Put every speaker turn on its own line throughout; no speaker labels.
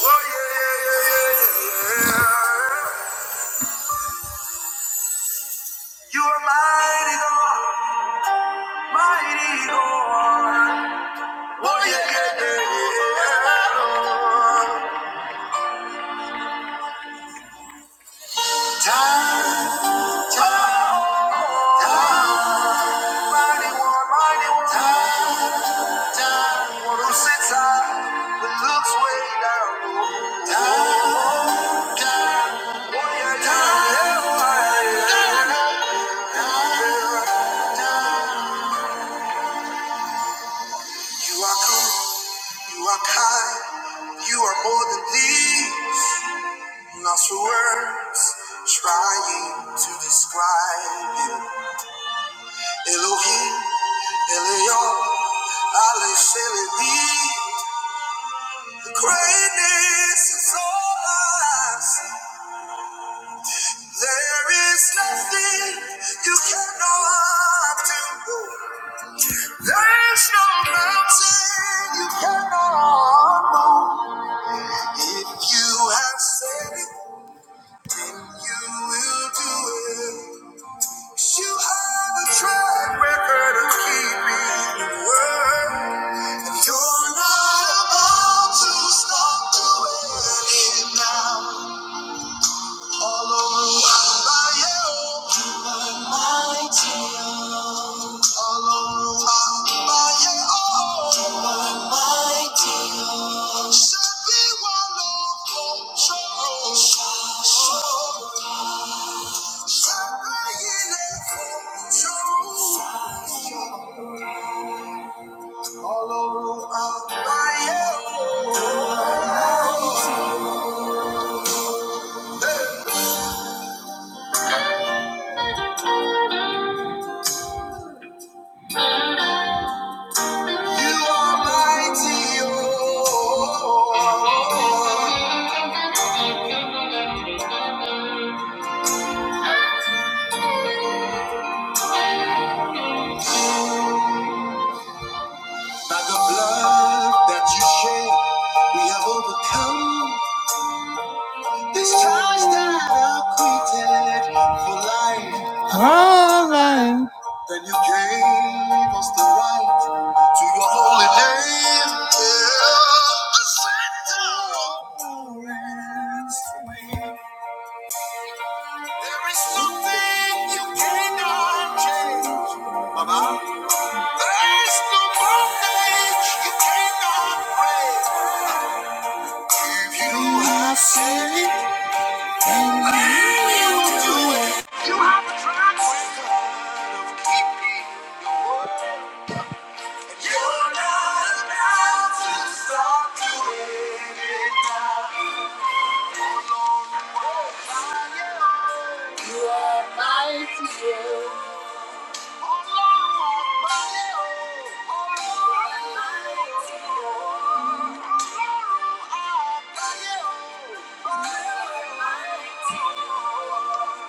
Oh, yeah, yeah, yeah, yeah, yeah. You are mighty God, mighty God. Oh, yeah, yeah, yeah, yeah. Time, time, time. Mighty one, mighty one. Time, time. One who sits high, but looks way down. low. Time, time. Oh, yeah, time, yeah, yeah. yeah. You are good, you are kind, you are more than these. Lost for words, trying to describe you. Elohim, Elion, Ale Sheledi. The greatness is all I see. There is nothing you cannot do. There's no mountain you cannot move. If you have said it, then you will do it. You have a track record of keeping your word. And You're not about to stop doing it now. All over by my mighty. All over by my mighty. Set me one on control. Set me in a control. All over by my You are mighty, oh. By the blood that you shed, we have overcome this charge that acquitted for life. All right. Then you gave us the right to your holy name. Yeah. Ascend, oh, and sway. There is something you cannot change. Baba. There's no bondage you cannot break. You have said it, and you will do it. You have a chance. You're not about to stop doing it. Life is yours. Ọlọ́run àgbáyé o, Ọlọ́run àgbáyé o, Ọlọ́run àgbáyé o, Ọlọ́run àgbáyé o.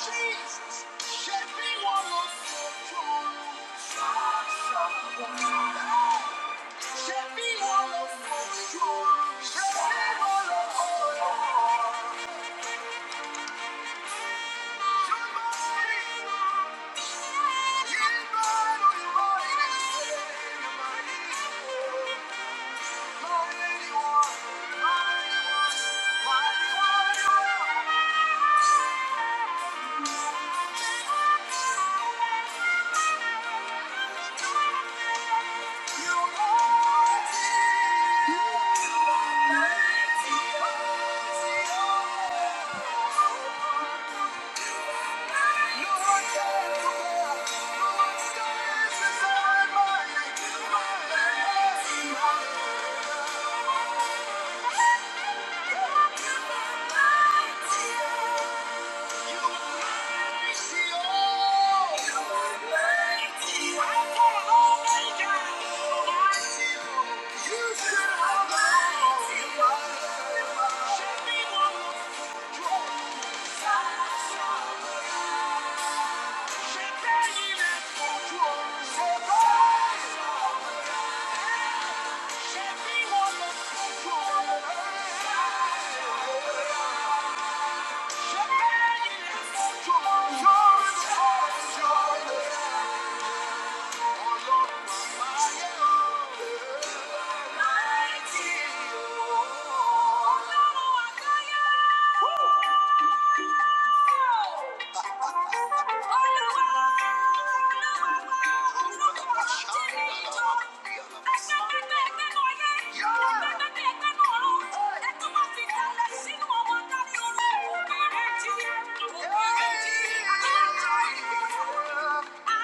Jesus, shed me one of your joy. Shed me one of your joy. Shed me one of your joy. Thank you. Thank you. Thank you. You're the best, you're the best, you're the best. Oh Lord, my my, my my dear. Oh Lord, my my, my my dear. Yeah. I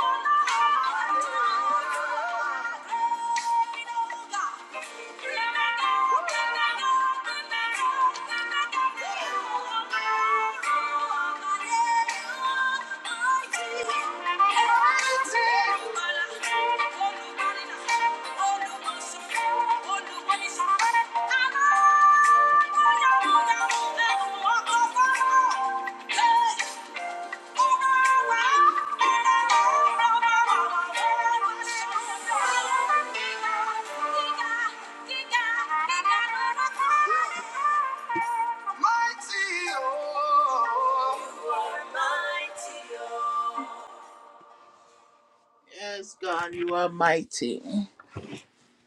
don't Thank you. Yes, God, you are mighty.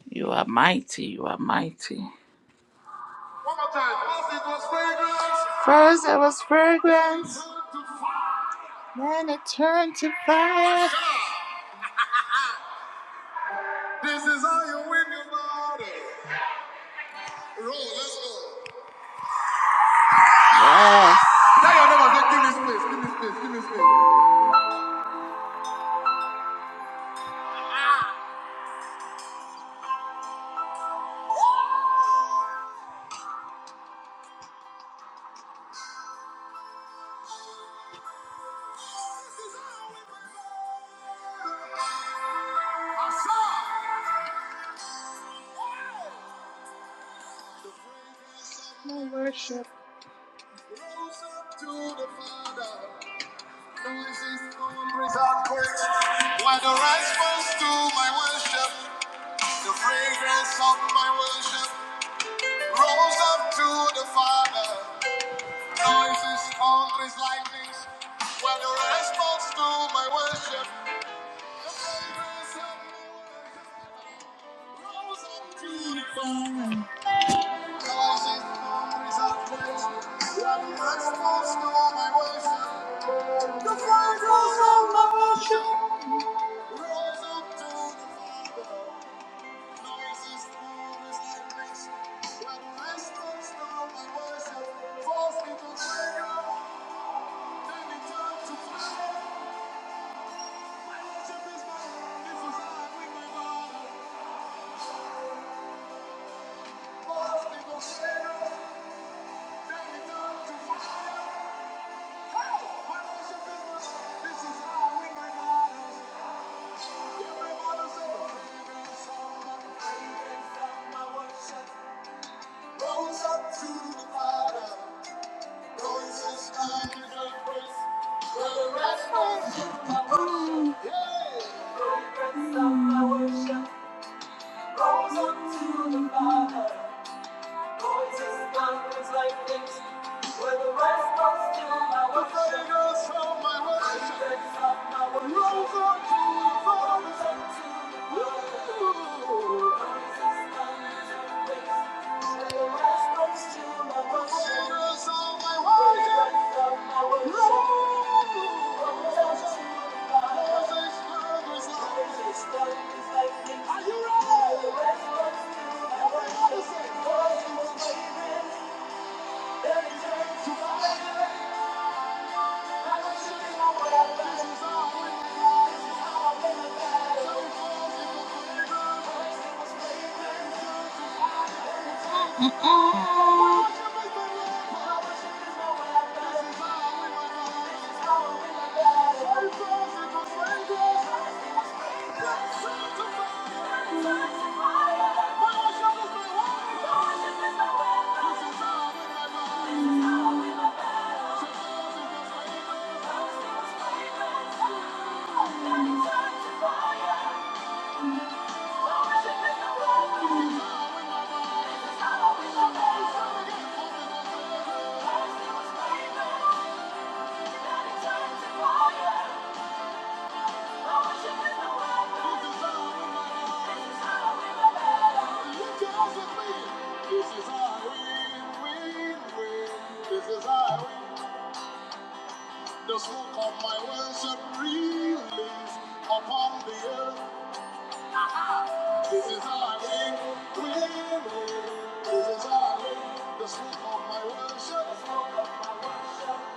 You are mighty. You are mighty. First it was fragrance, then it turned to fire. This is how you win your battle. Yes. Rose up to the Father, who is his own resemblance. While the response to my worship, the fragrance of my worship, rose up to the Father, Noises, his own likeness. While the response to my worship, the fragrance of my worship, rose up to the Father, Noises, his own resemblance. While the response to my worship, the fragrance of my worship. Rise up to the Father, noises through this generation. When Christmas now my worship falls into prayer, then it turns to fire. My worship is my own, this is how I win my into prayer to fire, this is how I win my battles. Yeah, of my praise and from my shepherd to the fire. This is time to give praise. Are you ready? Thank you. This is how we win, win. This is how we. win. The smoke of my worship release upon the earth. This is how we win, win. This is how we. win. The smoke of my worship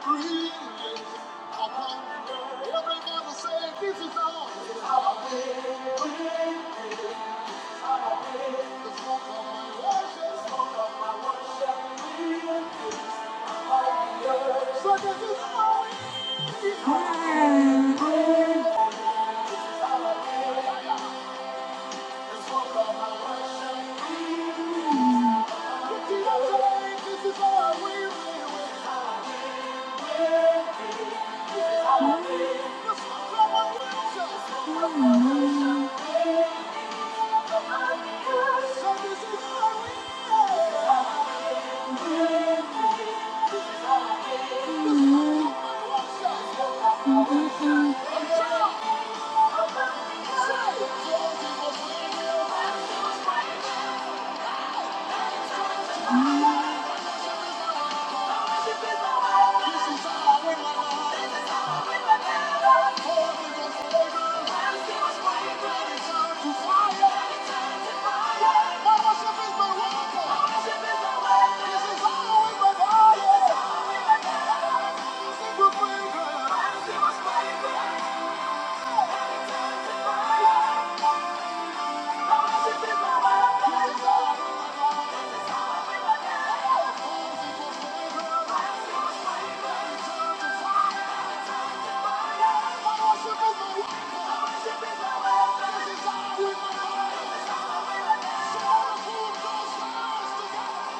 release upon the earth. Everybody say, this is how. This win, win, win. So this is all we this is all we So this is all we So we've Yeah we We're to gonna Thank you.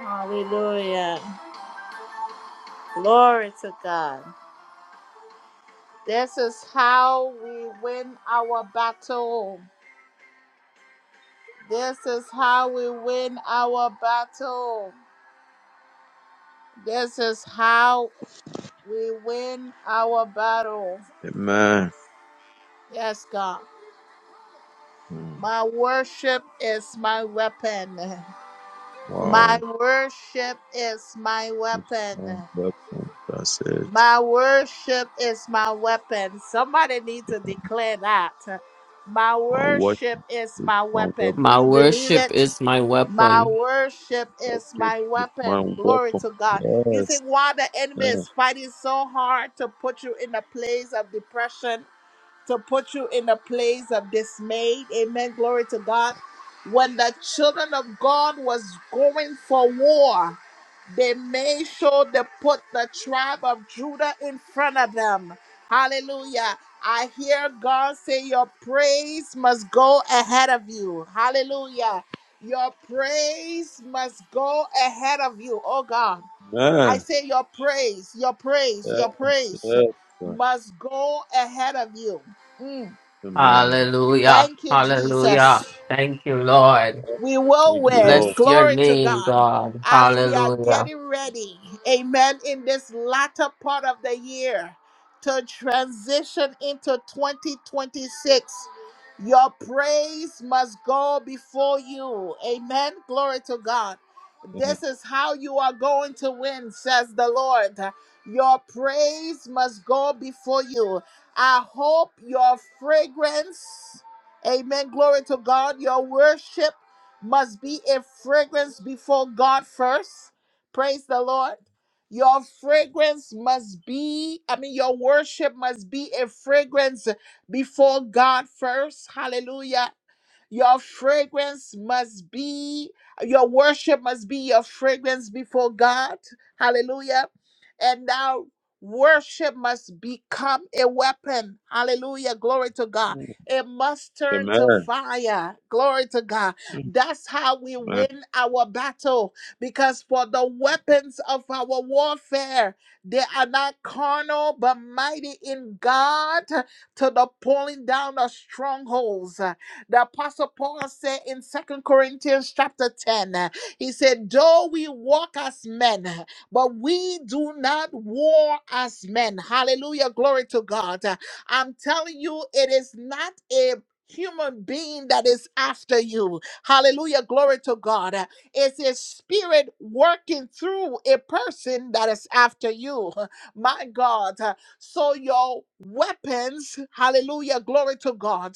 Hallelujah. Glory to God. This is how we win our battle. This is how we win our battle. This is how we win our battle.
Amen.
Yes, God.
Mm.
My worship is my weapon. My
Wow.
worship is my
It's my
weapon.
weapon. That's it.
My worship is my weapon. Somebody needs to declare that. My
My weapon.
worship is my
My
weapon. Do
weapon.
My
you believe
worship
it?
is my
My
weapon.
worship is
Worship
my
is my
weapon. Glory
weapon.
to God. You
Yes.
think why the enemy
Amen.
is fighting so hard to put you in a place of depression, to put you in a place of dismay? Amen. Glory to God. When the children of God was going for war, they made sure to put the tribe of Judah in front of them. Hallelujah. I hear God say, Your praise must go ahead of you. Hallelujah. Your praise must go ahead of you. Oh God. I
Amen.
say, Your praise, your praise, your
Yes.
praise
Yes.
must go ahead of you. Mm.
Amen.
Hallelujah.
Thank you, Jesus.
Hallelujah. Thank you,
Yes.
Lord.
We will
Thank you,
win.
Lord.
Bless your
Glory to
name,
God.
God.
As we are
Hallelujah.
getting ready, amen, in this latter part of the year to transition into 2026, your praise must go before you. Amen. Glory to God.
Amen.
This is how you are going to win, says the Lord. Your praise must go before you. I hope your fragrance, amen. Glory to God. Your worship must be a fragrance before God first. Praise the Lord. Your fragrance must be, I mean, your worship must be a fragrance before God first. Hallelujah. Your fragrance must be, your worship must be your fragrance before God. Hallelujah. And now worship must become a weapon. Hallelujah. Glory to God.
Mm.
It must turn to
Amen.
fire. Glory to God.
Mm.
That's how we
Amen.
win our battle. Because for the weapons of our warfare, they are not carnal, but mighty in God to the pulling down of strongholds. The Apostle Paul said in Second Corinthians chapter 10, uh, he said, Though we walk as men, uh, but we do not war as men. Hallelujah. Glory to God. Uh, I'm telling you, it is not a human being that is after you. Hallelujah. Glory to God. Uh, It's a spirit working through a person that is after you. My God. Uh, So your weapons, hallelujah. Glory to God.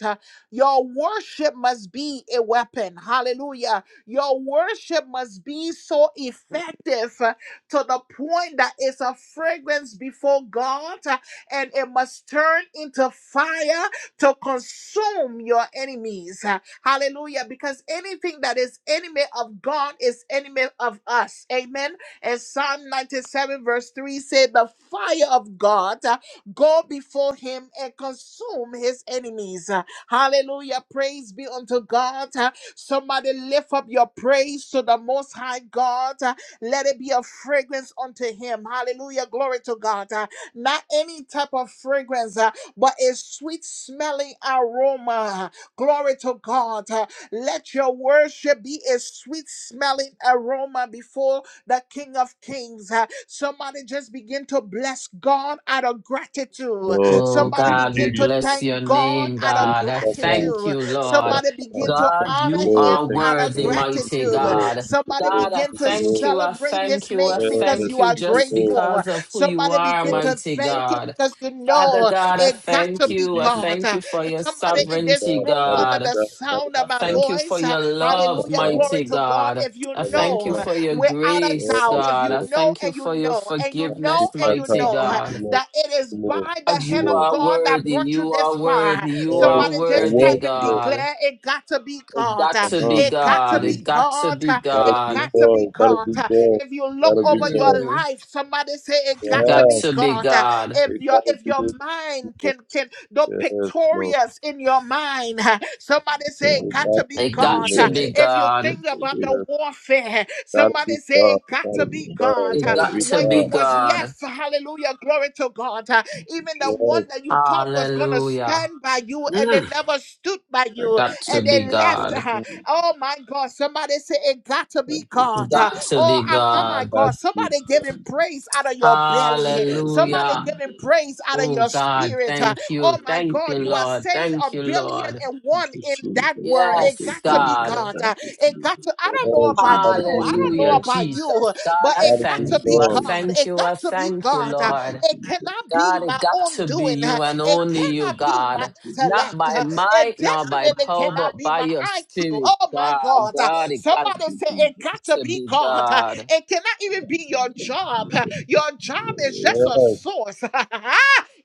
Your worship must be a weapon. Hallelujah. Your worship must be so effective uh, to the point that it's a fragrance before God uh, and it must turn into fire to consume your enemies. Uh, Hallelujah. Because anything that is enemy of God is enemy of us. Amen. And Psalm 97, verse 3 said, The fire of God uh, go before him and consume his enemies. uh, Hallelujah. Praise be unto God. Uh, Somebody lift up your praise to the Most High God. Uh, Let it be a fragrance unto Him. Hallelujah. Glory to God. Uh, Not any type of fragrance, uh, but a sweet smelling aroma. Glory to God. Uh, Let your worship be a sweet smelling aroma before the King of Kings. Uh, Somebody just begin to bless God out of gratitude.
Lord,
Oh,
thank
Somebody
you,
God, we
begin to
Jesus.
bless
thank
your
God
name,
out of
God. I
Amen.
thank
gratitude.
you, Lord.
Somebody begin to
Thank
God,
you,
honor
you
Lord.
are
him
Thank
out
you,
of
worthy,
Lord. Thank
mighty
you,
gratitude.
Lord.
God.
Thank you,
Somebody
God,
Lord.
I
begin
Thank
to
you,
thank
Lord.
you. I
celebrate his
thank you.
Yes.
I
name because
thank
you
you
are
Thank
just
you,
grateful.
because of who you
Somebody
are,
begin to
mighty
Lord.
thank him
God.
because you
Father
know
God, I
it got to
thank
We
be
you. I
choose
God.
thank you for your
Somebody
to be
in this
sovereignty,
God,
room
not of
under
God.
the
God, not of
sound of
I
my
God,
thank you for
voice,
your
we
love,
come
hallelujah,
out,
glory
mighty
to God.
God.
If you
I
come out,
thank you
know
come out.
for your
without a
grace,
doubt,
Yes,
if
God.
you
I
Lord.
know
thank you
and you
for your
know and you
I seek
know
forgiveness,
and
that
you
mighty
time.
know
Thank you,
God.
Lord.
that it is
Thank you,
by the
God,
hand
you
of
Lord.
are
God that
worthy.
brought you
You
this
are
far.
worthy. You
Thank you, Lord. Yes,
are
Somebody
I
just type
worthy,
was,
and
Lord.
God.
declare it got to be
It
God.
got
Uh,
Come
to
on,
be
It
be
got to
God.
seated.
It
be
got to
God.
be
Uh,
That'll
It
be
God.
got to be
God. That'll
God.
be
Uh,
God.
If you look
That'll be
over your
God.
Mm,
life, somebody say it
it
got to
got
Yes,
be
to be
God. Uh,
God.
If
it
your
gotta
if
be
your
the
mind can
Jesus.
can the
Yes, Lord.
pictorials in your mind, uh, somebody say it
It
got
gotta
to
be
be
It
you,
got
God.
to
Uh,
Lord.
be
If you
God.
think about the
Yes,
warfare,
gotta be
somebody say
God.
it
It
got
gotta
to
be
be
God. It
God
It
gotta
got
be
to
when you
be
God.
was
God.
left. Hallelujah. Glory to God. Uh, Even the
Yes,
one that you thought was gonna
Hallelujah.
stand by you and they
Mm,
never stood by you
got to
and they
be
left.
God.
Uh,
it
Oh my God. Somebody say it got to be God. Uh,
Got to
Oh,
be
I'm, oh
God.
my God.
gotta be
Somebody
God.
giving praise out of your belly. Somebody
Hallelujah.
giving praise out of
Oh
your
God,
spirit. Uh,
thank you.
Oh my
Thank
God.
you,
You are
Lord.
saying a
Thank you,
billion
Lord.
and one in that word. It
Yes,
got to be
God.
God. Uh, It got to, I don't know
Yes, you
about
gotta be
you. I
with
don't know
Hallelujah,
the
about you.
Jesus. God,
But
I
it
gotta
got
be
to
thank you.
be
I
God.
God.
thank
It
you. I
got to be
thank you,
God. Uh,
Lord.
It cannot be
God, it
my
got
own
to be
doing. Uh,
you and
It
only you,
cannot be my
God. Not
intellect.
by
Uh,
might
It
nor by
definitely
power,
cannot
but
be
by
my
your
IQ.
spirit,
Oh my
God.
God. Uh,
God, it got
Somebody say it got to
to
be
be
God. Uh,
God.
It cannot even be your job. Uh, Your job is just a
Yes,
source.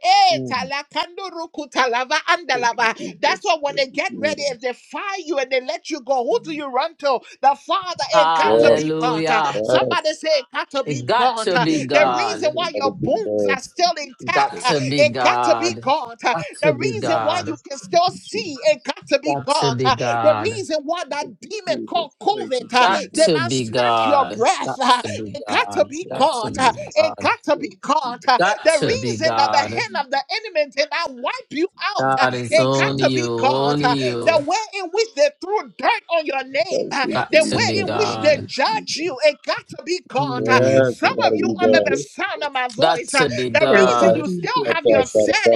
Eh,
mm,
talakando ruku talava andalava. That's why when they get
mm,
ready, if they fire you and they let you go, who do you run to? The Father. It got to
God.
be God. Uh,
Hallelujah.
Somebody
Yes,
say it got to
It
be
got
God.
to
Uh,
be
The reason
God.
why
gotta
your
be
bones
God.
are still intact,
Got
uh,
to be
it got to be
God.
God. Uh,
Got to
The
be
reason why you
God.
can still see, it got to be
Got to
God.
be
Uh, The
God.
reason why that demon called COVID uh,
Got
did
to
not
be
snatch your
God.
breath,
Got
uh,
to be
it got to
God.
be
Got
God.
to
Uh,
be
It
God.
got to be God. Uh,
Got
The
to be
reason that the
God.
hand of the enemy did not wipe you out. uh,
God is
it got
only
to
you,
be God.
only
uh,
you.
The way in which they threw dirt on your name, uh,
Got
the
to
way
be
in which they
God.
judge you, it got to be God. uh.
Mm.
Yes, you
Some of
gotta
you
be
under
God.
the sound of my
Got
voice, uh,
to be
the reason
About
you
God.
you
still have
gotta
your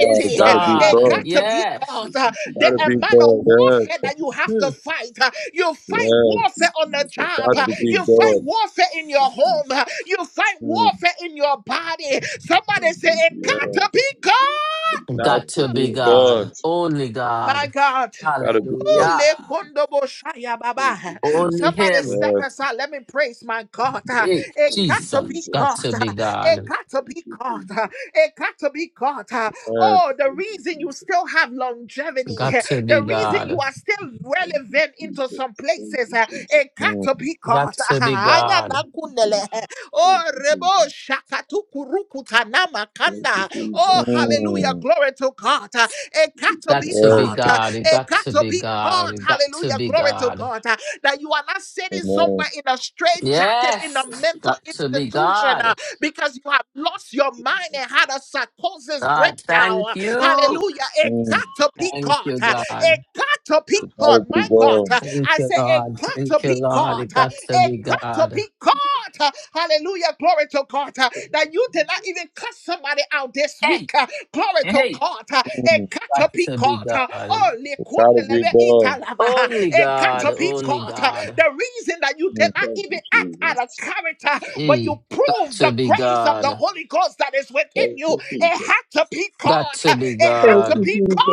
It's
uh,
be
it
God.
God.
got to be
Yes.
God. uh. The
Gotta be
amount of
God.
warfare
Yes,
that you have to
Hmm.
fight, uh, you fight warfare
yes.
on the
You
job,
got
uh,
to be
you fight
God.
warfare in your home, uh, you fight
Mm,
warfare in your body. Somebody say, It got
yes,
to be God.
got
Got
to
to
Mm,
be
be
God.
God.
Only
My
God.
God.
Gotta be God.
Ooh,
Hallelujah.
lekondoboshaya baba.
Only
Somebody
Him.
step
Yes,
aside. Let me praise my God. Ah,
Hey,
It got to
Jesus.
be
Got
God.
to
Ah,
be
It
God.
got to be God. Ah, It got to be God. Ah,
yes.
Oh, the reason you still have longevity,
Got
eh,
to be
the reason you
God.
are still relevant into some places, eh, it got
Mm,
to be
Got
God.
to be
aya
God.
nakundele. Oh, rebo shakatuku rukuta nama kanda. Oh, hallelujah.
mm,
Glory to God. It got to
Got
be
to be
God.
yes.
God. It
It
got
got
to
to
be
be
God.
God.
It got to
Hallelujah.
be
Glory to
God.
God. That you are not sitting
Amen.
somewhere in a straight jacket in a
Yes.
mental
Got to be
institution
God.
because you have lost your mind and had a psychosis
God, thank
breakdown.
you.
Hallelujah. It got
Mm,
to be
Thank
God.
you,
It
God.
got to be
you gotta
God.
be
My God.
God.
Thank
I
you,
say it
Lord.
got to
Thank you,
be
Lord.
God.
It got to
It
be
got to be
God.
God. Hallelujah. Glory to God. That you did not even cut somebody out this week
Hey,
speak. uh, Glory to
hey.
God. Uh, A
Mm,
Got to be
catapicot.
God.
Oh,
you gotta be
lekundeleve
God.
italava. Uh,
Only
A
God. Only
catapicot.
God.
The reason that you did
Mm.
not even act out of character, but you
Hey, got
proved
to
the
be
grace of the
God.
Holy Ghost that is within you. It had to be
Got
God.
to
Uh,
be
It had to
God.
be God.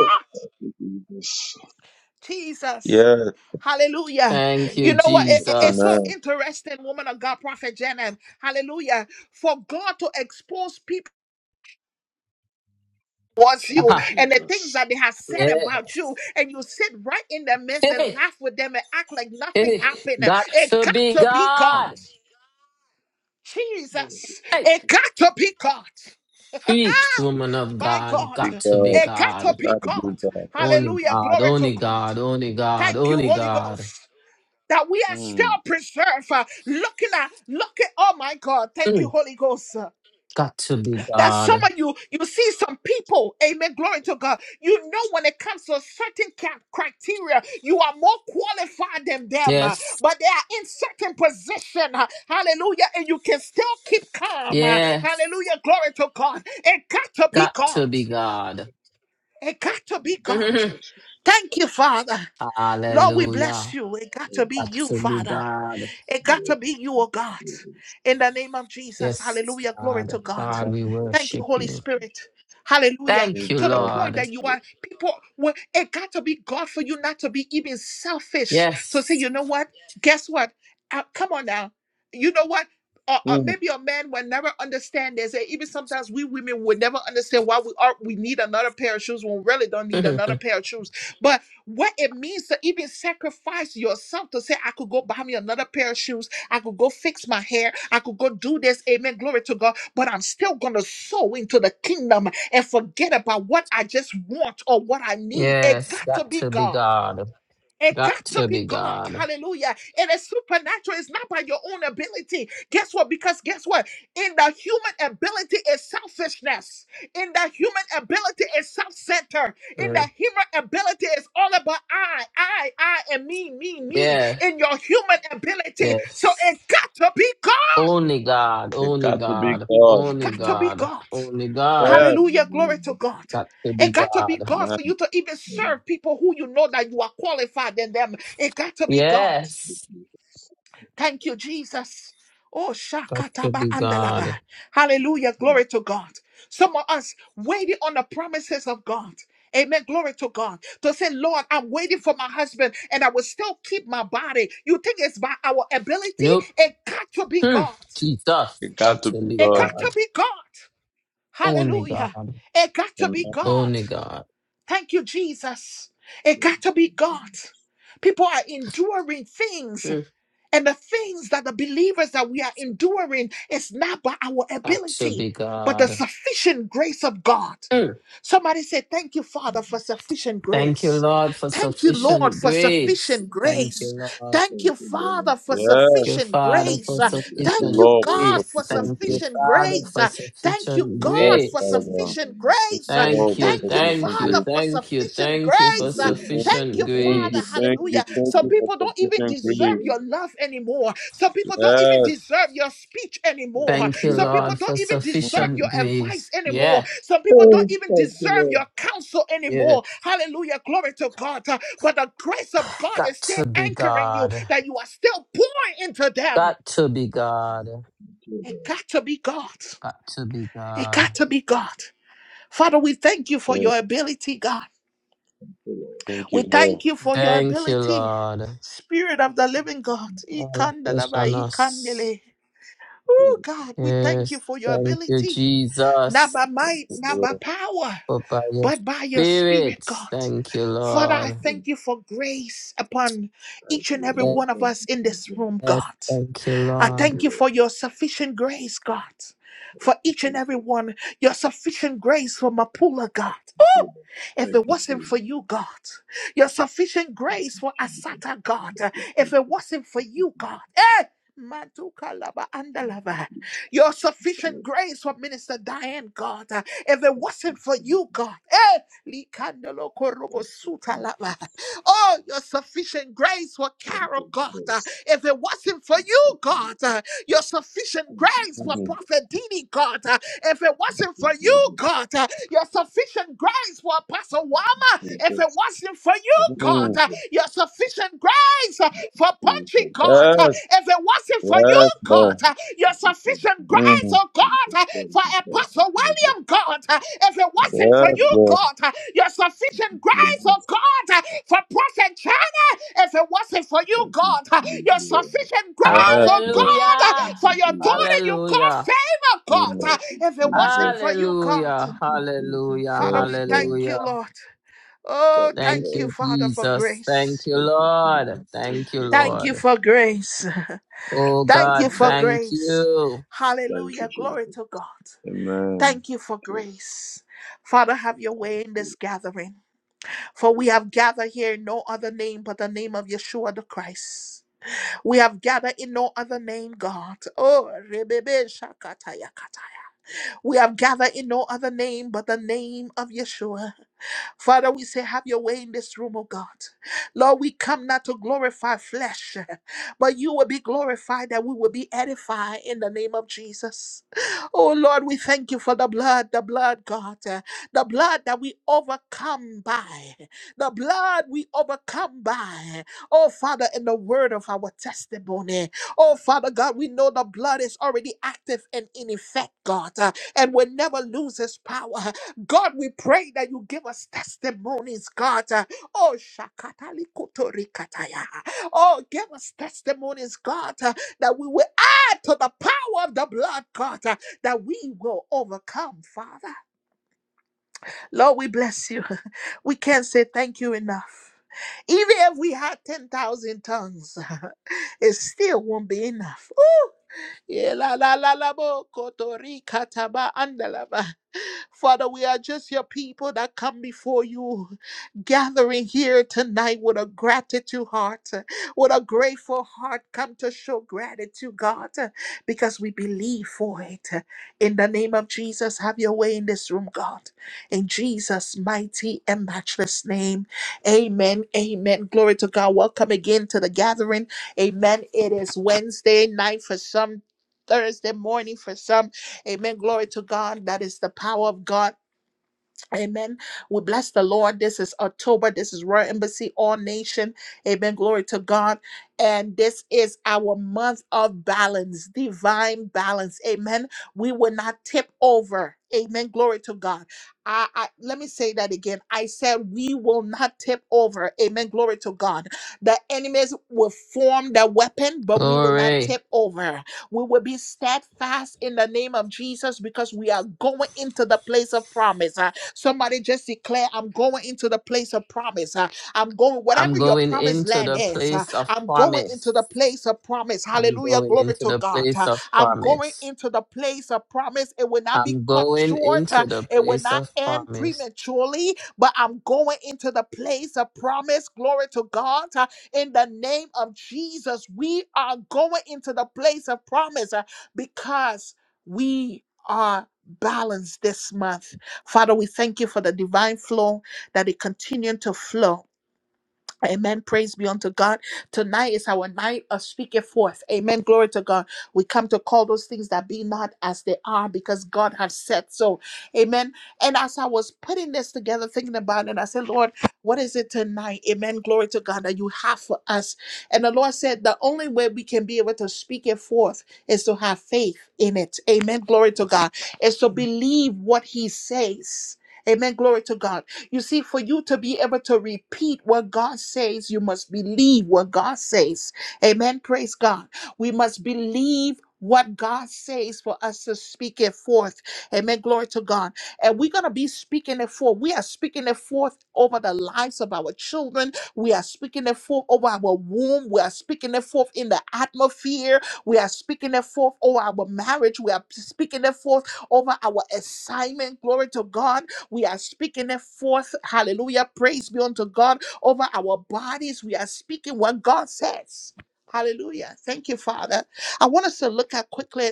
Jesus.
Yes,
Hallelujah.
Thank you,
You know what? It- it- it's so
Jesus.
amen.
interesting, woman of God, Prophet Janet. Hallelujah. For God to expose people. towards you
Ah,
and the things that they have said about
yes.
you, and you sit right in the midst and
Hey,
laugh with them and act like nothing
hey,
happened.
got
It
to
got
be
to be God.
God.
Jesus,
Hey,
it got to be God.
preach, woman of
My
God.
God,
Big
Got to be
God.
it got to
It's
God.
be
got to be
God.
God.
Only
Hallelujah.
God,
Glory to
only
God.
God, only God,
Thank you,
only
Holy
God.
Ghost. That we are still
Mm.
preserved, uh, looking at, looking, oh my God, thank you,
Mm,
Holy Ghost.
got to be
That some
God.
of you, you see some people, amen, glory to God. You know, when it comes to certain ca- criteria, you are more qualified than them, uh,
Yes,
but they are in certain position, uh, hallelujah, and you can still keep calm, uh,
yes.
hallelujah, glory to God. It got to be
Got
God.
to be God.
It got to be God.
Mhm.
Thank you, Father. Lord, we bless
Hallelujah.
you. It got to be
Got
you,
to be
Father.
God.
It got to be you, oh God. In the name of Jesus.
Yes,
Hallelujah. Glory to
God.
God.
God, we
Thank you,
worship
Holy
you.
Spirit. Hallelujah.
Thank
Big
you,
To the
God.
point
Lord.
that you are people, well, it got to be God for you not to be even selfish. To say,
Yes.
you know what? Guess what? Uh, come on now. You know what? Uh, uh,
Mm.
maybe a man will never understand this. And even sometimes we women will never understand why we are we need another pair of shoes when we really don't need another pair of shoes. but what it means to even sacrifice yourself to say, I could go buy me another pair of shoes, I could go fix my hair, I could go do this, amen, glory to God, but I'm still gonna sow into the kingdom and forget about what I just want or what I need. It
yes,
got to
got
be
to be
God.
God.
It got
Got
to
to
be
be
God.
God.
Hallelujah. It is supernatural. It's not by your own ability. Guess what? Because guess what? In the human ability is selfishness. In the human ability is self centered In the
Mm.
human ability is all about I, I, I, and me, me, me.
Yeah,
In your human ability. So
yes.
it got to be God.
Only God,
It
only
got to be
God,
God.
It got
only
to be
God,
God.
only God.
Yes,
Hallelujah. Glory to God.
Got to
It
be
got to be
God.
God
man.
for you to even serve people who you know that you are qualified in them. It got to be God.
Yes,
Thank you, Jesus. Oh,
got to
Shakataba
be
Andalaba.
God.
Hallelujah. Glory to God. Some of us waiting on the promises of God. Amen. Glory to God. To say, Lord, I'm waiting for my husband and I will still keep my body. You think it's by our ability?
Nope.
It got to be
Hmm.
God.
Jesus,
It got
got
to
to
be
be
It
God.
got to
God.
be God.
Only
Hallelujah.
God,
It got to be
Amen.
God.
only God.
Thank you, Jesus. It got to be God. People are enduring things.
Hmm.
And the things that the believers that we are enduring is not by our
Got to
ability,
be
but the
God.
sufficient grace of God.
Mm.
Somebody say, Thank you, Father, for sufficient
Thank you,
grace.
Lord, for
Thank you, Lord,
sufficient
for
grace.
sufficient
Thank
grace.
you, Lord.
Thank you, Father, for
Yes.
Thank you,
sufficient
Father,
grace.
for
Uh,
Thank you,
Thank
sufficient
you,
Lord,
God,
grace.
for
for
sufficient
Thank
grace.
you,
sufficient
Father,
grace.
for
Uh, Thank you,
sufficient
God,
Yes,
for
grace.
Father God.
sufficient
Thank
grace. Uh,
you, Lord,
Thank
for
you,
Thank you,
sufficient
thank you,
grace.
Father, for
thank you,
sufficient
thank you
Thank
for
grace. Uh,
you, thank
Thank
you,
sufficient
you,
thank
Father.
you,
grace.
thank you,
Hallelujah.
thank
Some
you for
people don't even
sufficient
deserve
grace.
your love anymore. Some people don't even
Yes.
deserve your speech anymore.
Thank you,
Some people
Lord, for
don't even
Mm.
deserve
sufficient
your advice
grace.
anymore.
Yes,
Some people don't even deserve your counsel
yeah.
anymore. Hallelujah. Glory to God. Uh, But the grace of God is
Got
still
to be
anchoring you,
God.
that you are still pouring into them.
Got to be God.
It got to be God.
Got to be
It
God.
got to be God. Father, we thank you for
Yeah,
your ability, God.
thank
We
you, Lord.
thank you for your
Thank you,
ability,
Lord.
Spirit of the Living God.
All of this
Ikandalaba,
on us.
ikandele. Oh God, we thank you
Yes,
for your
thank you,
ability, not by might,
Thank
Jesus.
not by
you,
power,
but by your
but by your spirit,
spirit.
God.
Thank you,
Father, I
Lord.
thank you for grace upon each and every one of us in this room,
Yes,
God.
thank you,
I
Lord.
thank you for your sufficient grace, God. For each and every one, your sufficient grace for Mapula, God. If it wasn't for you, God, your sufficient grace for Asata, God. If it wasn't for you, God, eh, Matuka lava andalava. Your sufficient grace for Minister Diane, God. Uh, If it wasn't for you, God. Eh, likandolo korobo suta lava. Oh, your sufficient grace for Carol, God. Uh, If it wasn't for you, God. uh, Your sufficient grace
Lord.
for
Mm.
Prophet Dini, God. Uh, If it wasn't for you, God. uh, Your sufficient grace for Apostle Wama, if it wasn't for you, God,
Mm.
uh, your sufficient grace uh, for Punchy, God. uh,
Yes.
If it wasn't for you,
Yes, Lord.
God, uh, your sufficient grace,
Mm.
oh God, uh, for Apostle William, God. uh, If it wasn't for
Yes,
you,
Lord.
God, uh, your sufficient grace, oh God, uh, for Prophet China. If it wasn't for you, God, uh, your sufficient grace,
Yes,
oh
Lord.
God, uh,
Hallelujah.
for your daughter you call
Hallelujah.
favor, God.
Mm.
uh, If it wasn't for you, God.
Hallelujah. Hallelujah.
Father,
Yes,
we
Lord.
thank
Hallelujah.
you, Lord. Oh,
Thank
thank you,
you,
Father, for
Jesus. Thank
grace.
you, Lord. Thank you,
Thank you
Lord.
for grace.
Oh
Thank you
God,
for
thank
grace.
you.
Hallelujah. Glory to God.
Amen.
Thank you for grace. Father, have your way in this gathering. For we have gathered here in no other name but the name of Yeshua the Christ. We have gathered in no other name, God. Oh, rebebe shakataya kataya. We have gathered in no other name but the name of Yeshua. Father, we say, have your way in this room, oh God. Lord, we come not to glorify flesh, but you will be glorified that we will be edified in the name of Jesus. Oh Lord, we thank you for the blood, the blood, God, uh, the blood that we overcome by, the blood we overcome by. Oh Father, in the word of our testimony. Oh, Father God, we know the blood is already active and in effect, God, uh, and will never lose its power. God, we pray that you give us testimonies, God. uh, Oh, Shakatali Kotorikataya. Oh, give us testimonies, God, uh, that we will add to the power of the blood, God, uh, that we will overcome, Father. Lord, we bless you. We can't say thank you enough. Even if we had 10,000 tongues, it still won't be enough. Ela la la la bo kotori kataba andalaba. Father, we are just your people that come before you, gathering here tonight with a gratitude heart, with a grateful heart. Come to show gratitude, God, because we believe for it. In the name of Jesus, have your way in this room, God. In Jesus' mighty and matchless name. Amen. Amen. Glory to God. Welcome again to the gathering. Amen. It is Wednesday night for some Thursday morning for some. Amen. Glory to God. That is the power of God. Amen. We bless the Lord. This is October. This is Royal Embassy, All Nation. Amen. Glory to God. And this is our month of balance, divine balance. Amen. We will not tip over. Amen. Glory to God. I, I let me say that again. I said we will not tip over. Amen. Glory to God. The enemies will form their weapon, but we will not
Glory.
tip over. We will be steadfast in the name of Jesus because we are going into the place of promise. Somebody just declare, I'm going into the place of promise. Uh, I'm going, whatever
I'm
your
going
promised
into
land
the
is, uh,
place of
I'm going
promise.
into the place of promise.
I'm
Hallelujah.
going
Glory
into
to
the
God.
place
Uh,
of
I'm going
promise.
into the place of promise. It will not be
I'm
cut
going
short,
into
Uh,
the
it will
place
not
of
end
promise.
prematurely, but I'm going into the place of promise. Glory to God. Uh, in the name of Jesus, we are going into the place of promise uh, because we are balanced this month Father, we thank you for the divine flow that it continued to flow Amen. Praise be unto God. Tonight is our night of speaking forth. Amen. Glory to God. We come to call those things that be not as they are because God has said so. Amen. And as I was putting this together, thinking about it, I said, Lord, what is it tonight? Amen. Glory to God that you have for us. And the Lord said, the only way we can be able to speak it forth is to have faith in it. Amen. Glory to God. Is to believe what He says. Amen. Glory to God you see, for you to be able to repeat what God says, you must believe what God says. Amen. Praise God. We must believe. What God says for us to speak it forth. Amen. Glory to God. And we're going to be speaking it forth. We are speaking it forth over the lives of our children. We are speaking it forth over our womb. We are speaking it forth in the atmosphere. We are speaking it forth over our marriage. We are speaking it forth over our assignment. Glory to God we are speaking it forth. Hallelujah. Praise be unto God over our bodies. We are speaking what God says. Hallelujah. Thank you, Father. I want us to look at quickly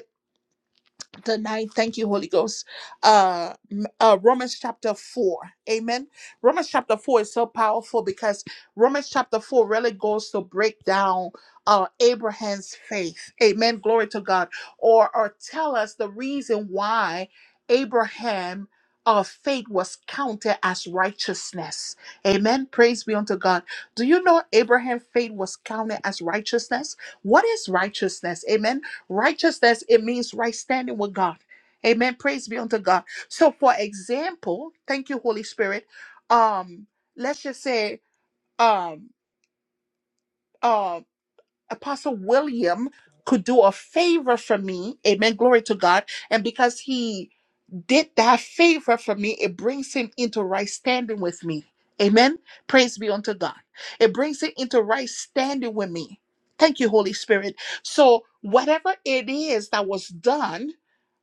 tonight. Thank you, Holy Ghost. Uh, m- uh, Romans chapter 4. Amen. Romans chapter 4 is so powerful because Romans chapter 4 really goes to break down uh, Abraham's faith. Amen. Glory to God. Or, or tell us the reason why Abraham. Uh, faith was counted as righteousness. Amen. Praise be unto God. Do you know Abraham's faith was counted as righteousness? What is righteousness? Amen Righteousness, it means right standing with God. Amen. Praise be unto God. So for example, thank you, Holy Spirit. Um, let's just say um uh Apostle William could do a favor for me. Amen. Glory to God. And because he did that favor for me, it brings him into right standing with me. Amen. Praise be unto God. It brings him into right standing with me. Thank you, Holy Spirit. So whatever it is that was done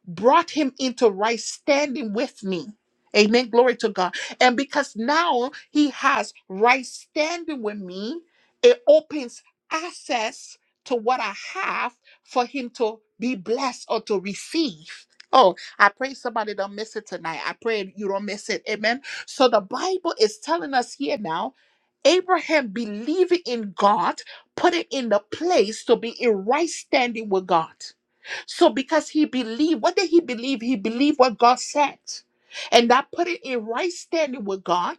brought him into right standing with me. Amen. Glory to God. And because now he has right standing with me, it opens access to what I have for him to be blessed or to receive. Oh, I pray somebody don't miss it tonight. I pray you don't miss it. Amen. So the Bible is telling us here now Abraham believing in God, put it in the place to be in right standing with God. So because he believed, what did he believe? He believed what God said. And that put it in right standing with God.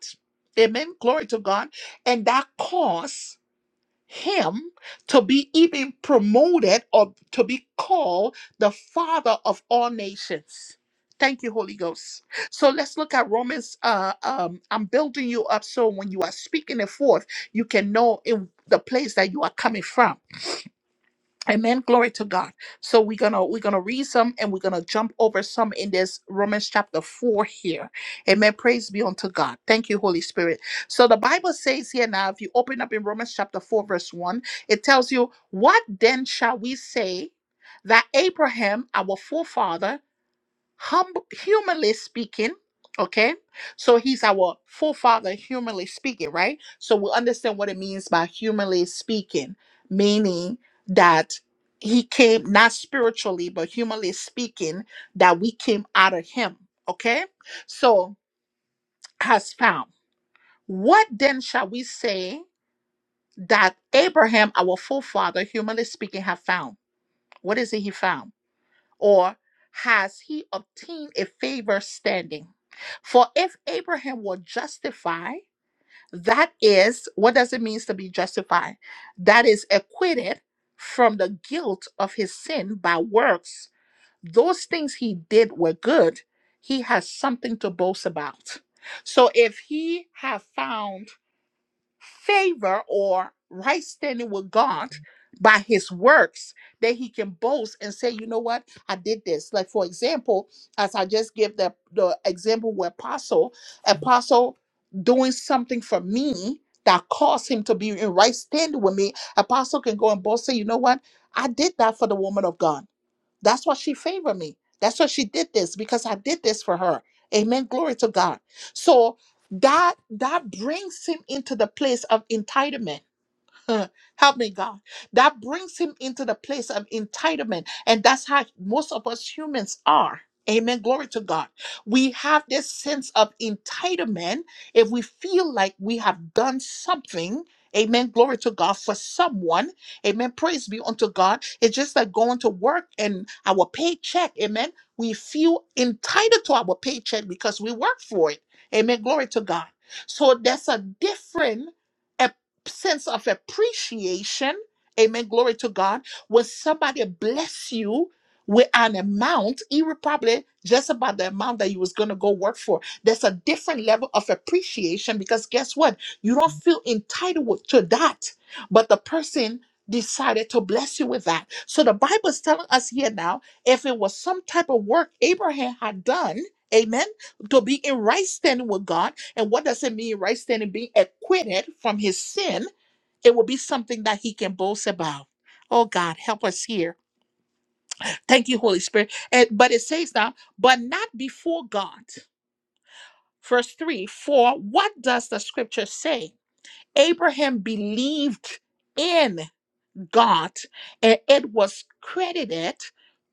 Amen. Glory to God. And that caused him to be even promoted or to be called the father of all nations. Thank you, Holy Ghost. So let's look at Romans. Uh, um, I'm building you up so when you are speaking it forth, you can know in the place that you are coming from. Amen. Glory to God. So we're gonna we're gonna read some and we're gonna jump over some in this Romans chapter four here. Amen. Praise be unto God. Thank you, Holy Spirit. So the Bible says here now, if you open up in Romans chapter four, verse one, it tells you, What then shall we say that Abraham, our forefather, humble humanly speaking okay so he's our forefather humanly speaking right so we understand what it means by humanly speaking meaning that he came not spiritually but humanly speaking that we came out of him okay so has found what then shall we say that abraham our forefather humanly speaking have found what is it he found or has he obtained a favor standing? For if Abraham were justified, that is, what does it mean to be justified? That is acquitted from the guilt of his sin by works. Those things he did were good. He has something to boast about. So if he have found favor or right standing with God by his works that he can boast and say, you know what, I did this. Like for example, as I just gave the, the example with apostle, apostle doing something for me that caused him to be in right standing with me, apostle can go and boast, say, you know what, I did that for the woman of God. That's why she favored me. That's why she did this because I did this for her. Amen. Glory to God. So that that brings him into the place of entitlement Huh. Help me, God. That brings him into the place of entitlement. And that's how most of us humans are. Amen. Glory to God. We have this sense of entitlement if we feel like we have done something. Amen. Glory to God for someone. Amen. Praise be unto God. It's just like going to work and our paycheck. Amen. We feel entitled to our paycheck because we work for it. Amen. Glory to God. So that's a different sense of appreciation. Amen. Glory to God. When somebody bless you with an amount, even probably just about the amount that you was going to go work for, there's a different level of appreciation because guess what? You don't feel entitled to that, but the person decided to bless you with that. So the Bible is telling us here now, if it was some type of work Abraham had done, amen, to be in right standing with God, and what does it mean, right standing, being acquitted from his sin? It will be something that he can boast about. Oh God, help us here. Thank you, Holy Spirit. And, but it says now, but not before God. Verse 3 For what does the scripture say? Abraham believed in. God, and it was credited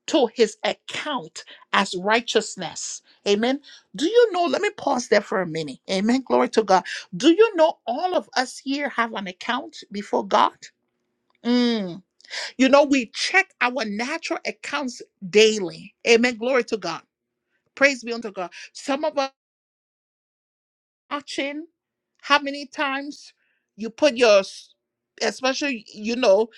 to his account as righteousness. Amen. Do you know? Let me pause there for a minute. Amen. Glory to God. Do you know all of us here have an account before God? Mm. You know, we check our natural accounts daily. Amen. Glory to God. Praise be unto God. Some of us watching how many times you put your s- especially you know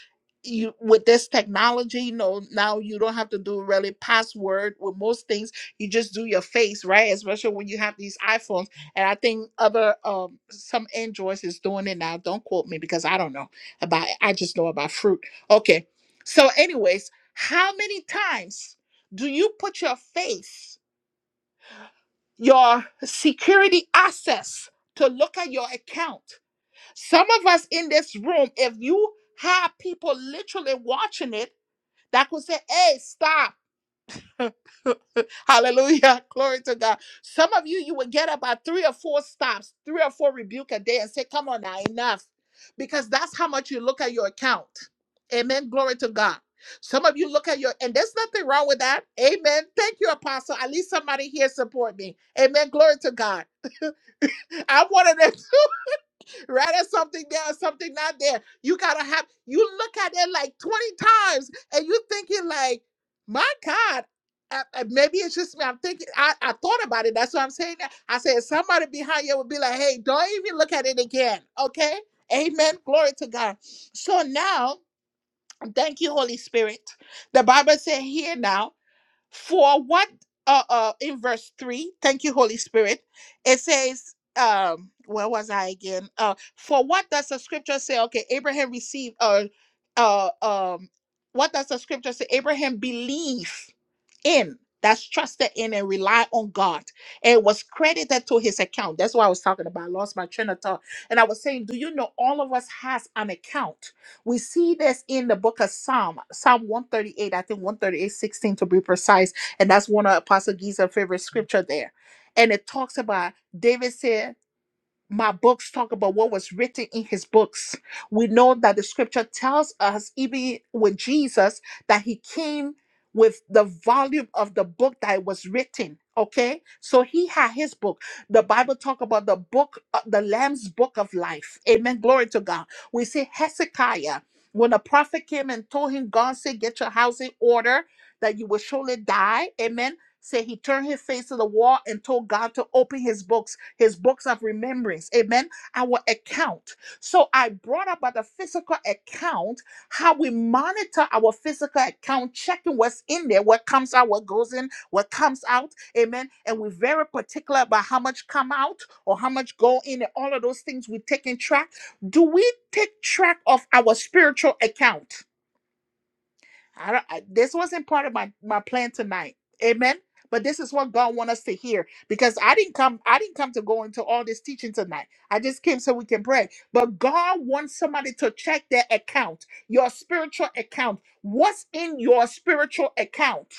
you with this technology you know now you don't have to do really password with most things you just do your face right especially when you have these iphones and i think other um some androids is doing it now don't quote me because i don't know about it. i just know about fruit okay so anyways how many times do you put your face your security access to look at your account. Some of us in this room, if you have people literally watching it, that could say, hey, stop. Hallelujah. Glory to God. Some of you, you will get about three or four stops, three or four rebuke a day and say, Come on now, enough. Because that's how much you look at your account. Amen. Glory to God. Some of you look at your, and there's nothing wrong with that. Amen. Thank you, Apostle. At least somebody here support me. Amen. Glory to God. I'm one of them. right? There's something there, something not there. You gotta have you look at it like 20 times and you're thinking like, my God. uh, uh, Maybe it's just me. I'm thinking. I, I thought about it. That's what I'm saying. I said somebody behind you would be like, "Hey, don't even look at it again." Okay. Amen. Glory to God. So now, thank you, Holy Spirit. The Bible said here now. For what uh, uh in verse three, thank you, Holy Spirit. It says, um, where was I again? Uh for what does the scripture say? Okay, Abraham received uh uh um what does the scripture say? Abraham believed in that's trusted in and rely on God and it was credited to his account. That's what I was talking about. I lost my train of thought. And I was saying, do you know all of us has an account? We see this in the book of Psalm, Psalm 138, I think one thirty eight sixteen to be precise. And that's one of Apostle Giza's favorite scripture there. And it talks about David said my books talk about what was written in his books. We know that the scripture tells us, even with Jesus, that he came with the volume of the book that was written. Okay, so he had his book. The Bible talk about the book, uh, the Lamb's book of life. Amen. Glory to God. We see Hezekiah when the prophet came and told him, God said, "Get your house in order, that you will surely die." Amen. Say he turned his face to the wall and told God to open his books his books of remembrance. Amen. Our account. So I brought up about the physical account, how we monitor our physical account, checking what's in there, what comes out, what goes in, what comes out. Amen. And we're very particular about how much come out or how much go in and all of those things we take in track. Do we take track of our spiritual account? I don't, I, this wasn't part of my my plan tonight. Amen. But this is what God wants us to hear because I didn't come I didn't come to go into all this teaching tonight. I just came so we can pray. But God wants somebody to check their account, your spiritual account. What's in your spiritual account?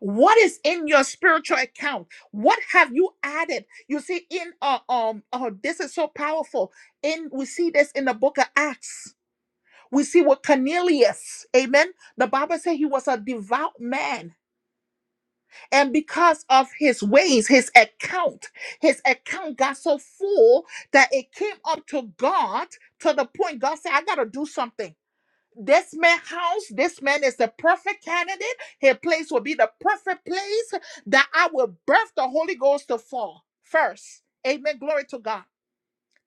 What is in your spiritual account? What have you added? You see in uh, um oh this is so powerful. In we see this in the book of Acts we see with Cornelius, amen. The Bible says he was a devout man. And because of his ways, his account, his account got so full that it came up to God to the point God said, I got to do something. This man house, this man is the perfect candidate. His place will be the perfect place that I will birth the Holy Ghost to fall first. Amen. Glory to God.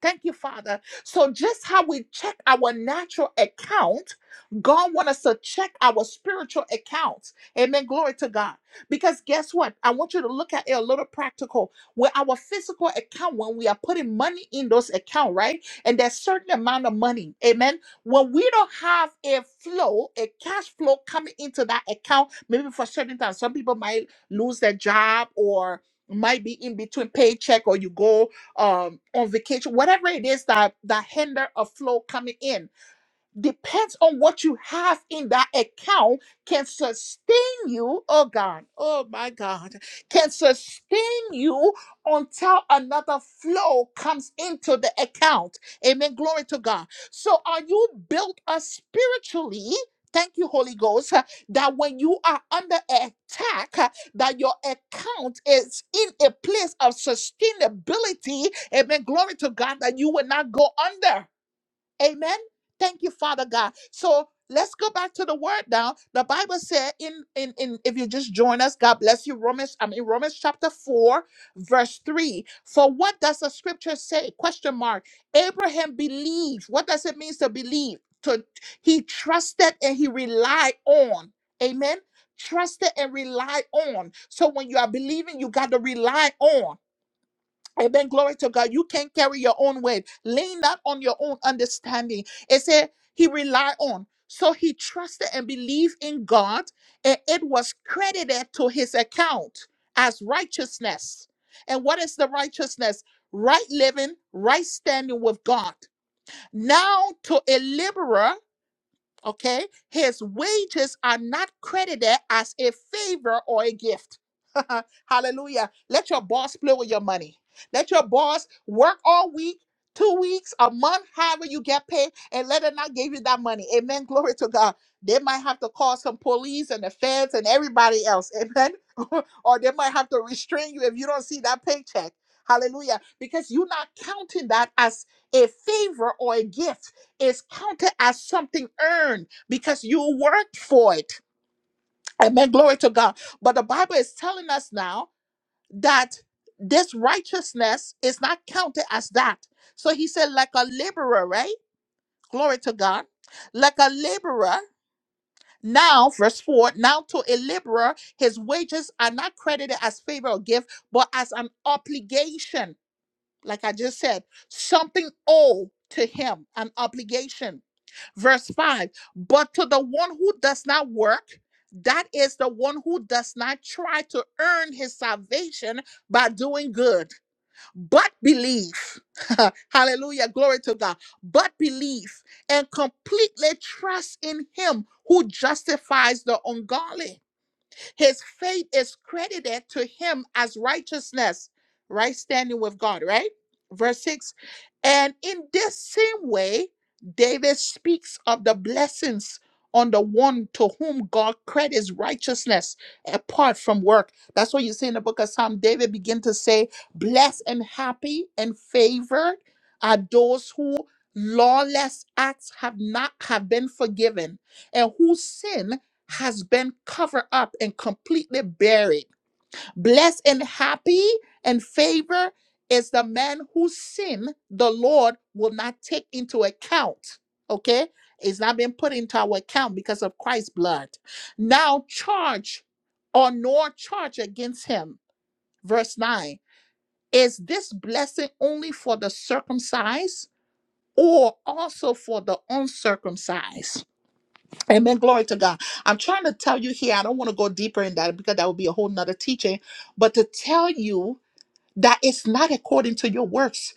Thank you, Father. So just how we check our natural account, God wants us to check our spiritual accounts. Amen. Glory to God. Because guess what? I want you to look at it a little practical. With our physical account, when we are putting money in those accounts, right? And there's certain amount of money. Amen. When we don't have a flow, a cash flow coming into that account, maybe for certain times, some people might lose their job or might be in between paycheck or you go um, on vacation, whatever it is that that hinder a flow coming in depends on what you have in that account can sustain you oh god oh my god can sustain you until another flow comes into the account amen glory to god so are you built up spiritually Thank you, Holy Ghost, uh, that when you are under attack, uh, that your account is in a place of sustainability. Amen. Glory to God that you will not go under. Amen. Thank you, Father God. So let's go back to the word now. The Bible said in in in if you just join us, God bless you. Romans, I mean Romans chapter 4, verse 3. For what does the scripture say? Question mark. Abraham believed. What does it mean to believe? To he trusted and he relied on. Amen. Trusted and relied on. So when you are believing, you got to rely on. Amen. Glory to God. You can't carry your own weight. Lean not on your own understanding. It said he relied on. So he trusted and believed in God, and it was credited to his account as righteousness. And what is the righteousness? Right living, right standing with God. Now to a laborer Okay? His wages are not credited as a favor or a gift. Hallelujah. Let your boss play with your money. Let your boss work all week, two weeks, a month, however you get paid, and let them not give you that money. Amen. Glory to God. They might have to call some police and the feds and everybody else. Amen. or they might have to restrain you if you don't see that paycheck. Hallelujah. Because you're not counting that as a favor or a gift is counted as something earned because you worked for it. Amen. Glory to God. But the Bible is telling us now that this righteousness is not counted as that. So he said, like a laborer, right? Glory to God. Like a laborer. Now, verse 4 now to a laborer, his wages are not credited as favor or gift, but as an obligation. Like I just said, something owed to him, an obligation. Verse 5 But to the one who does not work, that is the one who does not try to earn his salvation by doing good, but believe. Hallelujah. Glory to God. But believe and completely trust in him who justifies the ungodly. His faith is credited to him as righteousness, right standing with God, right? Verse 6. And in this same way, David speaks of the blessings on the one to whom God credits righteousness apart from work. That's what you see in the book of Psalm. David begin to say, Blessed and happy and favored are those who lawless acts have not have been forgiven and whose sin has been covered up and completely buried. Blessed and happy and favor is the man whose sin the Lord will not take into account. Okay? It's not been put into our account because of Christ's blood. Now charge or nor charge against him. Verse 9. Is this blessing only for the circumcised or also for the uncircumcised? Amen. Glory to God. I'm trying to tell you here, I don't want to go deeper in that because that would be a whole nother teaching, but to tell you that it's not according to your works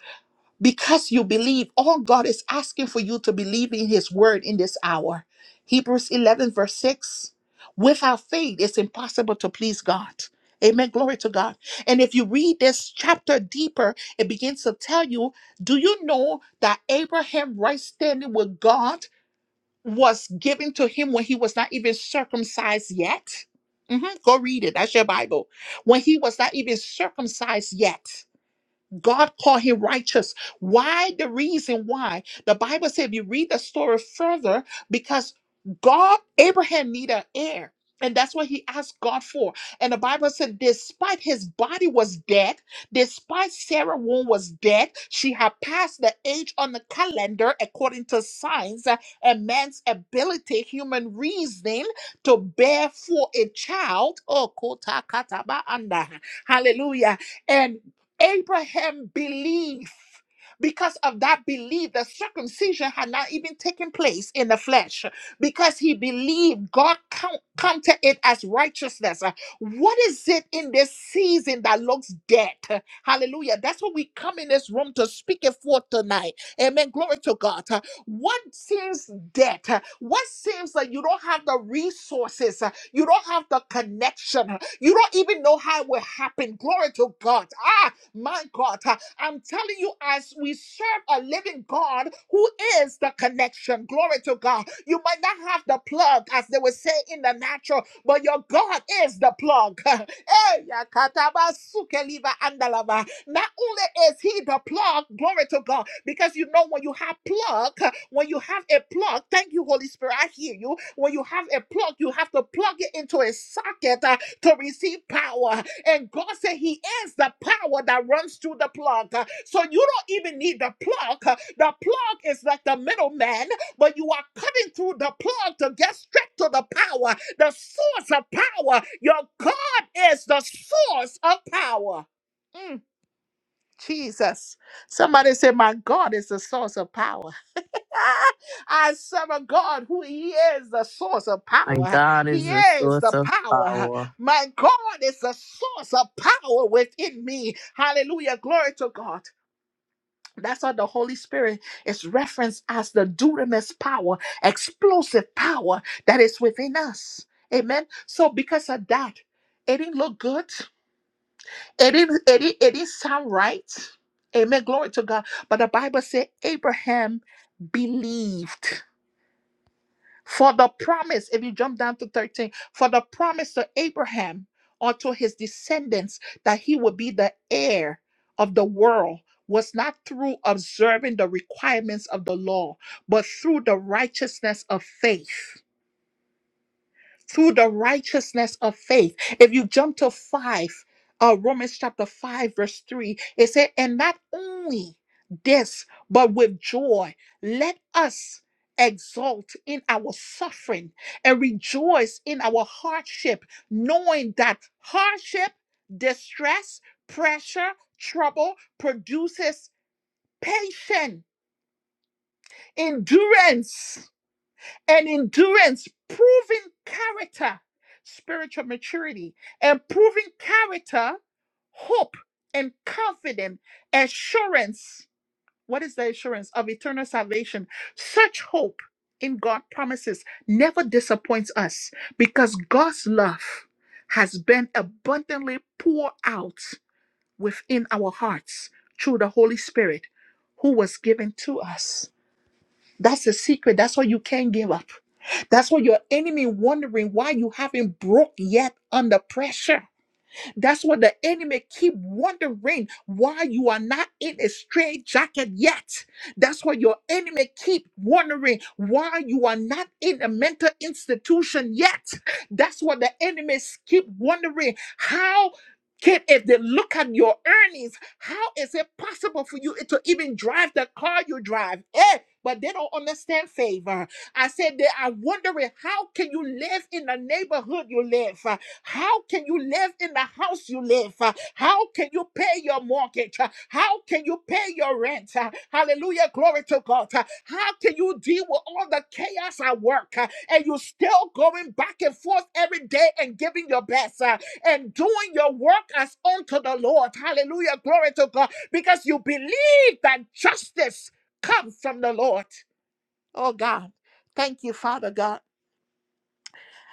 because you believe. All God is asking for you to believe in His word in this hour. Hebrews 11, verse 6. Without faith, it's impossible to please God. Amen. Glory to God. And if you read this chapter deeper, it begins to tell you do you know that Abraham right standing with God? was given to him when he was not even circumcised yet. Mhm, Go read it. That's your Bible. When he was not even circumcised yet. God called him righteous. Why? The reason why. The Bible said, if you read the story further, because God, Abraham needed an heir. And that's what he asked God for. And the Bible said, despite his body was dead, despite Sarah womb was dead, she had passed the age on the calendar according to science uh, and man's ability, human reasoning to bear for a child. Oh, kota kataba anda. Hallelujah. And Abraham believed. Because of that belief, the circumcision had not even taken place in the flesh. Because he believed, God count, counted it as righteousness. Uh, What is it in this season that looks dead? Uh, Hallelujah. That's what we come in this room to speak it forth tonight. Amen. Glory to God. Uh, What seems dead? Uh, What seems like you don't have the resources? Uh, You don't have the connection? Uh, You don't even know how it will happen. Glory to God. Ah, my God, uh, I'm telling you, as we serve a living God who is the connection, glory to God. You might not have the plug, as they would say in the natural, but your God is the plug. Eh, yakataba sukeliva andalava. Not only is he the plug, glory to God, because you know when you have plug, uh, when you have a plug, thank you, Holy Spirit, I hear you. When you have a plug, you have to plug it into a socket uh, to receive power. And God said He is the power that runs through the plug. Uh, So you don't even need the plug. Uh, The plug is like the middleman, but you are cutting through the plug to get straight to the power, the source of power. Your God is the source of power. Mm. Jesus. Somebody say, My God is the source of power. I serve a God who He is the source of
My
power.
God
He
is the
is the
source of
power.
power.
My God is the source of power within me. Hallelujah. Glory to God. That's how the Holy Spirit is referenced as the dunamis power, explosive power that is within us. Amen. So, because of that, it didn't look good. It didn't, it didn't, it didn't sound right. Amen. Glory to God. But the Bible said Abraham believed for the promise. If you jump down to 13, for the promise to Abraham or to his descendants that he would be the heir of the world was not through observing the requirements of the law, but through the righteousness of faith through the righteousness of faith. If you jump to 5, uh, Romans chapter 5, verse 3, it said, And not only this, but with joy, let us exult in our suffering and rejoice in our hardship, knowing that hardship, distress, pressure, trouble produces patience, endurance and endurance, proving character, spiritual maturity, and proving character, hope, and confident assurance. What is the assurance of eternal salvation? Such hope in God promises never disappoints us because God's love has been abundantly poured out within our hearts through the Holy Spirit who was given to us. That's the secret. That's what you can't give up that's what your enemy wondering why you haven't broke yet under pressure. That's what the enemy keep wondering why you are not in a straight jacket yet. That's what your enemy keep wondering why you are not in a mental institution yet. That's what the enemies keep wondering how can if they look at your earnings, how is it possible for you to even drive the car you drive? Eh, but they don't understand favor. I said that I'm wondering how can you live in the neighborhood you live? Uh, How can you live in the house you live? Uh, How can you pay your mortgage? Uh, How can you pay your rent? Uh, Hallelujah, glory to God. Uh, How can you deal with all the chaos at work uh, and you still going back and forth every day and giving your best uh, and doing your work as unto the Lord? Hallelujah, glory to God. Because you believe that justice comes from the Lord. Oh God, thank you, Father God.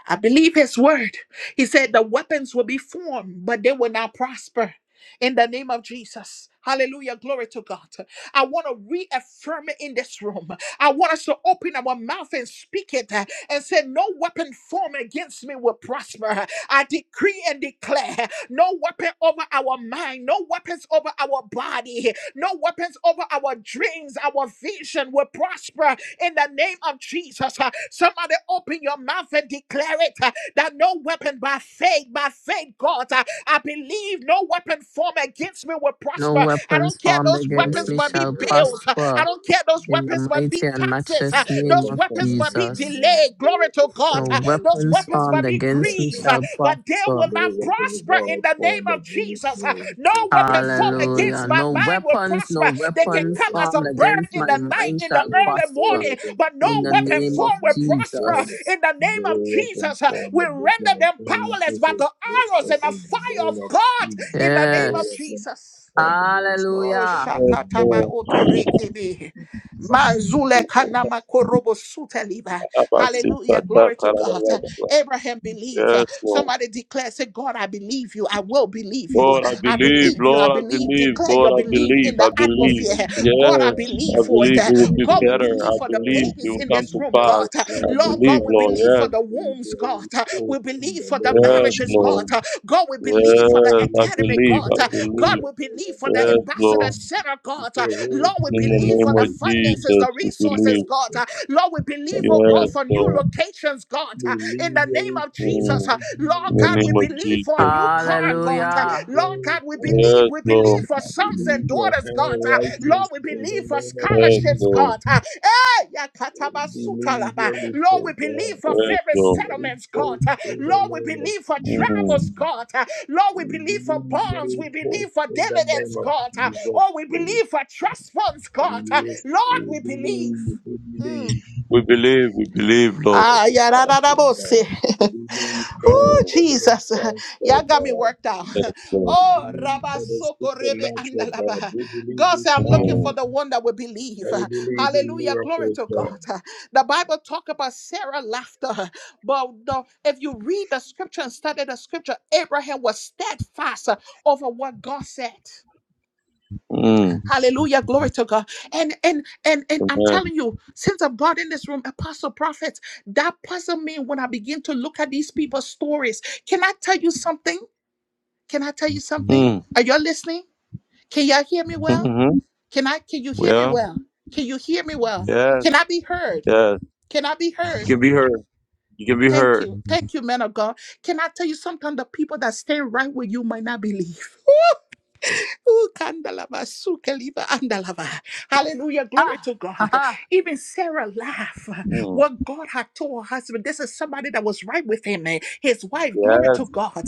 I believe his word. He said the weapons will be formed, but they will not prosper. In the name of Jesus. Hallelujah. Glory to God. I want to reaffirm it in this room. I want us to open our mouth and speak it uh, and say, No weapon formed against me will prosper. I decree and declare no weapon over our mind, no weapons over our body, no weapons over our dreams, our vision will prosper in the name of Jesus. Uh, Somebody open your mouth and declare it uh, that no weapon by faith, by faith, God, uh, I believe no weapon formed against me will
No
prosper. I
weapons
don't care,
formed
those
against
weapons
me
might be
shall
bills, uh, I
prosper
don't care, those
in the
weapons might be
mighty and
taxes, uh,
matchless name
those
of
weapons weapons might be
Jesus.
delayed. Glory to God.
No
Uh, Those
weapons
weapons
formed
might be
against me
grief, uh,
shall
but they will
prosper.
not prosper in the name of Jesus. Uh, No weapon formed
Hallelujah.
against my
No
mind will
weapons, no
prosper. They can
weapons
come as a
formed
bird
against
in
my
the night,
mind
in the
shall
early
prosper
morning, but no
in the
weapon
name of
formed will prosper
Jesus.
in the name of Jesus. Uh, We render them powerless by the arrows and the fire of God in the name of
Yes.
Jesus. Oh,
Hallelujah.
Yes,
Shakataba
Lord.
Otorekebe. Manzule Kanama Korobo Suteliba. Hallelujah. Glory to God. Abraham believed.
Yes, Lord.
Somebody declare, say, God, I believe you. I will believe you.
Lord, I
I
believe,
believe you. I
Lord, I
believe.
believe,
Declare
Lord,
your
I
belief
believe,
in the
I believe.
atmosphere. God, I
Yes, I
believe for it.
believe it will be
God, we
better.
believe
I
for the
believe it
babies
will
in
come
this
to
room, God.
pass. I
Lord
believe,
God, we
Lord,
believe for
yes,
the wombs, God. God. Uh, We believe for the
yes,
marriages, God.
Lord.
Uh, God, we believe for the
Yes, I
academy,
believe,
God.
I
Uh, God,
believe.
we believe for the
Yes,
ambassador
Lord.
center, God. Uh, Lord, we
In the
believe
name
for the
of
finances,
Jesus,
the
we believe.
resources, God. Uh, Lord, we believe, oh
Yes,
God, for new
Lord.
locations, God. Uh, In the name of Jesus,
Mm.
uh,
In
Lord
the
God,
name
we
of
believe for a
Jesus.
new car, God. Uh,
Hallelujah.
Lord God, we
Yes,
believe believe. We
Lord.
believe for sons and daughters, God. Uh, Lord, we believe for
Yes,
scholarships,
Lord.
God. Uh, eh, yakatabasutalaba. Lord, we believe for
Yes,
favorite
Lord.
settlements, God. Uh, Lord, we believe for travels,
Mm.
God. Uh, Lord, we believe for bonds. We believe for dividends, God. Uh, Oh, we believe for trust funds, God. Uh, Lord, we believe. Mm.
We believe, we believe, Lord.
Ah, yeah, da, da, da, bo- si. Oh,
Mm.
Jesus. Y'all got me worked out.
Yes, Lord.
Oh, Rabba Soko Rebe Andalaba. God said, I'm looking for
Mm.
the one that will believe. Hallelujah. Glory to God. The Bible talk about Sarah laughter. But no, if you read the scripture and study the scripture, Abraham was steadfast over what God said.
Mm.
Hallelujah. Glory to God. And and and and I'm
Amen.
telling you, since I've got in this room, apostle prophets, that puzzled me when I begin to look at these people's stories. Can I tell you something? Can I tell you something?
Mm.
Are y'all listening? Can y'all hear me well?
Mm-hmm.
Can I can you hear me
Well,
well? Can you hear me well?
yes,
Can I be heard?
yes.
Can I be
You
heard?
can be heard. You can be
Thank you.
heard.
Thank you, man of God. Can I tell you something? The people that stay right with you might not believe. Ooh, kandalava, sukeliva, andalava. Hallelujah. Glory
Ah,
to
ha,
God.
ha.
Even Sarah laughed.
Mm.
What God had told her husband, this is somebody that was right with him. eh, His wife, glory to
Yes.
God.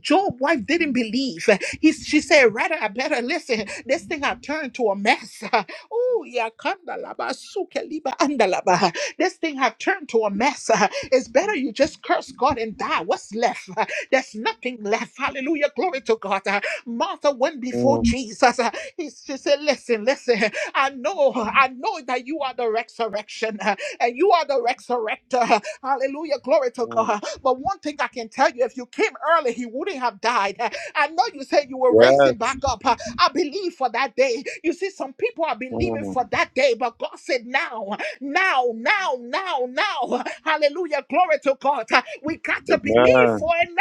Job's wife didn't believe. He, she said, rather, I better listen. This thing had turned to a mess. Oh, yeah, kandalava, sukeliva, andalava. This thing have turned to a mess. It's better you just curse God and die. What's left? There's nothing left. Hallelujah. Glory to God. Martha went before
Mm.
Jesus. He, she said, Listen, listen. I know, I know that you are the resurrection uh, and you are the resurrector. Hallelujah. Glory to
Mm.
God. But one thing I can tell you if you came early, he wouldn't have died. Uh, I know you said you will raise him
Yes.
back up. Uh, I believe for that day. You see, some people are believing
Mm.
for that day, but God said now now, now, now, now. Hallelujah. Glory to God. We got to believe for
Amen.
it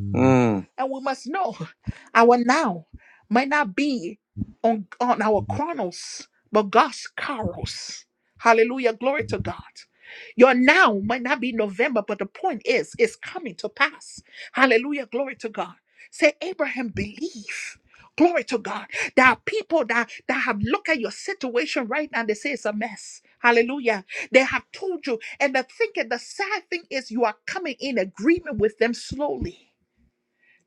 Mm.
and we must know our now might not be on, on our chronos, but God's kairos. Hallelujah. Glory to God. Your now might not be November, but the point is, it's coming to pass. Hallelujah. Glory to God. Say, Abraham, believe. Glory to God. There are people that, that have looked at your situation right now and they say it's a mess. Hallelujah. They have told you. And the thinking, the sad thing is you are coming in agreement with them slowly.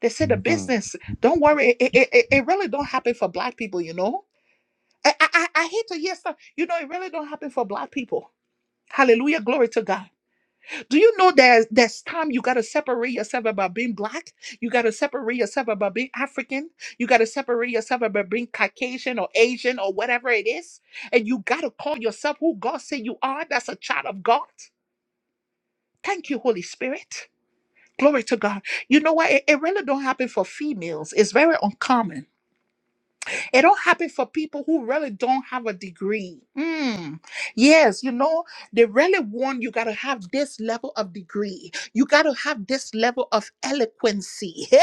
They said the
Mm.
business. Don't worry, it, it, it it really don't happen for black people, you know. I, I I I hate to hear stuff. You know, it really don't happen for black people. Hallelujah, glory to God. Do you know there's there's time you gotta separate yourself about being black? You gotta separate yourself about being African. You gotta separate yourself about being Caucasian or Asian or whatever it is. And you gotta call yourself who God said you are. That's a child of God. Thank you, Holy Spirit. Glory to God. You know what? It, it really don't happen for females. It's very uncommon It all happened for people who really don't have a degree. Mm. Yes, you know, they really want you got to have this level of degree. You got to have this level of eloquency.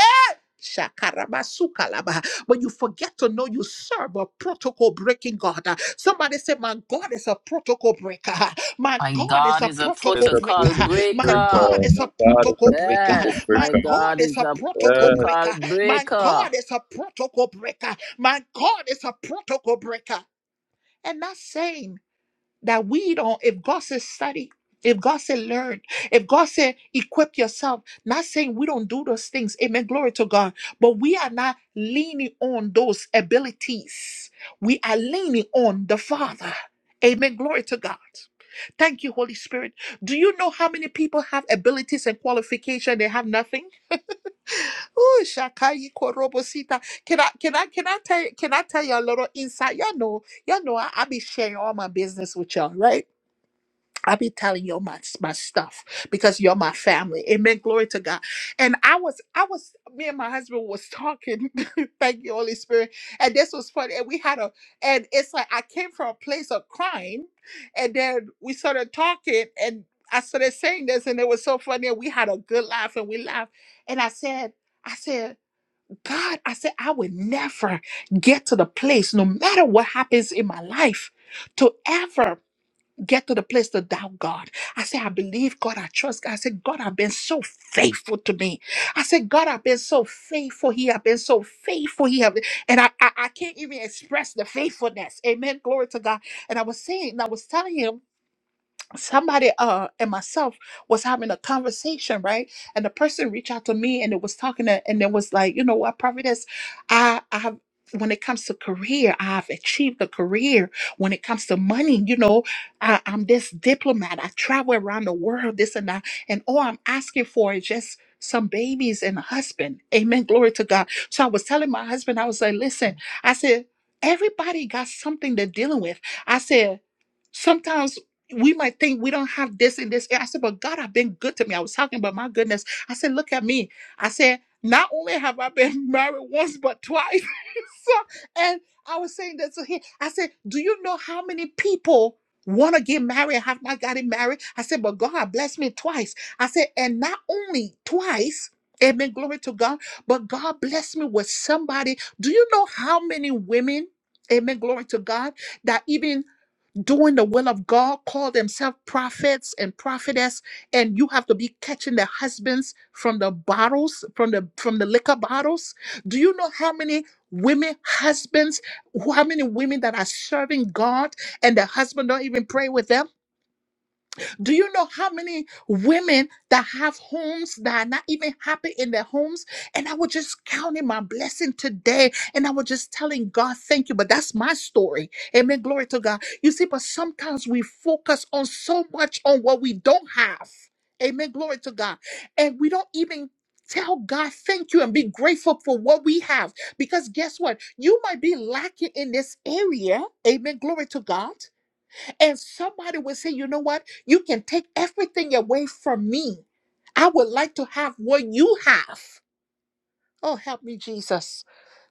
Shakarabasukalaba. But you forget to know you serve a protocol breaking God. Uh, Somebody say, My God is a protocol breaker. My
My
God is
God
a
is a
It's
protocol
a
breaker.
protocol
biblical
My
breaker.
breaker.
God is
My
a
God, it's a
protocol breaker.
biblical
Yes,
My
my
breaker.
God
God
is
is
a
a
protocol
Yes,
protocol
breaker. My
breaker.
God is a protocol breaker. My God is a protocol breaker. And that saying that we don't, if God said study, if God said learn, if God said equip yourself, not saying we don't do those things, amen, glory to God, but we are not leaning on those abilities. We are leaning on the Father. Amen, glory to God. Thank you, Holy Spirit. Do you know how many people have abilities and qualification? They have nothing. Oh, Shakai Korobosita. Can I can I can I tell you can I tell you a little insight? Y'all know, y'all know I, I be sharing all my business with y'all, right? I be telling you my my stuff because you're my family. Amen. Glory to God. And I was I was me and my husband was talking. Thank you, Holy Spirit. And this was funny. And we had a and it's like I came from a place of crying, and then we started talking, and I started saying this, and it was so funny. And we had a good laugh, and we laughed. And I said, I said, God, I said I would never get to the place, no matter what happens in my life, to ever get to the place to doubt God. I say, I believe God, I trust God. I say, God, I've been so faithful to me. I say, God, I've been so faithful. He have been so faithful. He have been, and I, I I can't even express the faithfulness. Amen. Glory to God. And I was saying, and I was telling him somebody uh and myself was having a conversation right and the person reached out to me and it was talking to, and it was like you know what prophetess i i have when it comes to career i've achieved a career when it comes to money you know I, i'm this diplomat i travel around the world this and that and all i'm asking for is just some babies and a husband amen glory to god so i was telling my husband i was like listen i said everybody got something they're dealing with i said sometimes we might think we don't have this and this. And I said, but God have been good to me. I was talking about my goodness. I said, look at me. I said, not only have I been married once but twice. so, and I was saying that to him. I said, do you know how many people want to get married and have not gotten married? I said, but God have blessed me twice. I said, and not only twice. Amen. Glory to God. But God blessed me with somebody. Do you know how many women? Amen. Glory to God. That even doing the will of God, call themselves prophets and prophetess, and you have to be catching the husbands from the bottles, from the from the liquor bottles. Do you know how many women husbands, who- how many women that are serving God and the husband don't even pray with them? Do you know how many women that have homes that are not even happy in their homes? And I was just counting my blessing today and I was just telling God, thank you. But that's my story. Amen. Glory to God. You see, but sometimes we focus on so much on what we don't have. Amen. Glory to God. And we don't even Tell God thank you and be grateful for what we have. Because guess what? You might be lacking in this area. Amen. Glory to God. And somebody will say, you know what? You can take everything away from me. I would like to have what you have. Oh, help me, Jesus.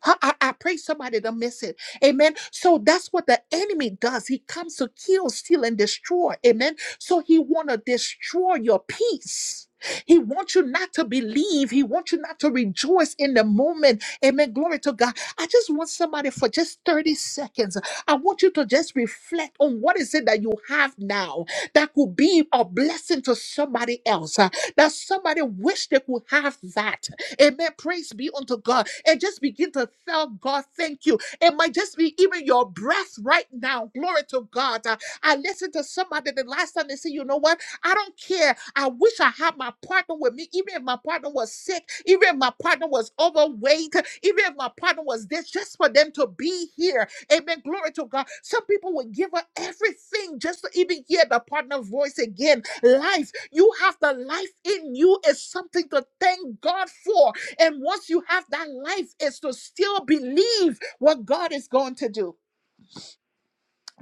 I, I, I pray somebody don't miss it. Amen. So that's what the enemy does. He comes to kill, steal, and destroy. Amen. So he want to destroy your peace. He wants you not to believe. He wants you not to rejoice in the moment. Amen. Glory to God. I just want somebody for just 30 seconds. I want you to just reflect on what is it that you have now that could be a blessing to somebody else. uh, that somebody wish they could have that Amen. Praise be unto God. And just begin to tell God, thank you. It might just be even your breath right now. Glory to God. Uh, I listened to somebody the last time they said, you know what? I don't care. I wish I had my partner with me, even if my partner was sick, even if my partner was overweight, even if my partner was this, just for them to be here Amen. Glory to God. Some people will give up everything just to even hear the partner voice again. Life, you have the life in you is something to thank God for. And once you have that life, is to still believe what God is going to do.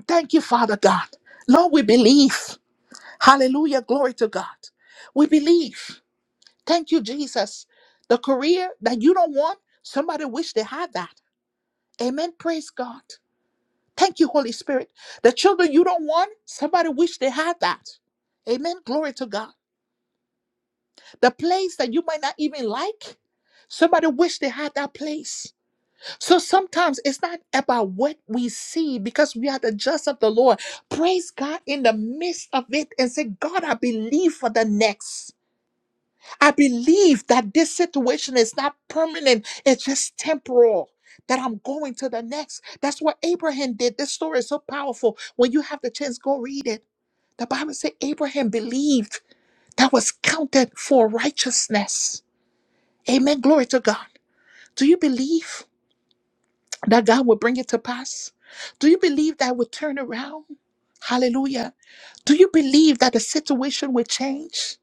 Thank you, Father God. Lord, we believe. Hallelujah. Glory to God. We believe. Thank you, Jesus. The career that you don't want, somebody wish they had that. Amen. Praise God. Thank you, Holy Spirit. The children you don't want, somebody wish they had that. Amen. Glory to God. The place that you might not even like, somebody wish they had that place. So sometimes it's not about what we see because we are the just of the Lord. Praise God in the midst of it and say, God, I believe for the next. I believe that this situation is not permanent, it's just temporal. That I'm going to the next. That's what Abraham did. This story is so powerful. When you have the chance, go read it. The Bible says Abraham believed that was counted for righteousness. Amen. Glory to God. Do you believe? that God will bring it to pass? Do you believe that will turn around? Hallelujah. Do you believe that the situation will change?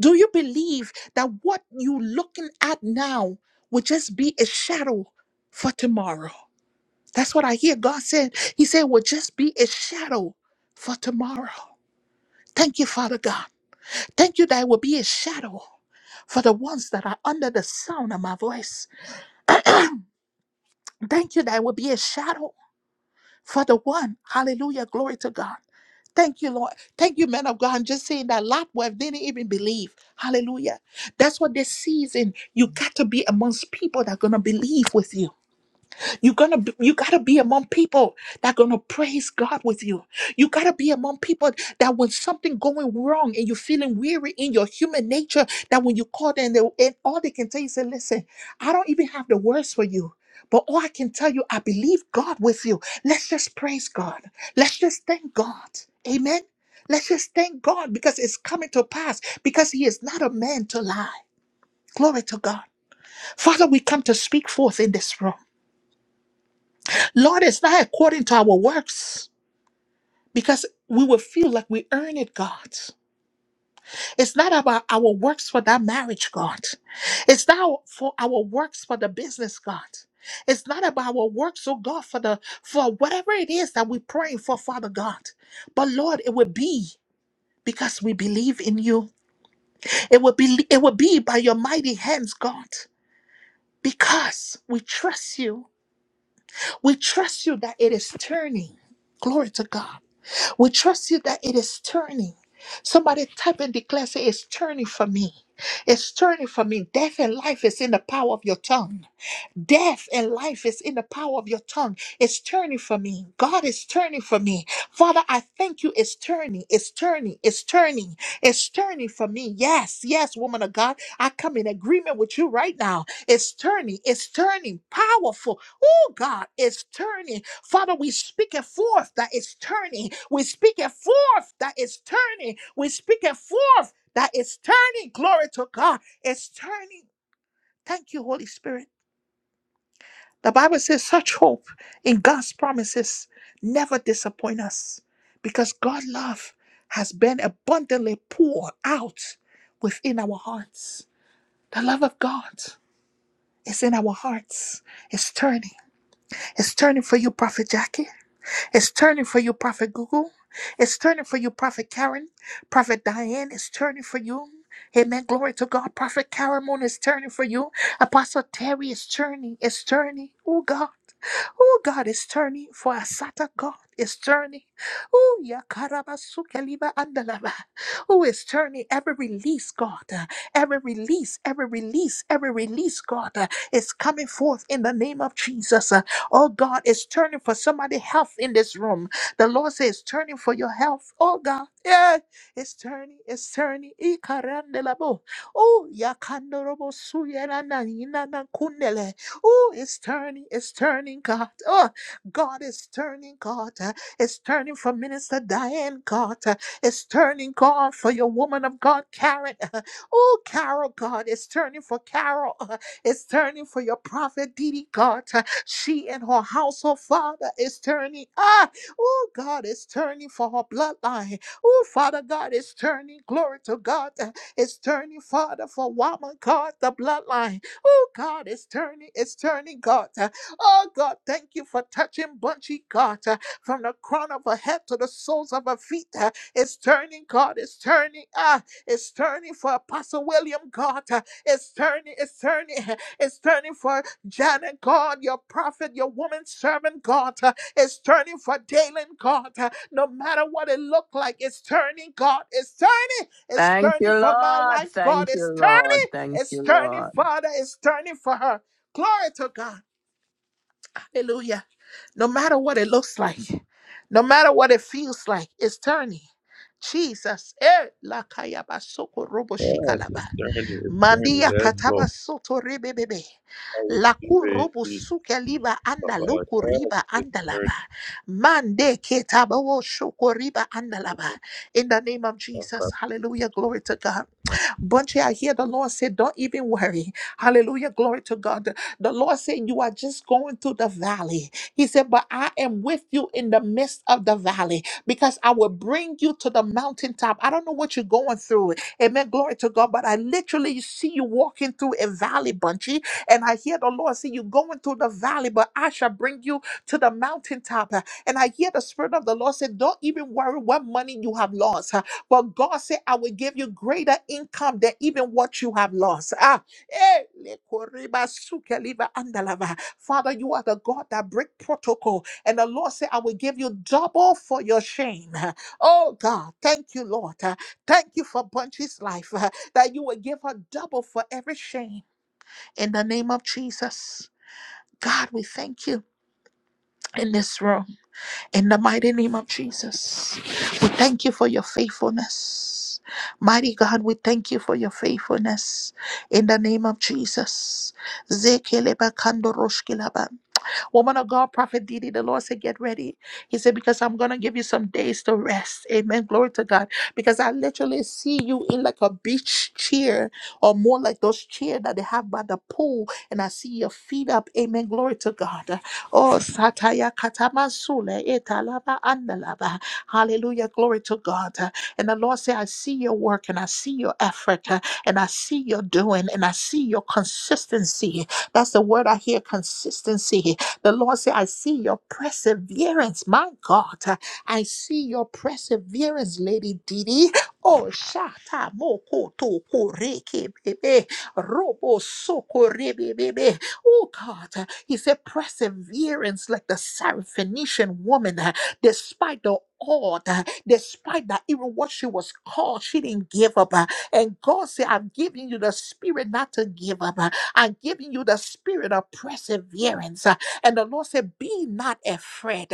Do you believe that what you're looking at now will just be a shadow for tomorrow? That's what I hear God said. He said, will just be a shadow for tomorrow. Thank you, Father God. Thank you that it will be a shadow for the ones that are under the sound of my voice. Thank you that it will be a shadow for the one. Hallelujah. Glory to God. Thank you, Lord. Thank you, man of God. I'm just saying that Lot wife didn't even believe. Hallelujah. That's what this season, you got to be amongst people that are going to believe with you. You're gonna be, you gotta be among people that gonna praise God with you. You gotta be among people that when something going wrong and you're feeling weary in your human nature, that when you call them they, and all they can tell you say, listen, I don't even have the words for you. But all I can tell you, I believe God with you. Let's just praise God. Let's just thank God. Amen. Let's just thank God because it's coming to pass because He is not a man to lie. Glory to God. Father, we come to speak forth in this room. Lord, it's not according to our works because we will feel like we earn it, God. It's not about our works for that marriage, God. It's not for our works for the business, God. It's not about our works, oh God, for the for whatever it is that we pray for, Father God. But Lord, it will be because we believe in you. It will be it will be by your mighty hands, God, because we trust you We trust you that it is turning. Glory to God. We trust you that it is turning. Somebody type and declare, say, it's turning for me. It's turning for me. Death and life is in the power of your tongue. Death and life is in the power of your tongue. It's turning for me. God is turning for me. Father, I thank you. It's turning. It's turning. It's turning. It's turning for me. Yes, yes, woman of God. I come in agreement with you right now. It's turning. It's turning. Powerful. Oh, God, it's turning. Father, we speak it forth that it's turning. We speak it forth that it's turning. We speak it forth that it's turning. Glory to God. It's turning. Thank you, Holy Spirit. The Bible says, such hope in God's promises never disappoint us because God's love has been abundantly poured out within our hearts. The love of God is in our hearts. It's turning. It's turning for you, Prophet Jackie. It's turning for you, Prophet Google. It's turning for you, Prophet Karen. Prophet Diane It's turning for you. Amen. Glory to God. Prophet Karen Moon is turning for you. Apostle Terry is turning. It's turning. Oh God. Oh God is turning for Asata God is turning. Oh Yakarabasukeliba Andalaba. Oh is turning every release, God. Uh, Every release, every release, every release, God uh, is coming forth in the name of Jesus. Oh God, it's turning for somebody health in this room. The Lord says it's turning for your health. Oh God, yeah, it's turning, it's turning. Ikarandelabo. Oh, yakandorobo suyenana yinana kundele. Oh, it's turning, it's turning, God. Oh, God is turning, God. Uh, It's turning for Minister Diane, God. Uh, It's turning, God, for your woman of God, Karen. Oh, Carol, God, it's turning for Carol. is turning for your prophet, Didi God. She and her household, Father, is turning. Ah, oh, God is turning for her bloodline. Oh, Father God is turning. Glory to God. It's turning, Father, for woman, God, the bloodline. Oh, God is turning. It's turning, God. Oh, God, thank you for touching Bunchy, God, from the crown of her head to the soles of her feet. It's turning, God. It's turning. Ah, it's turning for Apostle William, God. It's turning, it's turning, it's turning for Janet, God, your prophet, your woman servant, God. It's turning for Dalen, God. No matter what it looked like, it's turning, God. It's turning, it's
Thank
turning
you,
for my
Lord.
life, God.
Thank you,
It's
Lord.
turning,
Thank
it's
you,
turning,
Lord.
Father. It's turning for her. Glory to God. Hallelujah. No matter what it looks like, no matter what it feels like, it's turning. Jesus. Eh, lakayaba soko robo
yes,
shikalaba.
it's journey, it's journey.
Mandia
Yes,
kataba
Lord.
soto rebebebe.
I receive
Laku
it in
robo
Jesus'
suke liba
name.
anda loku
Yes,
riba
it's journey.
andalaba. Mande ketaba wo shoko riba andalaba.
Mhm.
In the name of Jesus.
Okay.
Hallelujah. Glory to God. Bunchy, I hear the Lord say, Don't even worry. Hallelujah. Glory to God. The Lord said, You are just going through the valley. He said, But I am with you in the midst of the valley because I will bring you to the mountaintop. I don't know what you're going through. Amen. Glory to God. But I literally see you walking through a valley, Bunchy. And I hear the Lord say, You're going through the valley, but I shall bring you to the mountaintop. And I hear the Spirit of the Lord say, Don't even worry what money you have lost. But God said, I will give you greater income than even what you have lost. Ah, Eh, lekoriba suke liba andalava. Father, you are the God that break protocol. And the Lord said, I will give you double for your shame. Oh God, thank you, Lord. Uh, Thank you for Bunchy's life, uh, that you will give her double for every shame. In the name of Jesus. God, we thank you in this room. In the mighty name of Jesus, we thank you for your faithfulness. Mighty God, we thank you for your faithfulness. In the name of Jesus. Zekeleba kando roshkilaba. Woman of God, Prophet Didi, the Lord said, Get ready. He said, Because I'm going to give you some days to rest. Amen. Glory to God. Because I literally see you in like a beach chair or more like those chairs that they have by the pool. And I see your feet up. Amen. Glory to God. Oh, Sataya Katamasule, Etalaba Andalaba. Hallelujah. Glory to God. And the Lord said, I see your work and I see your effort uh, and I see your doing and I see your consistency. That's the word I hear consistency. The Lord said, I see your perseverance, my God. I see your perseverance, Lady Didi. Oh, shata moko to koreke bebe. Robo soko rebe bebe. Oh, God. He said, perseverance like the Syrophoenician woman, despite the odd, despite that even what she was called, she didn't give up. uh, And God said, I'm giving you the spirit not to give up. uh, I'm giving you the spirit of perseverance. And the Lord said, Be not afraid.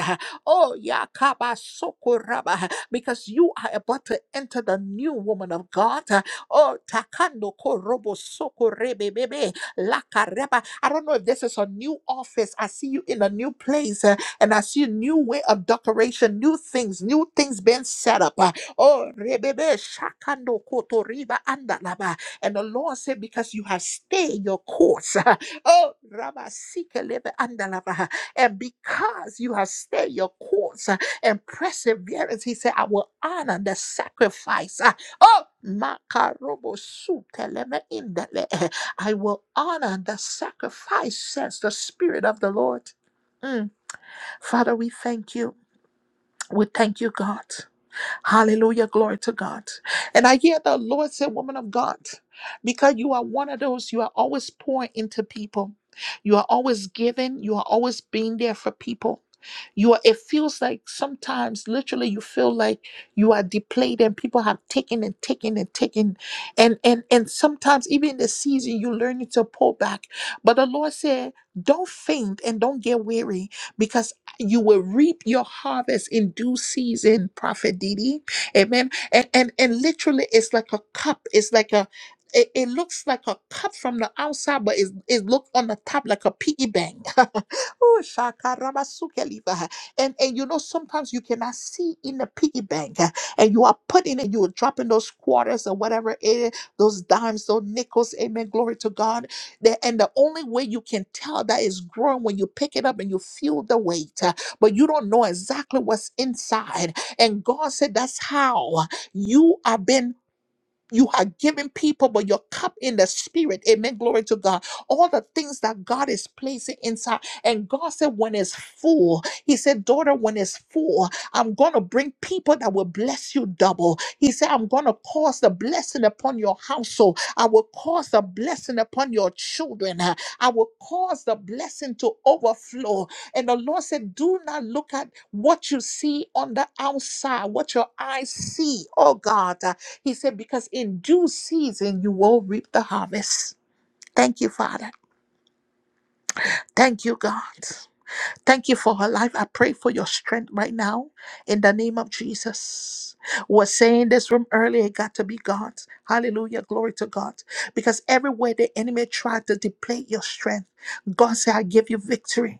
Oh, Yakaba Sokuraba, because you are about to enter the new woman of God. Oh, Takando Korobo Sokorebe Bebe Lakareba. I don't know if this is a new office. I see you in a new place uh, and I see a new way of decoration, new things, new things being set up. Uh, Oh, Rebebe Shakando Kotoriba Andalaba. And the Lord said, Because you have stayed your course. Oh, Rabasika lebe andalava. And because you have stayed your course uh, and perseverance, he said, I will honor the sacrifice. Uh, Oh, makarobo su teleme indale. I will honor the sacrifice, says the Spirit of the Lord. Mm. Father, we thank you. We thank you, God. Hallelujah. Glory to God. And I hear the Lord say, Woman of God, because you are one of those, you are always pouring into people. You are always giving. You are always being there for people. You are, it feels like sometimes literally you feel like you are depleted and people have taken and taken and taken. And and and sometimes even in the season you learn to pull back. But the Lord said, Don't faint and don't get weary because you will reap your harvest in due season, Prophet Didi. Amen. And and and literally it's like a cup. It's like a it, it looks like a cup from the outside, but it, it looks on the top like a piggy bank. oh, shakarabasukeliva. and and you know sometimes you cannot see in the piggy bank, and you are putting it, you are dropping those quarters or whatever it is, those dimes, those nickels. Amen. Glory to God that and the only way you can tell that is growing when you pick it up and you feel the weight, uh, but you don't know exactly what's inside. And God said, That's how you are being you are giving people, but your cup in the spirit. Amen. Glory to God. All the things that God is placing inside. And God said, when it's full, He said, daughter, when it's full, I'm going to bring people that will bless you double. He said, I'm going to cause the blessing upon your household. I will cause the blessing upon your children. I will cause the blessing to overflow. And the Lord said, Do not look at what you see on the outside, what your eyes see, oh God. Uh, He said, Because in due season you will reap the harvest. Thank you, Father. Thank you, God. Thank you for her life. I pray for your strength right now in the name of Jesus. Was saying this room earlier, it got to be God. Hallelujah. Glory to God. Because everywhere the enemy tried to deplete your strength, God said, I give you victory.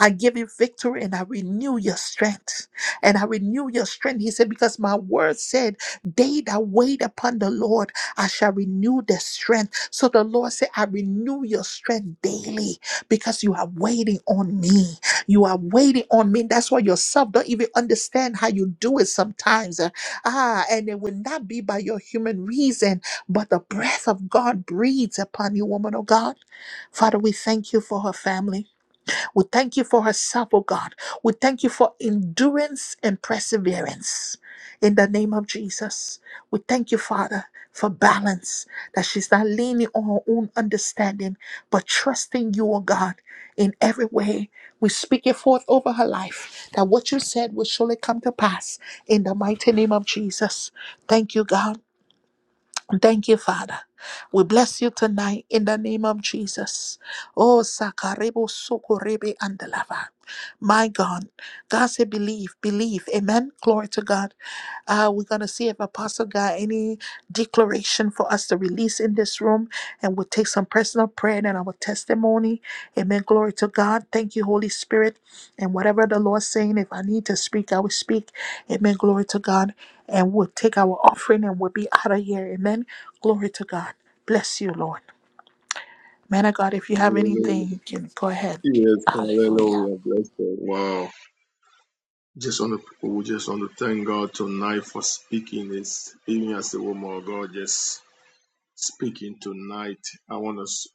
I give you victory and I renew your strength. And I renew your strength. He said, Because my word said, They that wait upon the Lord, I shall renew their strength. So the Lord said, I renew your strength daily because you are waiting on me. You are waiting on me. That's why yourself don't even understand how you do it sometimes. Uh, Ah, and it will not be by your human reason, but the breath of God breathes upon you, woman of God. Father, we thank you for her family. We thank you for herself, oh God. We thank you for endurance and perseverance. In the name of Jesus, we thank you, Father, for balance, that she's not leaning on her own understanding, but trusting you, oh God, in every way. We speak it forth over her life, that what you said will surely come to pass in the mighty name of Jesus. Thank you, God. Thank you, Father. We bless you tonight in the name of Jesus. Oh, Sakarebo Sokorebe and the Lava. My God. God said, believe, believe. Amen. Glory to God. Uh, we're going to see if Apostle got any declaration for us to release in this room and we'll take some personal prayer and our testimony. Amen. Glory to God. Thank you, Holy Spirit. And whatever the Lord's saying, if I need to speak, I will speak. Amen. Glory to God. And we'll take our offering and we'll be out of here. Amen. Glory to God. Bless you, Lord. Man of God, if you have anything, you can go ahead. Hallelujah.
just want to we just want to tonight speaking is even as the more just speaking tonight. I want us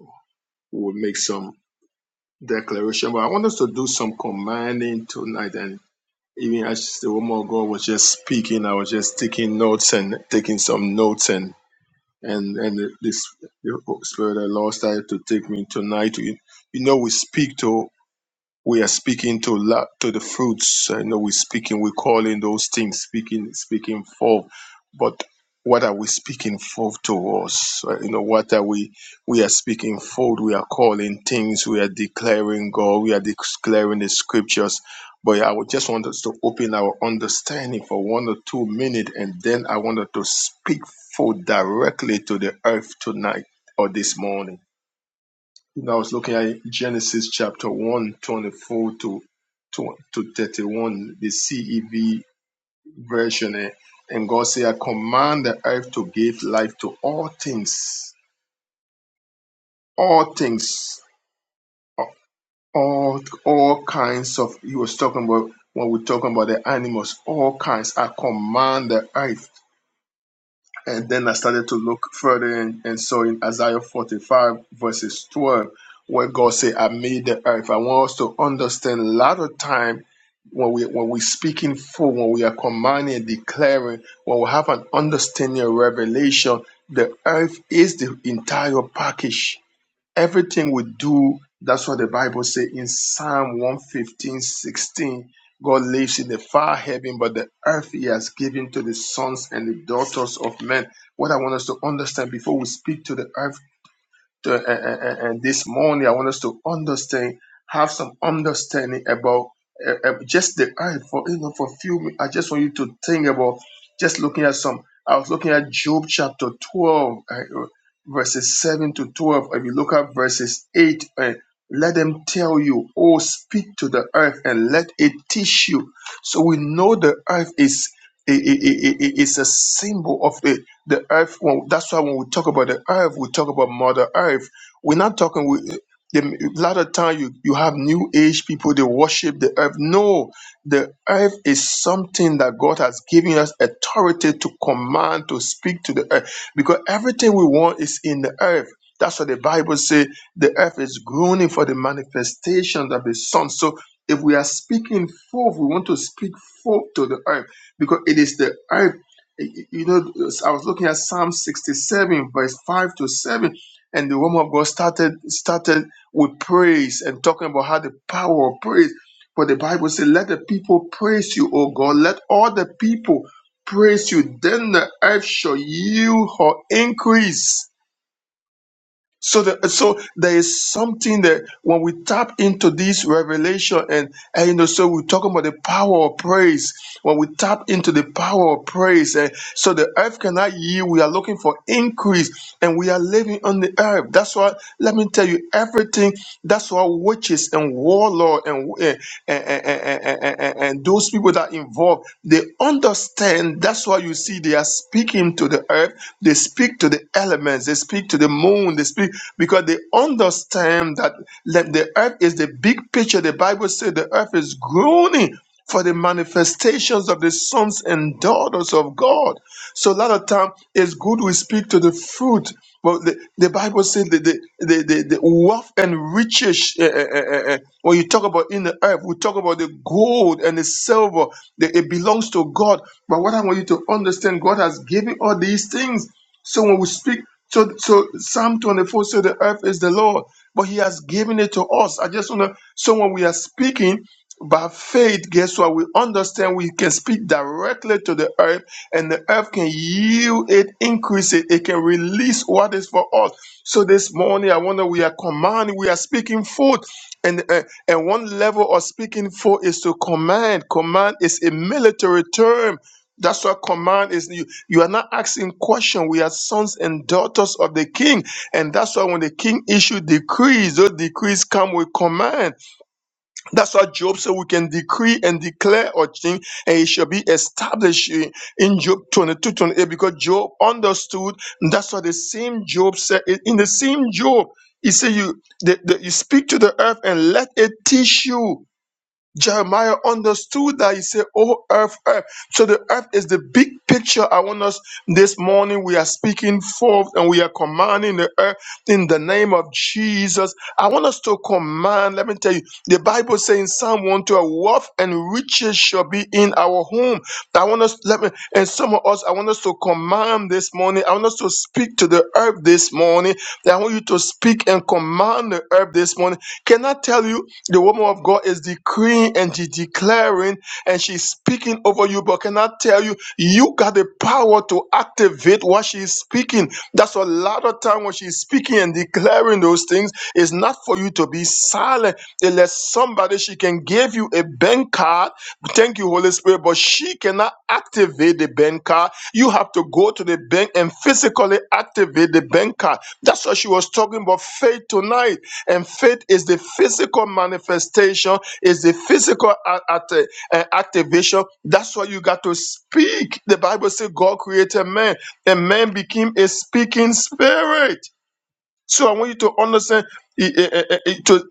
we'll make some declaration, but I want us to do some commanding tonight. And even as the woman of God was just speaking, I was just taking notes and taking some notes and and and this the Spirit of the Lord started to take me tonight. You, you know, we speak to. we are speaking to la- to the fruits. I know we're speaking, we're calling those things speaking, speaking forth. But what are we speaking forth towards? Uh, You know, what are we we are speaking forth? We are calling things. We are declaring God. We are declaring the scriptures. But I would just want us to open our understanding for one or two minutes, and then I wanted to speak forth directly to the earth tonight or this morning. I was looking at Genesis chapter one 24 to, to, to 31, the CEV version. eh, And God said, I command the earth to give life to all things, all things, all, all kinds of, he was talking about, when we're talking about the animals, all kinds, I command the earth And then I started to look further and, and so in Isaiah 45 verses 12, where God said, I made the earth. I want us to understand a lot of time when we when we speaking full, when we are commanding and declaring, when we have an understanding and revelation, the earth is the entire package Everything we do, that's what the Bible says in Psalm one fifteen sixteen. God lives in the far heaven, but the earth he has given to the sons and the daughters of men. What I want us to understand before we speak to the earth to- and, and- and- this morning, I want us to understand, have some understanding about uh, uh, just the earth. For you know, for a few, minutes, I just want you to think about just looking at some. I was looking at Job chapter twelve, uh, uh, verses seven to twelve. If you look at verses eight, uh, let them tell you, oh, speak to the earth and let it teach you. So we know the earth is. i- i- i- i- i- is a symbol of the the earth. When, that's why when we talk about the earth, we talk about Mother Earth. We're not talking. We, the, a lot of time you, you have new age people they worship the earth. No, the earth is something that God has given us authority to command to speak to the earth because everything we want is in the earth. That's what the Bible says. The earth is groaning for the manifestation of the Son. So if we are speaking forth, we want to speak forth to the earth because it is the earth you know, I was looking at Psalm 67, verse 5 to 7, and the woman of God started started with praise and talking about how the power of praise. For the Bible says, Let the people praise you, O God. Let all the people praise you. Then the earth shall yield her increase. So, the, so there is something that when we tap into this revelation, and, and you know, so we're talking about the power of praise. When we tap into the power of praise, and so the earth cannot yield, we are looking for increase, and we are living on the earth. That's why, let me tell you, everything. That's why witches and warlord and eh, and, and, and, and, and and and those people that are involved, they understand. That's why you see they are speaking to the earth. They speak to the elements heavens, they speak to the moon, they speak because they understand that le- the earth is the big picture. The Bible says the earth is groaning for the manifestations of the sons and daughters of God. So a lot of time it's good we speak to the fruit. But the, the Bible says that the, the, the, the wealth and riches, eh, eh, eh, eh, eh, when you talk about in the earth, we talk about the gold and the silver, that it belongs to God. But what I want you to understand, God has given all these things so when we speak, so so Psalm 24 said the earth is the Lord, but He has given it to us. I just wanna so when we are speaking by faith, guess what? We understand we can speak directly to the earth, and the earth can yield it, increase it, it can release what is for us. So this morning, I wonder we are commanding, we are speaking forth. And, uh, and one level of speaking for is to command. Command is a military term. That's what command is. You are not asking question. We are sons and daughters of the king. And that's why when the king issued decrees, those decrees come with command. That's why Job said we can decree and declare a thing and it shall be established in Job 22 28. because Job understood. And that's why the same Job said, in in the same Job, he said, you, the, the, you speak to the earth and let it teach you. Jeremiah understood that he said, Oh, earth, earth. So the earth is the big picture. I want us this morning. We are speaking forth and we are commanding the earth in the name of Jesus. I want us to command. Let me tell you, the Bible says in Psalm 112, wealth and riches shall be in our home. I want us, let me, and some of us, I want us to command this morning. I want us to speak to the earth this morning. I want you to speak and command the earth this morning. Can I tell you? The woman of God is decreeing and she's declaring and she's speaking over you. But can I tell you, you got the power to activate what she's speaking. That's a lot of time when she's speaking and declaring those things, it's not for you to be silent. Unless somebody she can give you a bank card. Thank you, Holy Spirit, but she cannot activate the bank card. You have to go to the bank and physically activate the bank card. That's what she was talking about faith tonight and faith is the physical manifestation, is the physical a- at- uh, activation. That's why you got to speak. The Bible says God created man, and man became a speaking spirit. So I want you to understand eh, eh, eh, eh, to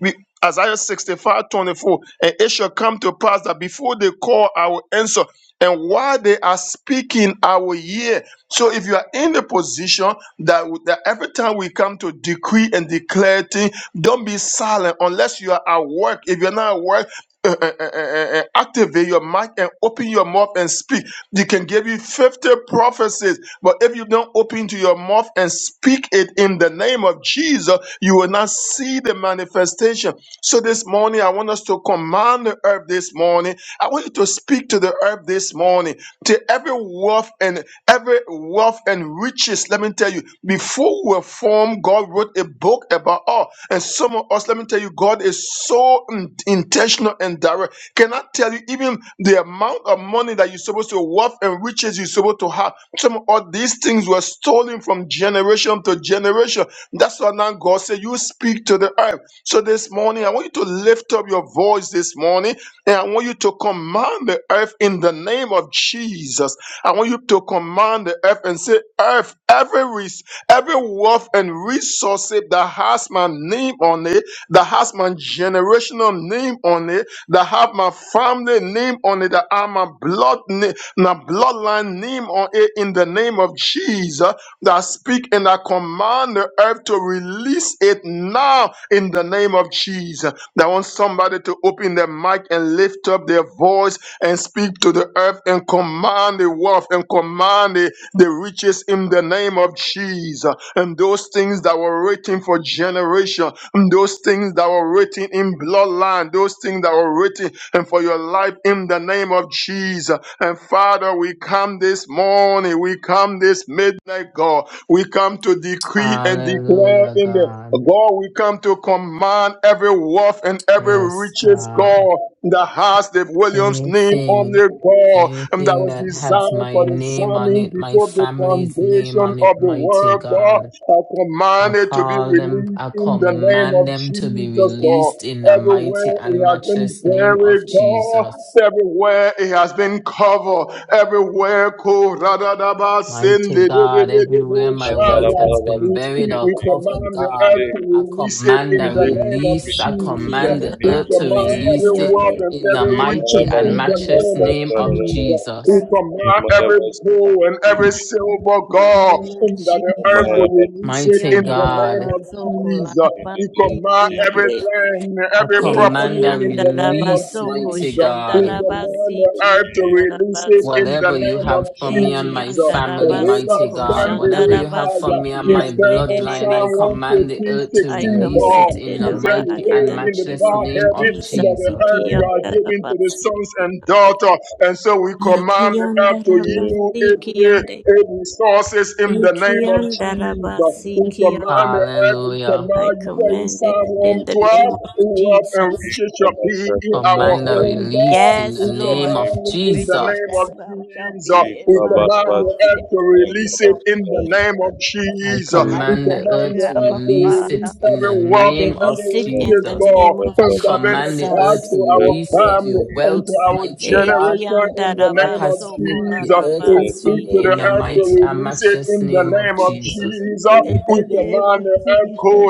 we- Isaiah 65 24, And it shall come to pass that before they call, I will answer. And while they are speaking, I will hear. So if you are in the position that, that every time we come to decree and declare things, don't be silent unless you are at work. If you're not at work, eh, eh, eh, eh, eh, activate your mic and open your mouth and speak. They can give you 50 prophecies but if you don't open to your mouth and speak it in the name of Jesus, you will not see the manifestation. So this morning, I want us to command the earth this morning. I want you to speak to the earth this morning, to every wealth and every wealth and riches. Let me tell you, before we were formed, God wrote a book about all. And some of us, let me tell you, God is so in- intentional and direct. Can I tell you, even the amount of money that you're supposed to wealth and riches you're supposed to have? Some of these things were stolen from generation to generation. That's why now God said, You speak to the earth. So this morning, I want you to lift up your voice this morning and I want you to command the earth in the name of Jesus. I want you to command the earth and say, Earth, every, res- every wealth and resource that has my name on it, that has my generational name on it, that have my family name on it, that are my blood name the bloodline name on it in the name of Jesus that speak and I command the earth to release it now in the name of Jesus. I want somebody to open their mic and lift up their voice and speak to the earth and command the wealth and command the the riches in the name of Jesus, and those things that were written for generation, and those things that were written in bloodline, those things that were written and for your life in the name of Jesus. And Father, we come this morning, we come this midnight, God. We come to decree and declare
Hallelujah,
in the
God.
God, we come to command every wealth and every
Yes,
riches,
God.
God, that has the Williams name on
Anything,
the God, and that
anything
was
that has
designed for
my
the
name on
Zamin
it, my
before the
family's name
foundation
on
of
it,
the
mighty
world, God.
God.
I
I
command it to be
call them,
released
I
in the name of
command them to be
Jesus, God.
released in the
Everywhere
mighty
it
and
has been
matchless name
buried,
of
God.
Jesus.
Everywhere it has been covered. Everywhere, Sende
Mighty
de de
God,
de de
everywhere
bo
I
my
thought
wealth
about
shaya.
has
it, like,
been
We
buried
speak,
it,
or
we
it,
covered,
command
it,
the
it,
God,
earth
it,
to
I
release it
command
in
a
the
Release
name
it,
of
release. I
release it in
Jesus.
command
the
the
We
name
earth
of
to
command
Jesus.
release
every
it
Kiandarabasikiande.
wealth and
in the
every
We
I
mighty
riches
Marabas,
and
in the
very
but,
matchless
name
uh,
of
name
but,
of
Jesus.
uh,
We
Jesus.
blessed
we
command every
Marabas,
gold and
we
every
give
silver
you
God
name of
in that the earth
Jesus.
will
Marabas,
release it
Mighty
in
uh,
the name
uh,
God,
of
Kiandarabasoko
Jesus.
in the
We
name of
command
Jesus,
every
larabasikiande.
land,
I
every
command
property
a
in the name of
release,
Ekiandarabasoko
mighty
Jesus.
in the
We
God.
name of
command the earth to
Jesus,
release it
shandarabasikiandarabaso.
in the the
Whatever you
name
release,
of
have for me and my
Jesus.
uh,
The
family,
labor
mighty
Ekiandarabasoko
God,
release,
stand
it,
whatever
the
you have for
fire.
me and
You
release,
my
stand
shandarabasikiande
on
bloodline, I
Psalm
dedebesi.
command the
115,
earth to
I
16,
it, release,
release
God.
it
it,
in
commanded,
You
the
O
say you
God,
mighty
in
live
and
the
in the
name
matchless
far
of
name
heaven,
of
Jesus.
that the
Jesus.
earth you are giving to the sons and
Ikiandarabasikiande.
daughters. And so we command the earth to yield its
Ikiandarabasikiande,
its resources in the name of Jesus. We
ikiandarabasikiando.
command the earth, we
Hallelujah.
I
command you say in
command it
Psalm
in the
112,
name of
wealth and
Jesus.
riches shall be in our
Command a
home, God.
release in the
Yes,
We
name
Lord.
command
of
command it in the
Jesus.
Riches
name of
and wealth shall
Jesus.
be in
We
my
command the
house
earth
in
to
the name
release it
of
in the
Jesus.
name of
I
Jesus.
I
We
command the
thank
command
earth
you,
the
to
earth
Abba
to
release
Father.
release
it in
every
the
I
wealth and
name of
every
release it in
riches,
the
Jesus.
God,
name of
I
from that been
command the
attached
earth
Jesus.
to
to our
release every
family and to
wealth,
our
mighty God,
generation
that
in
the
the
Lord
name of
has for me, that the
Jesus.
earth
We
has for
speak to
me,
the
in
Anything
the
earth to
Ikiandarabasokoladarabasikiande.
mighty and
release it
matchless
in the
name of
name of
Jesus.
Jesus.
In the
We
name
command
of
the earth,
Jesus.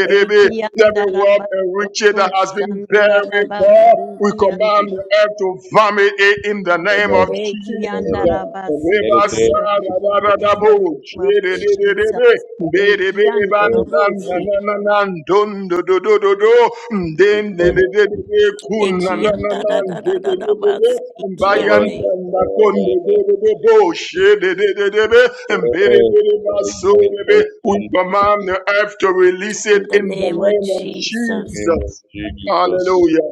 Korabashikiribi, Every wealth and riches that has been buried, God, we
Ekiyandarabasokoşandarabasikiyandı.
command the earth to vomit it in the name of Jesus
Ekiyandarabasikiyanda. In the name of Jesus. Ekiyandarabosi.
do den de de de de kun na na na de de de de bayan
Ekiyandarabasikiyande.
tanda kon de de de bo she de de de de and be de
Oh,
de de ba so
in the
we
name of
command
Jesus.
the earth to release it
In the
in the
name of
name of
Jesus.
name
Jesus.
of Jesus.
Hallelujah.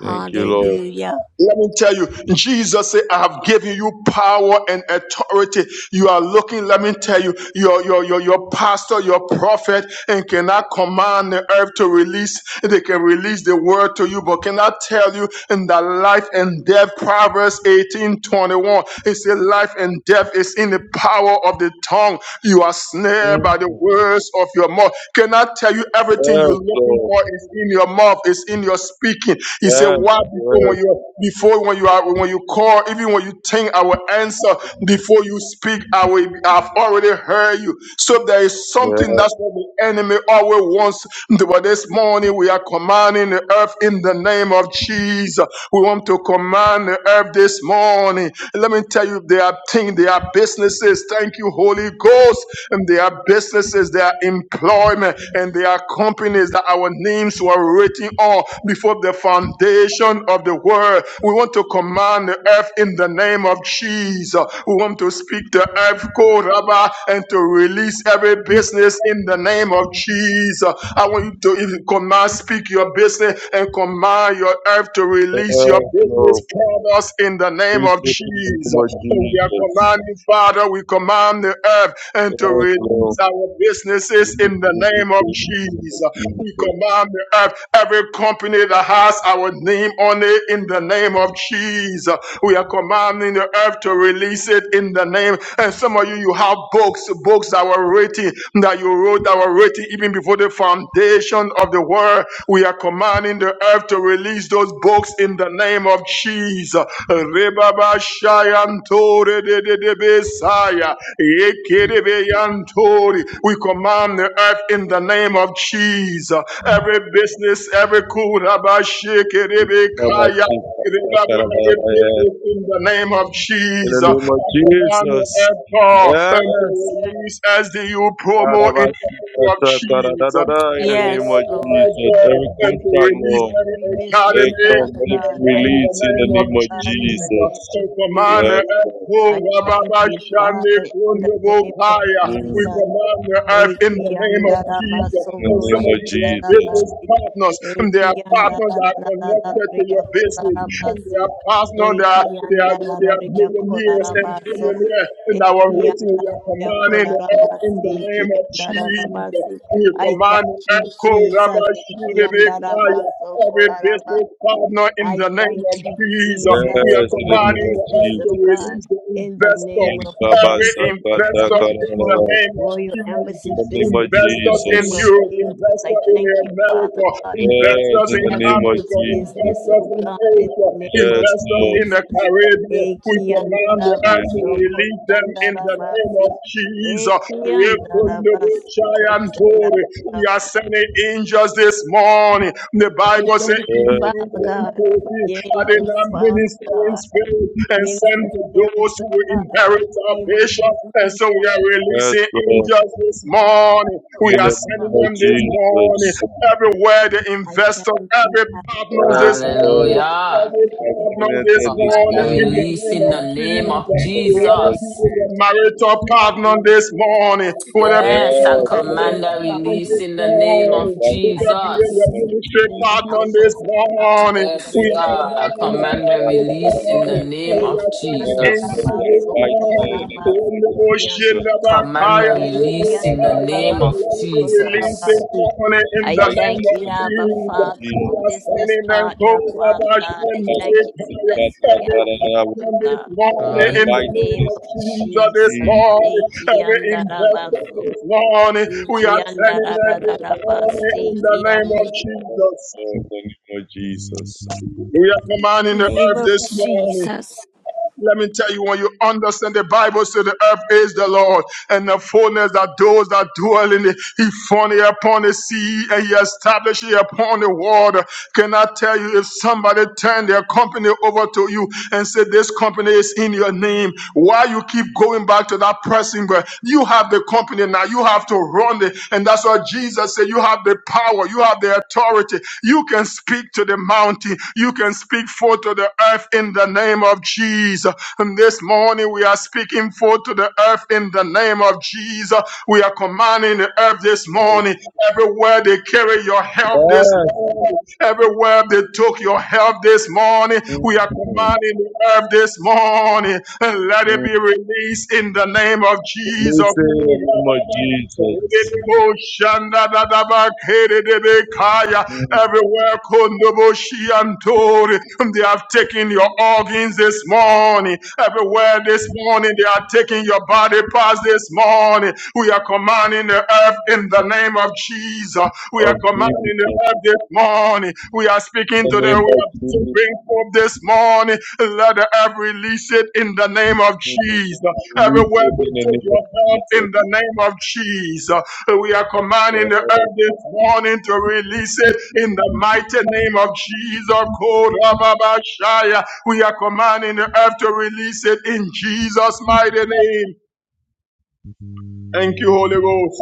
Thank you, Lord.
Let me tell you, Jesus said, I have given you power and authority. You are looking, let me tell you, your, your, your, your pastor, your prophet, and cannot command the earth to release. They can release the word to you, but cannot tell you in the life and death, Proverbs eighteen twenty one. It said, life and death is in the power of the tongue you are snared by the
Mm.
words of your mouth. Can I tell you everything you're
Yes,
looking
Lord.
for is in your mouth, is in your speaking. He said,
Yes,
Why before
yes,
when you before when you are when you call, even when you think I will answer, before you speak, I will I've already heard you. So there is
yes,
something
yes,
that's what the enemy always wants. But this morning we are commanding the earth in the name of Jesus. We want to command the earth this morning. Let me tell you, there are things, there are businesses. Thank you, Holy Ghost. And there are businesses, there are employment, and there are companies that our names were written on before the foundation of the world. We want to command the earth in the name of Jesus. We want to speak the earth, God, Rabbi, and to release every business in the name of Jesus. I want you to even command, speak your business and command your earth to release your
yes,
business
Lord.
products in the name
Please
of
take in the
Jesus.
name of
So we are
Jesus.
commanding, Father, we command the earth and to
Yes,
release
Lord.
our businesses
Please
in the
take
name
in
of
the name
Jesus.
of
We
Jesus.
command the earth, every company that has our name on it in the name of Jesus. We are commanding the earth to release it in the name. And some of you, you have books, books that were written, that you wrote, that were written even before the foundation of the world. We are commanding the earth to release those books in the name of Jesus. Rebaba shayanto redededebesaya. We command the earth in the name of Jesus. Every business, every
Baba,
kurabashikerebekaya.
see, Papa,
Every
Karabaya.
business in the name of
In the
Jesus. I
name of
command the
Jesus.
earth and
Yes.
to release as the you promo in the name of
karabasikatakara
Jesus
In
at
the
the
name
Yes,
of
level of
Lord.
Jesus,
God
every
and
I
to
contract,
command
release
Lord,
any
every business,
they
economy
come
Father
in
let it be
God, my
the
released in the
business,
name of
name
oh
of
God, in
Jesus.
the name
Jesus.
To
of
command
Jesus.
the
Yes, Lord.
earth, oh,
I thank
Rababa
you, Father,
Shani
in the name of
Kundabokaya. we
Mm,
Jesus.
command the earth in the
Eki
name of Jesus.
andarabaso
in the
And some
name
of
of
you they are
Jesus.
business
koshandarabasi.
partners, and they
Eki
are partners that are connected to
andararararariya
your business, and they
korarabasi.
are partners that are
Eki
they are, they are
andararariya
billionaires and
korarabaso.
billionaires in our
Eki
waiting. We are
andararariya
commanding the earth in
korarabasi.
the
Eki
name of Jesus.
andararabasi.
We
I
command the
thank you,
earth,
Jesus. Eki
Korabashiribikaya,
andarabaso
every business partner in
I
the name
thank
of
you,
Jesus. We
Jesus,
are
Yes,
for
in the
my
name
commanding
of
the
business,
earth to
oh
Jesus.
God.
release the
In the name
investor
of Jesus,
Every
I
investor
thank
ikabasakatakara
you
in the
for
name of
Royal
Jesus,
In
Embassy's
the name of
business. In
investors
the
in
Jesus.
name of
Europe,
Jesus,
investor
I
in
thank you, Father
America,
God, for
Yes,
investors
each
in
and
in
the name of
Africa,
everyone's
Jesus.
business,
investors
oh
in
God. In
Asia,
the name of
Yes,
investors
Lord.
in the
Jesus.
Caribbean, we command the earth
Yes,
to
Ekiandarabaso
release them in the name of
kochandarabasi.
Jesus. We couldn't do it,
Ekiandarabaso
shy and told We are
kochandarabasi.
sending angels this morning. The
I
Bible says,
thank you,
Lord.
Father God, for the
and in
angels,
our
Father
ministering
God.
spirit and send
Minister
to
Spirit
those
of
who will
God, in
inherit
the
our
name of
patience. And
Jesus,
so we are
Yes,
releasing
thank
Lord.
angels this
you that I
morning.
so
We
In
good
are
the name
sending
of
of
them
us.
this morning.
Jesus.
Everywhere the
I
investor,
thank you,
every
Abba
partner
Father,
Yes,
this
in
morning,
the
so
name
Hallelujah.
of
every
I are
Jesus.
sitting
partner
at
this
there this
Command a
morning in
morning.
the
release
name
in
of
the
I
name
thank
of
you,
Jesus.
In the
Father,
name
Whether
of
it be
Jesus.
in
in the
Jesus.
the name
marital partner
of Jesus.
this morning,
I
whether it be
thank
in
Yes,
you
the
I
for
Yes, so
business
command
business,
a
Father.
partner
release
this
in the
I
name
are
morning,
of
in the
whether
I
it be
thank
in
you
Jesus.
your
name of
for
ministry
destiny.
partner
Help
this
Jesus.
us,
morning
God,
morning.
in the
Yes,
We
Yes,
name
are
of
God,
Lord,
I
commanding the
Jesus.
command a
heart this
release in the
morning. And
name
we
Thank you,
of
are sending
and that
Jesus.
angels
we
I
are
this
so good
inviting
morning.
you in
of
the
In
name of
the
us.
ocean,
Jesus.
the
Command
Bakaya,
a
I
the
release
We
in the
are
Bakaya.
name
inviting
of
Let it
this
release this
Jesus.
in the name of Jesus. We
morning
are
in the
inviting
name
thank
of
this
you,
in the name of
Abba
Jesus.
Father,
Jesus. Yes, Lord,
We
for
are
business
standing and go,
partner, Father
Rabash,
God.
and
I
the
thank you for
Bakaya.
destiny
Every
helper, oh
covenant this
God.
morning in
In the
the name
name
of
of
Jesus
Jesus.
this morning.
Eki
Every
anda
investor
rabaso,
this morning. We
iki
are
anda
sending
ra
them
ra
this morning in the name of Jesus.
in the name of Jesus.
We are commanding the
Name
earth
of
this morning.
Jesus.
Let me tell you, when you understand the Bible says the earth is the Lord and the fullness that those that dwell in it. He founded it upon the sea and he established it upon the water. Can I tell you if somebody turn their company over to you and say this company is in your name, why you keep going back to that person? But you have the company now. You have to run it, and that's what Jesus said. You have the power. You have the authority. You can speak to the mountain. You can speak forth to the earth in the name of Jesus. And this morning we are speaking forth to the earth in the name of Jesus. We are commanding the earth this morning. Everywhere they carry your health this morning, everywhere they took your health this morning, we are
Yes.
commanding the earth this morning. And let it
Mm.
be released in the name of
In the
Jesus.
name of Jesus,
Shanda da da ba kere de be kaya
mm.
Everywhere Kondoboshi and Tori, they have taken your organs this morning. Everywhere this morning, they are taking your body parts this morning. We are commanding the earth in the name of Jesus. We are
of Jesus,
commanding the earth this morning. We are speaking
in
to the
the name of
earth to
Jesus,
bring forth this morning. Let the earth release it in the name of
mm.
Jesus.
release it
Everywhere
in
they
the
took
name of
your help in the
Jesus.
name of Jesus. We are commanding
Yes,
the earth this morning to release it in the mighty name of Jesus. Korababashaya. We are commanding the earth to release it in Jesus' mighty name. Thank you, Holy Ghost.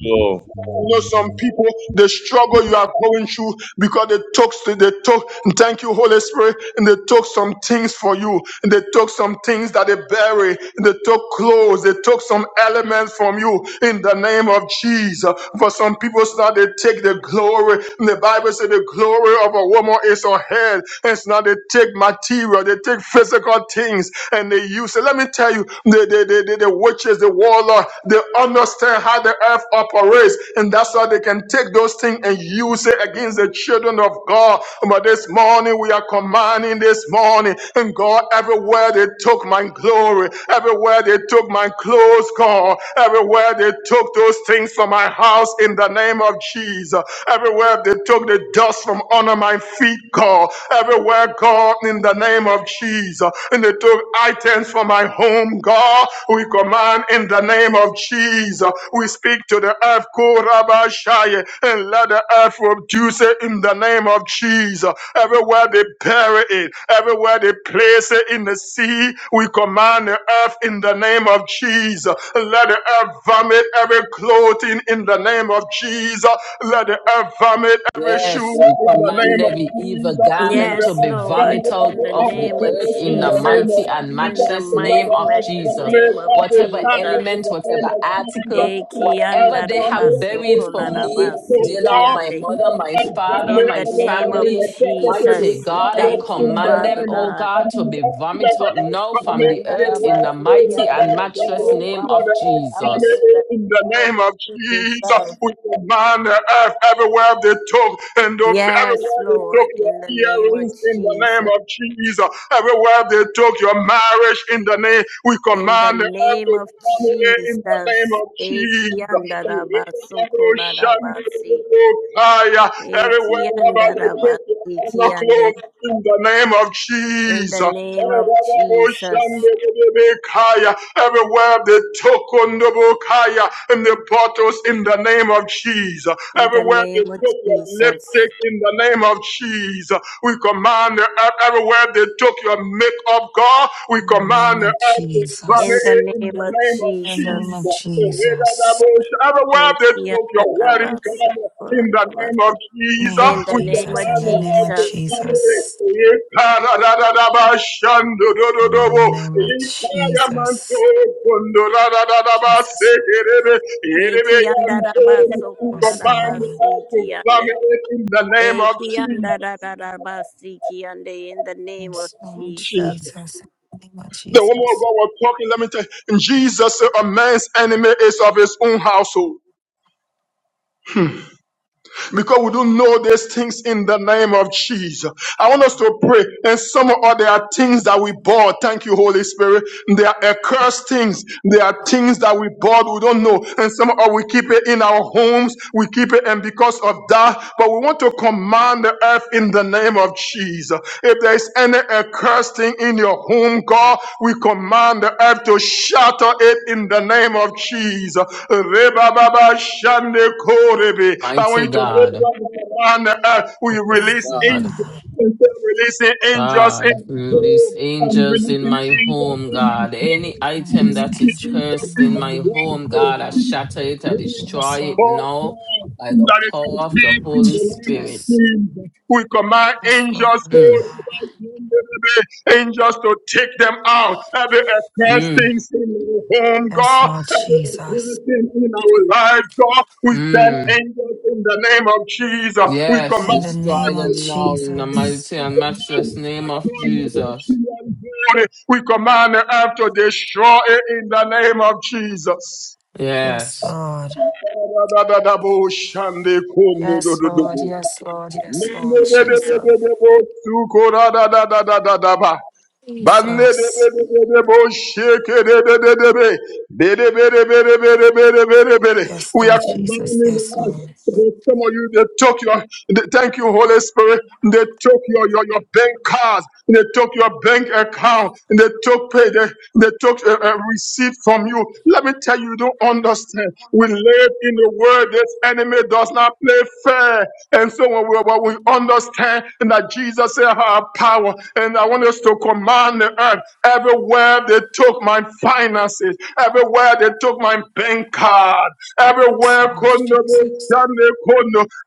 Lord.
I know some people, the struggle you are going through because they took, they took, thank you, Holy Spirit, and they took some things for you, and they took some things that they bury, and they took clothes, they took some elements from you in the name of Jesus. For some people, it's not they take the glory, and the Bible says the glory of a woman is her head, and it's not they take material, they take physical things, and they use it. Let me tell you, the, the, the, the, the witches, the warlord they understand how the earth operates, and that's how they can take those things and use it against the children of God. But this morning we are commanding this morning, and God, everywhere they took my glory, everywhere they took my clothes, God, everywhere they took those things from my house in the name of Jesus, everywhere they took the dust from under my feet, God, everywhere, God, in the name of Jesus, and they took items from my home, God, we command in the name of Jesus. Jesus. We speak to the earth, Korabashaya, and let the earth produce it in the name of Jesus. Everywhere they bury it, everywhere they place it in the sea, we command the earth in the name of Jesus. Let the earth vomit every clothing in the name of Jesus. Let the earth vomit every shoe
Yes,
in
we
the
command
name of
every evil
Jesus.
garment to
Yes,
be
Let
Lord.
the earth
vomited
vomit
out
In
every
the
of
armor
the
name of
earth
in
in the
the name of
mighty
Jesus.
and
In
Jesus.
the
matchless
Let
name
mighty,
the
of
earth
matchless
Jesus.
vomit
name of
every
Whatever
tie
Jesus.
in the name
element,
of name
whatever
of Jesus.
article,
Let
Eki
whatever
anda
they
abundance
have
rabaso
is
buried for
kola
me,
so
rabasi ki
Dylan,
far.
my
ande.
mother,
Let
my
abundance
father,
In
my
the name of
everything
family,
that purpose
mighty
is
Jesus,
God, I
swallowed
thank you,
in the
command
Father
them,
name of
oh
God.
God, to
Jesus.
be
Let
vomited
the
up now
Eki
from
abundance
the
anda
every
earth in the
wealth
rabasi
in
ki
the
mighty and
ande,
last
That they
matchless
swallow.
will
name
Let
of
vomit
the
it up in
Jesus.
the
abundance in the
name of
name of Jesus.
Jesus.
We command the earth everywhere they took and
Yes,
everywhere they took
Lord,
your
in the name of
earrings in the name
Jesus.
of Jesus. Everywhere they took your marriage in the name, we
In the
command the earth
name
to
of
in the name
Jesus.
of Jesus.
Eki anda rabaso kola rabasi.
Everywhere
Eki
about
anda
the
rabasi
I'm
ki
not
ande.
close in the name of
In the
Jesus.
name of Jesus.
Everywhere they took on the bokaya and the bottles in the name of Jesus.
In the
Everywhere they
name of
took your
Jesus.
lipstick in the name of Jesus. We command the earth everywhere they took your makeup, God. We
In the name
command the
of
earth to
In
Father,
Jesus.
the
in
name
the
of
name of
In the name of
Jesus,
Jesus.
Jesus.
otherwise
In
they
the
spoke your word
name
in
of
God. In
Jesus.
the name of
Name
Jesus,
In
of
we
the name of
Jesus. In
command
the
the
name of
earth to
Jesus.
family.
Jesus. In the
Ikara-da-da-da-ba-shandu-du-du-du-bu.
name of Jesus.
Ikara-man-tu-kundu-ra-da-da-da-ba-se-ke-re-be. ba se
Jesus.
ke re be ere be yan
Yes,
command the
Lord.
earth to family in the name of Jesus.
Yes, Lord Jesus. In the name of
The woman of
Jesus.
God was talking, let me tell you, Jesus said, a man's enemy is of his own household. because we don't know these things in the name of Jesus. I want us to pray. And some of there are things that we bought. Thank you, Holy Spirit. There are accursed things. There are things that we bought. We don't know. And some of we keep it in our homes. We keep it. And because of that, but we want to command command the earth in the name of Jesus. If there is any accursing in your home, God, we command the earth to shatter it in the name of Jesus. I want
Mighty
you to
God.
command the earth. We
Oh,
Yes,
release
Father
God.
angels.
God.
Instead of releasing angels in
God, release
home, I'm
angels in
releasing
my
angels
home,
in my
God. Any
home.
item
I'm
These
that
releasing
is
angels
angels
in
cursed
my
in
in
my
my
home, oh,
home,
Father
God, I
God.
shatter it, I destroy
Yes,
it
Lord.
Oh
now
God,
by the
that is
power
In
of
the
the
complete
name of
in
Holy
the name of
Spirit.
Jesus.
Jesus. We command
Yes, Lord,
angels
Father
to
Mm,
God.
angels to take them out. Every accursed
mm,
things in our home,
Yes,
God.
Lord
Every
Jesus.
accursed thing in our lives, God. We send
mm.
angels in the name of Jesus. We
Yes,
command
In the
destroy
God
name
to
of
them now in the
Jesus.
mighty and matchless name of Jesus.
we command the earth to destroy it in the name of Jesus.
Yes,
Yes.
Lord.
Shande kondo do
Yes,
do do
Lord.
bo.
Yes, Lord. Yes,
Mende
Lord.
de de de
Jesus.
de de bo. Suko da da da da da da da ba. We are commanding
Jesus. Yes, Lord Jesus. Yes,
the earth.
Lord.
There's Some of you, they took your, they, thank you, Holy Spirit. They took your, your, your bank cards. They took your bank account. They took pay. They, they took a, a receipt from you. Let me tell you, you don't understand. We live in a world this enemy does not play fair. And so when we, when we understand that Jesus said, I have power, and I want us to command the earth. Everywhere they took my finances, everywhere they took my bank card,
Yes,
everywhere.
Lord Jesus.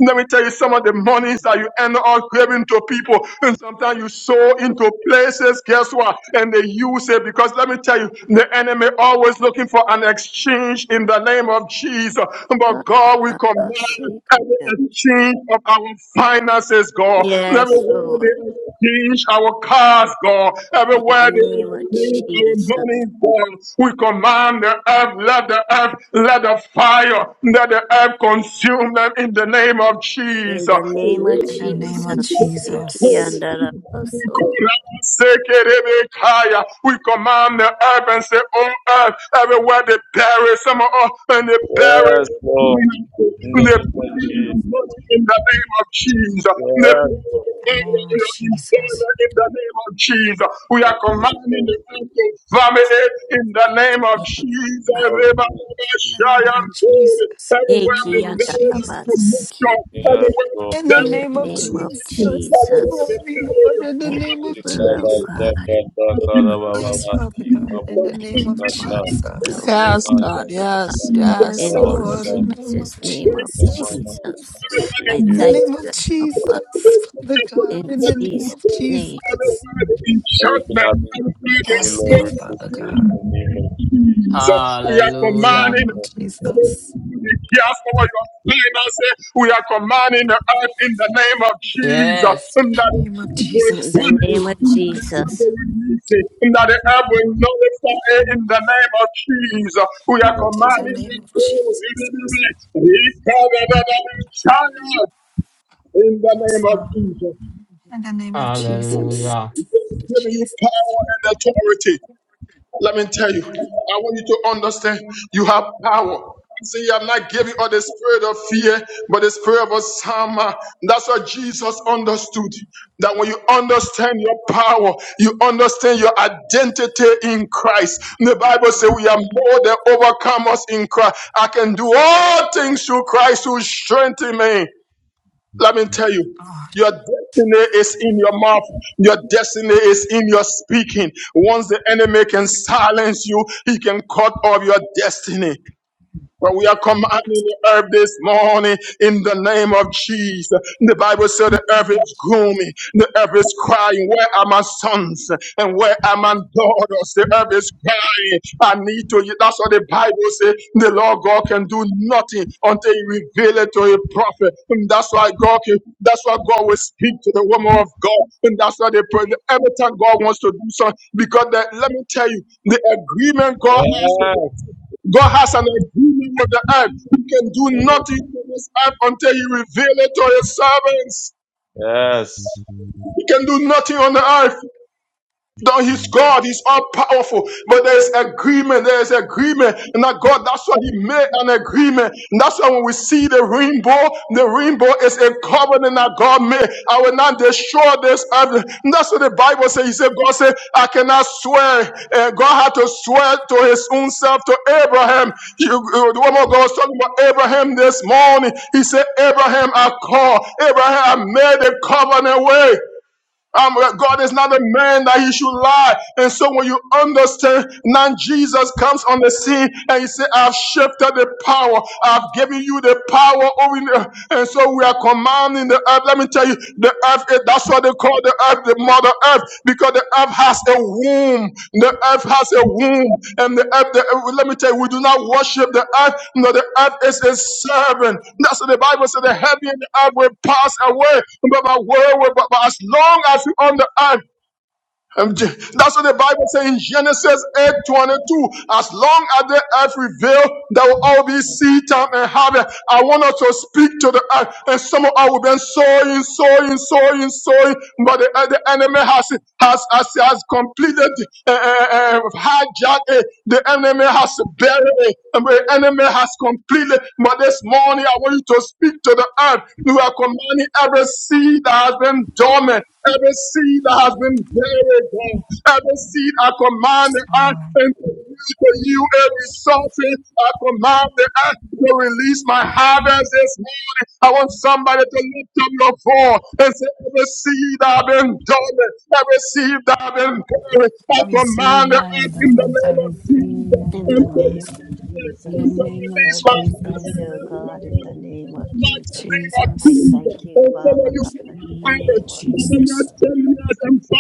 Let me tell you some of the monies that you end up giving to people even sometimes you sow into places, guess what? And they use it because let me tell you, the enemy always looking for an exchange in the name of Jesus. But God, we command every exchange of our finances, God.
Yes,
Everywhere
Lord.
they exchange our cars, God.
In the
Everywhere they
name of
exchange
Jesus.
our money, God. We command the earth, let the earth, let the fire, let the earth consume them in the name of
In
Jesus.
the name of
In the name of
Jesus, Iki and
Jesus.
Arabaso,
We command the earth and say, Oh earth, everywhere they bury some of us and they bury
Yes, Lord. In
they
the name of Jesus.
in the name of Jesus. They
Yes, Lord.
bury
In
in
the name of Jesus.
the name of Jesus. We
Of
are
Jesus.
commanding the earth to vomit it in the name of Jesus.
Of Jesus.
In the name of Jesus. In the
Everywhere they
name
Iki and
of
bury,
Arabas,
Jesus.
promotion.
Iki and
Yes,
Everywhere they
Lord.
In the
bury
in
name
the
of
name of
Jesus.
Jesus,
Glory, Lord. In the
every
name of
will, oh
Jesus.
God,
Yes,
we will
Yes, Father God. In the name
thank you for
of
honor.
Jesus.
will be
Yes, God.
done, oh God.
Yes, yes,
Yes,
In the
Lord.
Lord.
mighty,
Lord.
In the name of
matchless name of
Jesus.
Jesus, I
Thank
In the
thank
name
you
you,
of
Abba
Jesus,
Father,
Father
people that
God,
in
in the
dwell in
name
this
Jesus'
of
name.
Jesus.
they in
Everything happens to the
Yes, Lord,
Lord
spoke
resist
Father
in
it in
the name
God,
the name
of
of
Jesus.
Jesus.
We are
in the
Hallelujah.
commanding
name of Jesus.
the chaos over your finances. We are commanding the earth in the name of Jesus.
Yes.
And
In
that
the name of
will
In
Jesus, yes,
burn
the
it,
name of
Father.
and that the earth
Jesus,
will release it, and that the earth will notify it in the name of Jesus. We are
In the
commanding
name
it
of
to
Jesus,
be
yes,
In the
yes,
name of
Father. In the name of Jesus,
Hallelujah.
giving you
Jesus,
power and authority. Let me tell you, I want you to understand you have power. See, I'm not giving you all the spirit of fear, but the spirit of a sound mind. That's what Jesus understood. That when you understand your power, you understand your identity in Christ. The Bible says we are more than overcomers in Christ. I can do all things through Christ who strengthens me. Let me tell you,
God.
your destiny is in your mouth. Your destiny is in your speaking. Once the enemy can silence you, he can cut off your destiny. But we are commanding the earth this morning in the name of Jesus. The Bible says the
In the
earth
name
is
of
grooming, the earth is crying, Where are my sons and where are my daughters? The earth is crying, I need to you. That's what the Bible says. The Lord God can do nothing until He reveal it to a prophet. And that's why God can, that's why God will speak to the woman of God. And that's why they pray. Every time God wants to do something, because the, let me tell you, the agreement God
Yes,
God has an agreement with the earth. He can do
mm,
nothing on this earth until He reveal it to His servants.
yes, yes,
He can do nothing on the earth. No, he's God, he's all powerful, but there's agreement, there's agreement, and that God, that's why he made an agreement. And that's why when we see the rainbow, the rainbow is a covenant that God made. I will not destroy this earth. And that's what the Bible says. He said, God said, I cannot swear. And God had to swear to his own self, to Abraham. You, you- the woman God was talking about Abraham this morning. He said, Abraham, I call. Abraham, I made a covenant way. Um, uh, God is not a man that he should lie. And so when you understand, now Jesus comes on the scene and he said, I've shifted the power. I've given you the power over the And so we are commanding the earth. Let me tell you, the earth, eh, that's what they call the earth. the Mother Earth because the earth has a womb. The earth has a womb, and the earth. The, earth- let me tell you, we do not worship the earth. No, the earth is a servant. That's what the Bible says. The heaven and the earth will pass away, but my word will. But, as long as you're on the earth, um, J- That's what the Bible says in Genesis 8:22. As long as the earth reveals, there will always be seed time and harvest. I want us to speak to the earth. And some of us have been sowing, sowing, sowing, sowing. But the, uh, the enemy has, has, has, has completed, uh, uh, uh, hijacked it. The enemy has buried it. And the enemy has completed. But this morning, I want you to speak to the earth. We are commanding every seed that has been dormant. Every seed that has been buried, God. Every seed I command the
Jesus,
earth
Lord.
and to you. Every something I command the earth to release my harvest this morning. I want somebody to lift up your phone and say, Every seed that I've been dormant, every seed that I've been buried, I
I receive
command the
my
earth in the
endurance, I
name of
receive
Jesus.
my
In the
And
endurance.
name of
In
to release
the
and
Jesus,
to
name of
release my
every
Jesus,
seed,
harvest
oh
this
God, in
morning
the name
in
of
the mighty
Jesus,
name of
I
Jesus.
Jesus.
thank you,
And some of
Father God, in
In the
the
name
you
of
name of
Jesus.
Nadia,
Jesus.
and Samaritan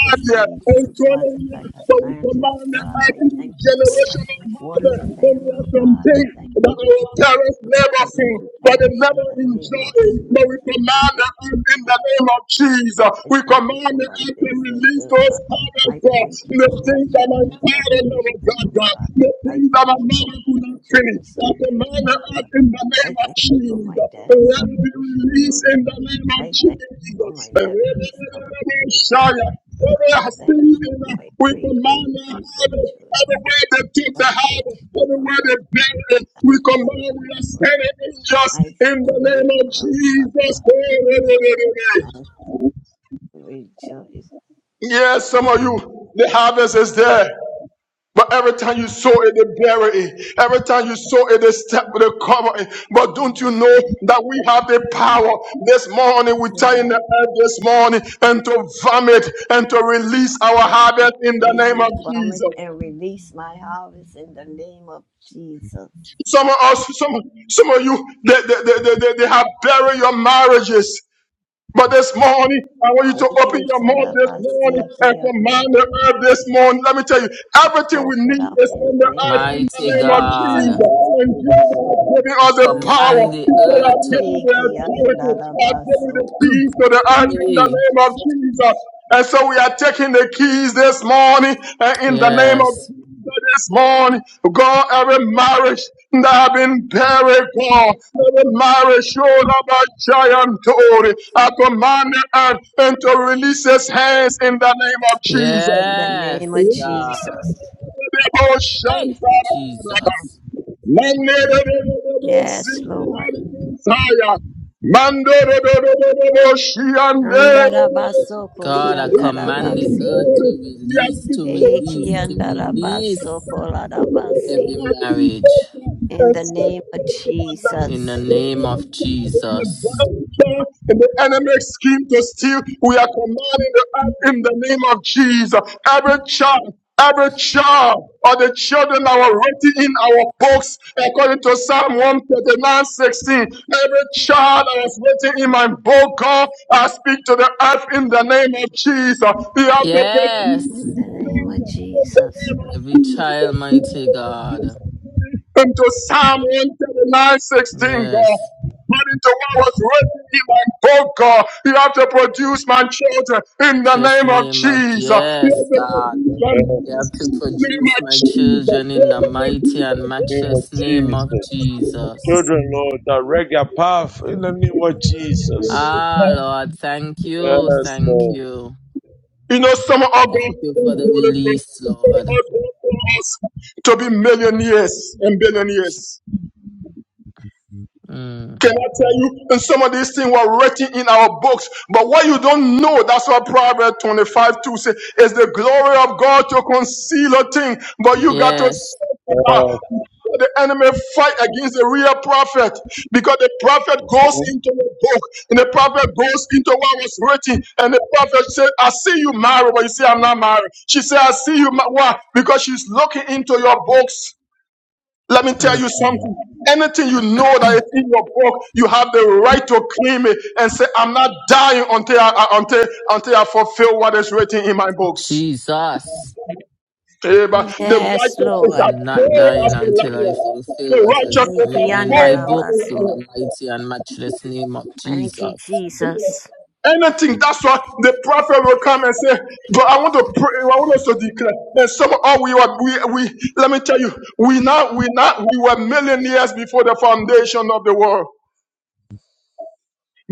The
that our parents
seeds, oh God, that
labor
I have planted, oh God, I thank you for
Yes,
the
Lord.
watering them, oh God. I thank you for it will come
for,
to
but they
pass in
never
the name
enjoy
of
it.
Jesus.
But we
I thank
command
you
the earth in
for
the name
marriage,
of Jesus.
I
We
thank you
command
for my
the miracle.
business, oh God. I thank you
The
for my
things that my
children's
father never
salvation, oh
got done,
God.
the
I
things that
thank
my
you for
mother
my
could not finish.
grandchildren's
I
salvation,
command the
oh God.
earth in the name
I thank
of
you for my
Jesus. And
dad's
let it be
salvation, oh
released in the
God. I thank you for my
name of Jesus.
nephew's salvation, oh God. I thank you for my
We
great great
command their habit,
grandchildren's
everywhere they took the habit,
salvation, oh
everywhere
God.
they buried it,
I
we command
thank you,
we are
Lord.
standing
I
in
thank
the
you,
name of
Abba Father.
Jesus.
I rejoice,
Yes, some of you, the harvest is there. But every time you sow it, they bury it. Every time you sow it, they step with a cover it. But don't you
Jesus.
know that we have the power this morning? We tie in the
Yes.
earth this morning and to vomit and to release our
Yes,
harvest in the
may
name
you
of
vomit
Jesus.
and release my harvest in the name of Jesus.
Some of us, some, some of you, they, they, they, they, they have buried your marriages. But this morning, I want you to
Take
open
it,
your mouth this morning and
Tarabasiki, and
command
the-
the earth this morning. Let me tell you,
to
everything we
cough it
need
up
is
in
on
the
the
name
earth
of
in the
Mighty
name of
God,
Jesus.
Jesus.
I
And Jesus has given us the
And
power.
command the
He said,
earth
I've
to
given you the
Tarabasiki, and
authority. I've given you
Tarabaso,
the keys to the earth in the
be.
name of Jesus. And so we are taking the keys this morning and in the name of
Yes.
Jesus this morning, God, every marriage that have been buried, God, every marriage showed up a giant Tory. I command the earth and to release his hands in the name of Jesus.
in the name of
Yes, God.
Jesus.
Debo
Hey,
Shantarababa.
Jesus.
Manderebebebe
Yes, Lord.
Sintaya. Manderebebebe Shiande.
Andarabasoko
God, I command the
Shandarabasi.
earth to release, to
Eki
release, to release
Andarabasoko Larabasi.
every marriage
In the name of
in the
Jesus.
name of Jesus.
And the enemy scheme to steal, we are commanding the earth in the name of Jesus. Every child, every child, or the children that were written in our books, according to Psalm one thirty nine sixteen. every child that was written in my book, God, I speak to the earth in the name of Jesus. We have to
Yes.
In the name of Jesus.
Every child, mighty God.
into Psalm 139, God.
Yes.
But into what was written in my book, God. You have to produce my children in the
Just
name of
name of
Jesus. You
yes,
have to
God.
produce
in
my
You
name
have
the
to
in the name
produce
of
my children
Jesus.
in the mighty and
name of
matchless name of
Jesus. The
Jesus.
children, Lord, direct your path in the name of Jesus.
Ah, Lord, thank you,
Yes,
thank
Lord.
you,
You know, some of our
thank
great
you
things,
for the
Holy Spirit,
release, Lord.
God, God, us to be millionaires and billionaires.
Mm.
Can I tell you? And some of these things were written in our books. But what you don't know, that's what Proverbs 25 2 says, is the glory of God to conceal a thing. But you got to
Yes,
search it
Yes,
out. the enemy fight against the real prophet because the prophet goes into the book and the prophet goes into what was written. And the prophet said, I see you married, but you say, I'm not married. She said, I see you. Ma-. Why? Because she's looking into your books. Let me tell you
mm.
something. Anything you know that is in your book, you have the right to claim it and say, "I'm not dying until I, until until I fulfill what is written in my books."
Jesus,
Eh, but the
Yes, Lord.
I'm not dying until I fulfill what has been written in my books in the
Ikiandarabaso.
mighty and matchless name of
Thank you,
Jesus.
Jesus.
anything that's what the prophet will come and say but i want to pray i want us to declare and some all we were we, we let me tell you we now we now we were millionaires before the foundation of the world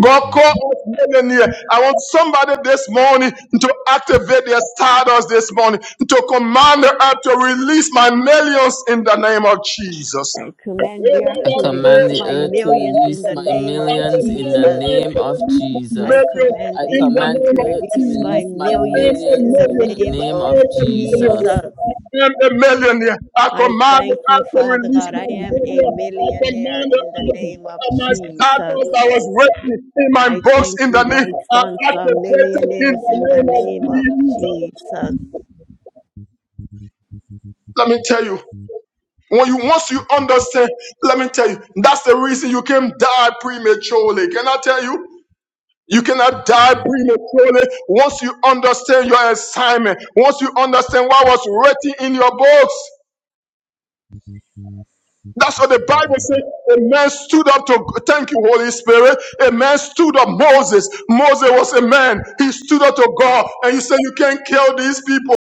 God call us millionaire. I want somebody this morning to activate their stardust this morning, to command the earth to release my millions in the name of Jesus.
I command
Million
the earth
I
to
command
release
the
my
earth to
millions in
release
the
my
name of
millions in the
Jesus.
name of
I
Jesus.
command
I
in
the
the
earth
command
name
the
to
of
earth to
release
Jesus.
my
release my
I am
millions
a
in
millions
the
in
millionaire.
the
name
name
I
of
of
am a
Jesus.
millionaire.
Jesus.
I am a millionaire. I
I
command the
thank you,
earth to
Father
release
God. I
my
am a
millionaire. I
millionaire
command the
in the
earth
name of
and my
Jesus.
status that was written in my
I
books
thank
in
you,
the name.
my
I
sons are
activated in
millionaires
the
in the
name of
name of
Jesus.
Jesus.
Let me tell you. When you once you understand, let me tell you, that's the reason you can die prematurely. Can I tell you? You cannot die prematurely once you understand your assignment, once you understand what was written in your books. That's what the Bible says. A man stood up to thank you, Holy Spirit. A man stood up, Moses. Moses was a man. He stood up to God and he said, You can't kill these people.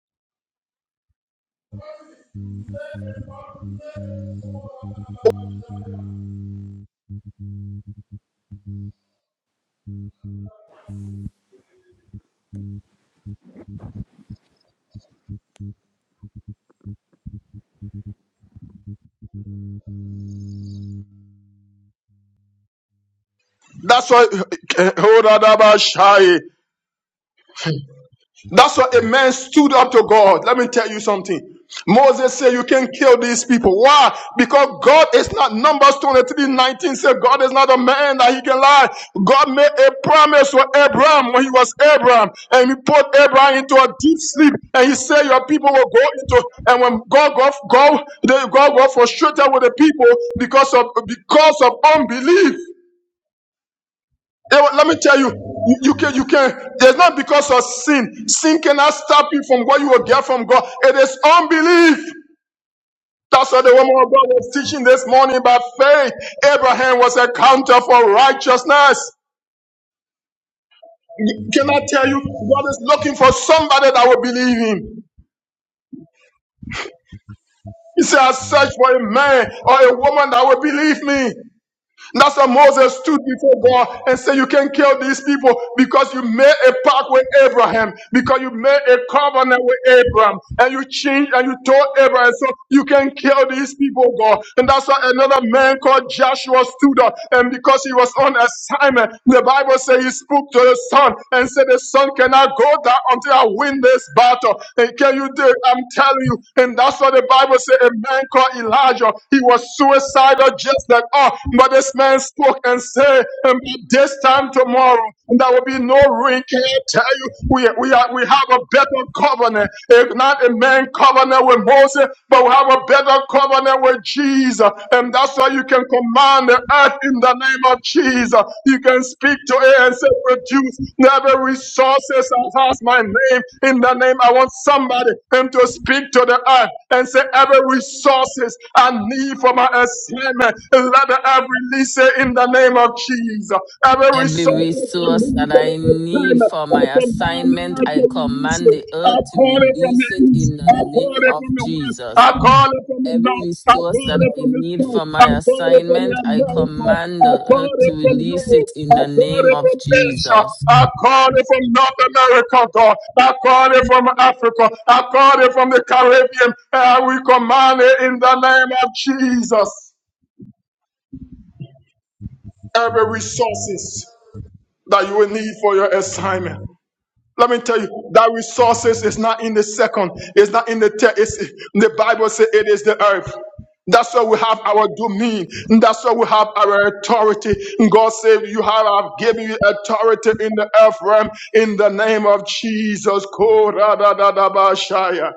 That's why That's why a man stood up to God. Let me tell you something. Moses said, You can kill these people. Why? Because God is not Numbers 23, 19. said, God is not a man that he can lie. God made a promise to Abraham when he was Abraham, and he put Abraham into a deep sleep, and he said, Your people will go into and when God go, God, they God got frustrated with the people because of because of unbelief. Eh, well, let me tell you, you you can, you can. It is not because of sin. Sin cannot stop you from what you will get from God. It is unbelief. That's what the woman of God was teaching this morning by faith. Abraham was a counter for righteousness. Can I tell you, God is looking for somebody that will believe him. He said, I search for a man or a woman that will believe me. That's why Moses stood before God and said, You can kill these people because you made a pact with Abraham, because you made a covenant with Abraham, and you changed and you told Abraham, So you can kill these people, God. And that's why another man called Joshua stood up, and because he was on assignment, the Bible says he spoke to the son and said, The son cannot go down until I win this battle. And can you do it? I'm telling you, you. And that's what the Bible said a man called Elijah, he was suicidal just like us. But this man spoke and said, "And by this time tomorrow, there will be no rain. Can I tell you, we, we, are, we have a better covenant. If not a man covenant with Moses, but we have a better covenant with Jesus. And that's why you can command the earth in the name of Jesus. You can speak to it and say, produce Every resources that has my name in the name. I want somebody him to speak to the earth and say, every resources I need for my assignment. Let the earth release it in the name of Jesus. Every
Every
resources I
resource
need
that
for
I
my
need
assignment.
for
I
my
command the
assignment,
earth to
I
release
command
it.
the
I
earth to
call it from the
release it
east.
in the
I call
name
it
of
from the west. I
Jesus.
call it from the
Every
north. I
resource
call
that
it
I
from the
need
south.
for
I
my
call it from the
assignment, I
America. I
command the
call
earth to
it from
release
Europe.
it in
I
the
call
name
it
of
from Asia.
Jesus.
I call it from North America, God. I call it from Africa. I call it from the Caribbean. And we command it in the name of Jesus. Every resources that you will need for your assignment. Let me tell you that resources is not in the second, it's not in the third. It's the Bible says it is the earth. That's why we have our domain. That's why we have our authority. God said, You have I've given you authority in the earth realm in the name of Jesus. Ko-ra-da-da-da-ba-shaya.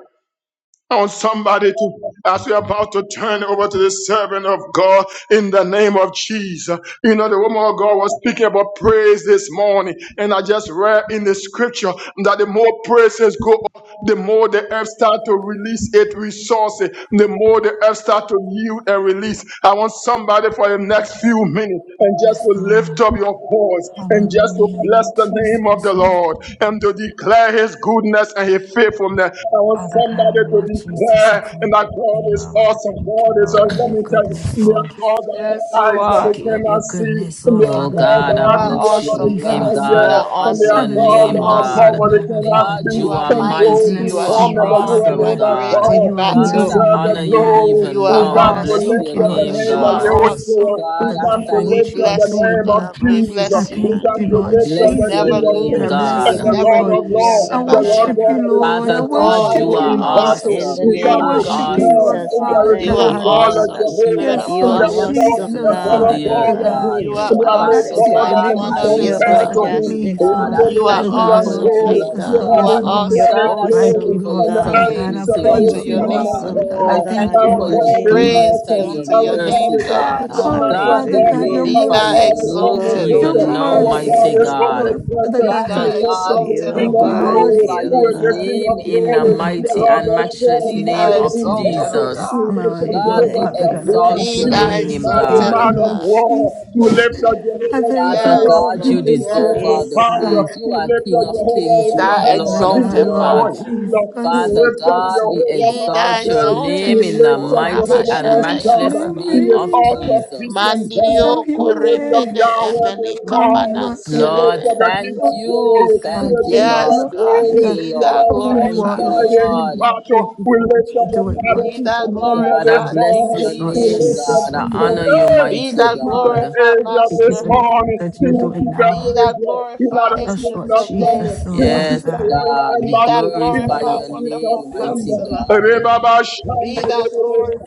I want somebody to, as we're about to turn over to the servant of God in the name of Jesus. You know, the woman of God was speaking about praise this morning, and I just read in the scripture that the more praises go the more the earth start to release its resources, the more the earth start to yield and release. I want somebody for the next few minutes and just
Yes,
to lift
God.
up your voice and just to
Hallelujah,
bless
Lord
the name of
Jesus.
the
Oh,
Lord and to declare his goodness and his faithfulness. I want
Father
somebody
God,
to
Lord Jesus,
declare
I come
and that
before
God
you,
is
Lord. I
awesome.
thank you,
God is
Lord,
awesome.
of
Let
your
me tell you,
goodness,
there
Lord.
are God that have
Yes, you
eyes, but
are.
they
Give up your
cannot
goodness, Lord
Oh
Father
God,
You
I
God,
are
Lord
bless your
awesome,
name,
God.
Jesus, Lord.
You
God. I
are
honor
see.
I
your
awesome. You
bless
are
you,
name,
Lord
awesome.
Father
God.
God, of your
God,
You
goodness.
you
are
are
I
mighty,
mighty.
you
You
are
bless you,
are
Lord
strong,
Father
you are
awesome,
God,
great
for
God.
in
you are a
God,
yes
I
battle.
and
deserve the
honor
amen,
you
God.
glory.
You
even
are
We
Father
now. I
God,
come
I
to
bless
awesome,
thank
lift
your
you,
up the
Lord
Father.
name,
name
You
of
are
God.
Jesus,
Yahushua.
awesome.
Lord
We
God,
Father
I
come
God,
to
for
We
what
thank
lift
you
up
are
you.
the
bless you,
doing,
name of
God.
Lord.
We
Jesus.
I
bless you.
Rabasiki
We
thank
and
come
you,
to
I
Lord
lift up
You
bless
the
Jesus,
your
never
King of
Eki
Lord.
name,
I
and
Kings
lose. You
and
bless
will
God.
you,
the
never
Lord
Lord.
of
Rabasiki
lose
and
Lords,
I
the Lord
battle.
worship
God
Rabasiki.
you,
that is
Lord. I
Father
strong and
God,
Oh, you
you
worship
mighty
are
you,
are
in
Lord.
battle.
In
awesome.
the
We
awesome,
You
I
come
name
to
are
of
God.
worship you,
declare,
Lord
awesome,
Jesus,
and
I
there
Father
God.
is
There
no
thank
is
you,
God.
God
none
like
Awesome
Father.
like you
Spirit
Jehovah,
in
Yes,
of
and
You're
all
Lord
there
an
God.
the
will
heavens
never
awesome
be
and
a
in
Jesus,
God
all
Lord
God,
the
oh
God
Father
earth,
like
God.
him.
God.
God.
You're a
And there are no
I
Father
marvelous
Awesome
see in
God
the
that
mighty
God.
God,
can
name
be
one
of
I
of
You're
love
a
Jesus
Israel.
compared
that
to
upon
him.
you,
majestic
please,
In
God.
Lord
I
the
God.
You
You're
Father
thank
a
are
you
Messiah,
God,
for
Lord
your
glory,
holy
love,
Jesus,
you
Lord,
God.
have
there's
God.
no one
You're
awesome.
declared his
God, I thank
like
glory,
you
awesome,
you,
for
oh
Lord
your
and the
Father
God.
God. I
Praise
aspects
sovereignty,
be
about
You
unto
his
praise
are
mighty
you,
your
coming
Lord
covenant
God.
name.
Father
awesome,
God.
oh
I
I
God.
thank
thank
God,
you
you,
Our
in
for
the
Lord
your
God is
name of
Jesus,
goodness
Praise be
awesome.
and your
unto
Our
your
Father
Jesus.
God.
God
mercy,
name,
is a
God.
God.
Oh,
supernatural
God, we
Father
God.
God, your
Hallelujah.
Be
Our
glorify
thou
your
mercy,
God is
name
exalted, O
Glory
your
to
omnipotent.
even now,
God.
your
Our God
name,
mighty
is
O God.
mercy,
God.
Lord Father
omnipresent.
Be
He
God.
Father
thou
lift
God,
For
up the
you
exalted,
we
are
O
King
Thank
of
you,
God.
Lord
glory.
worthy,
glorify
Who
O
your
Jesus,
is the
God.
King of
name
Lord
in the
Father
glory?
God.
The
mighty
Lord
Of
and
God strong
matchless
and
Be thou
name
mighty
I
Jesus.
of
in
exalted,
battle.
O
didn't
Jesus.
He
miss
God.
my
And
lift up
only
we
God,
Lord
Jehovah
we
thank
Father
you,
God, I
Sabaoth.
exalt
Father.
thank you,
He
your
is
Lord.
a
name,
Exalted.
mighty
Thank you,
man
God.
of
Lord
war.
Jesus.
He lift up
I
Jehovah
thank you,
Father
Jireh.
Yes,
Lord.
God,
I
He
you
Lord.
is
thank you,
our
deserve
Yes.
all
we
the
provider.
Father God,
God.
praise. You
He
are
lift
King
up
of
Jehovah
Be
kings. You
thou
are
Rapha.
Father
Lord
He
of
God
exalted,
is
Lord
our
lords.
Father.
healer. He
Jesus.
Father
lift up
Praise
God, we
Jehovah
Be thou
exalt your
God.
exalted.
name
we
in the
lift up
mighty
Ikoraba
Jehovah
and
El
shataya
Anointing
matchless
Shaddai.
in
bababa.
He
name
is
of
me,
all
Lord
Jesus.
sufficient
Jesus.
God.
Have
Mandirio
your
We lift up
korembe
way
de
Yahweh this
eveli
upon me,
morning.
Lord
kapanans
We
Jesus.
lift
Lord,
kelebe.
up the King
thank
of
Lord
you.
glory. He
God,
is
Thank you,
the
thank
King
you,
of
Yes,
Lord.
Lord
God.
Father
Thank
glory.
you,
God,
Be
Let
thou
Lord.
us
for who
strong
you
in
Thank
are,
glorified.
you,
Lord
mighty
Jesus.
in
Lord.
I
battle.
thank you
We
for what
lift
you're
up the
doing, Lord.
Be
battlefield
thou
commander
God, I
this
glorified,
bless
King
morning.
your
Yes, Lord
We
name,
lift up
Jesus,
Jesus.
God. I
Lord Father
honor you,
God.
Jehovah,
Be
the
mighty
thou
keeper of
God.
glorified,
Israel
Thank you
this
Master.
for the things
morning.
that
He
you're
will
doing
keep that
now
Be thou
Israel. He not
glorified,
a
upon us,
sleep
Lord
Ancients
nor
of
slumber.
Jesus,
He
Lord
will
Father
Days.
keep
Yes,
the
God.
royal
God, we
Be thou
embassy. He
glorify
not a
glorified,
your
sleep nor
wonderful
name, mighty
slumber.
counselor.
God.
Rebaba
Be
Shanda, lift
thou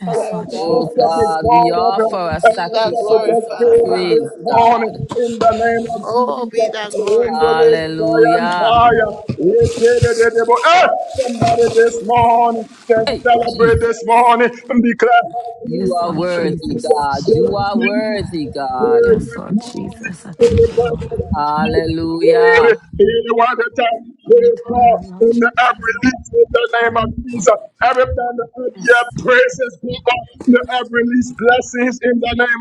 Yes,
O
Lord
Oh,
God.
up
Jesus.
the
God, we
God of
offer
heaven,
a
and
Be
lift
thou
up the
sacrifice of
glorified,
God
praise,
Father.
of
God.
the name of
Oh, be thou glorified.
the
Hallelujah,
entire. Eh, Somebody this morning can celebrate this
Jesus.
morning and declare
You
Yes,
are
Lord
worthy,
hallelujah,
Jesus.
God.
Lord
You
Father.
are
hallelujah.
worthy, God.
Yes, Lord Jesus. I thank you, Lord.
Hallelujah.
He want to tell
Glory to God, Lord
him that
Jesus.
every leaf in the name of Jesus. Every time the earth,
Yes,
yeah,
Lord.
praises in the heaven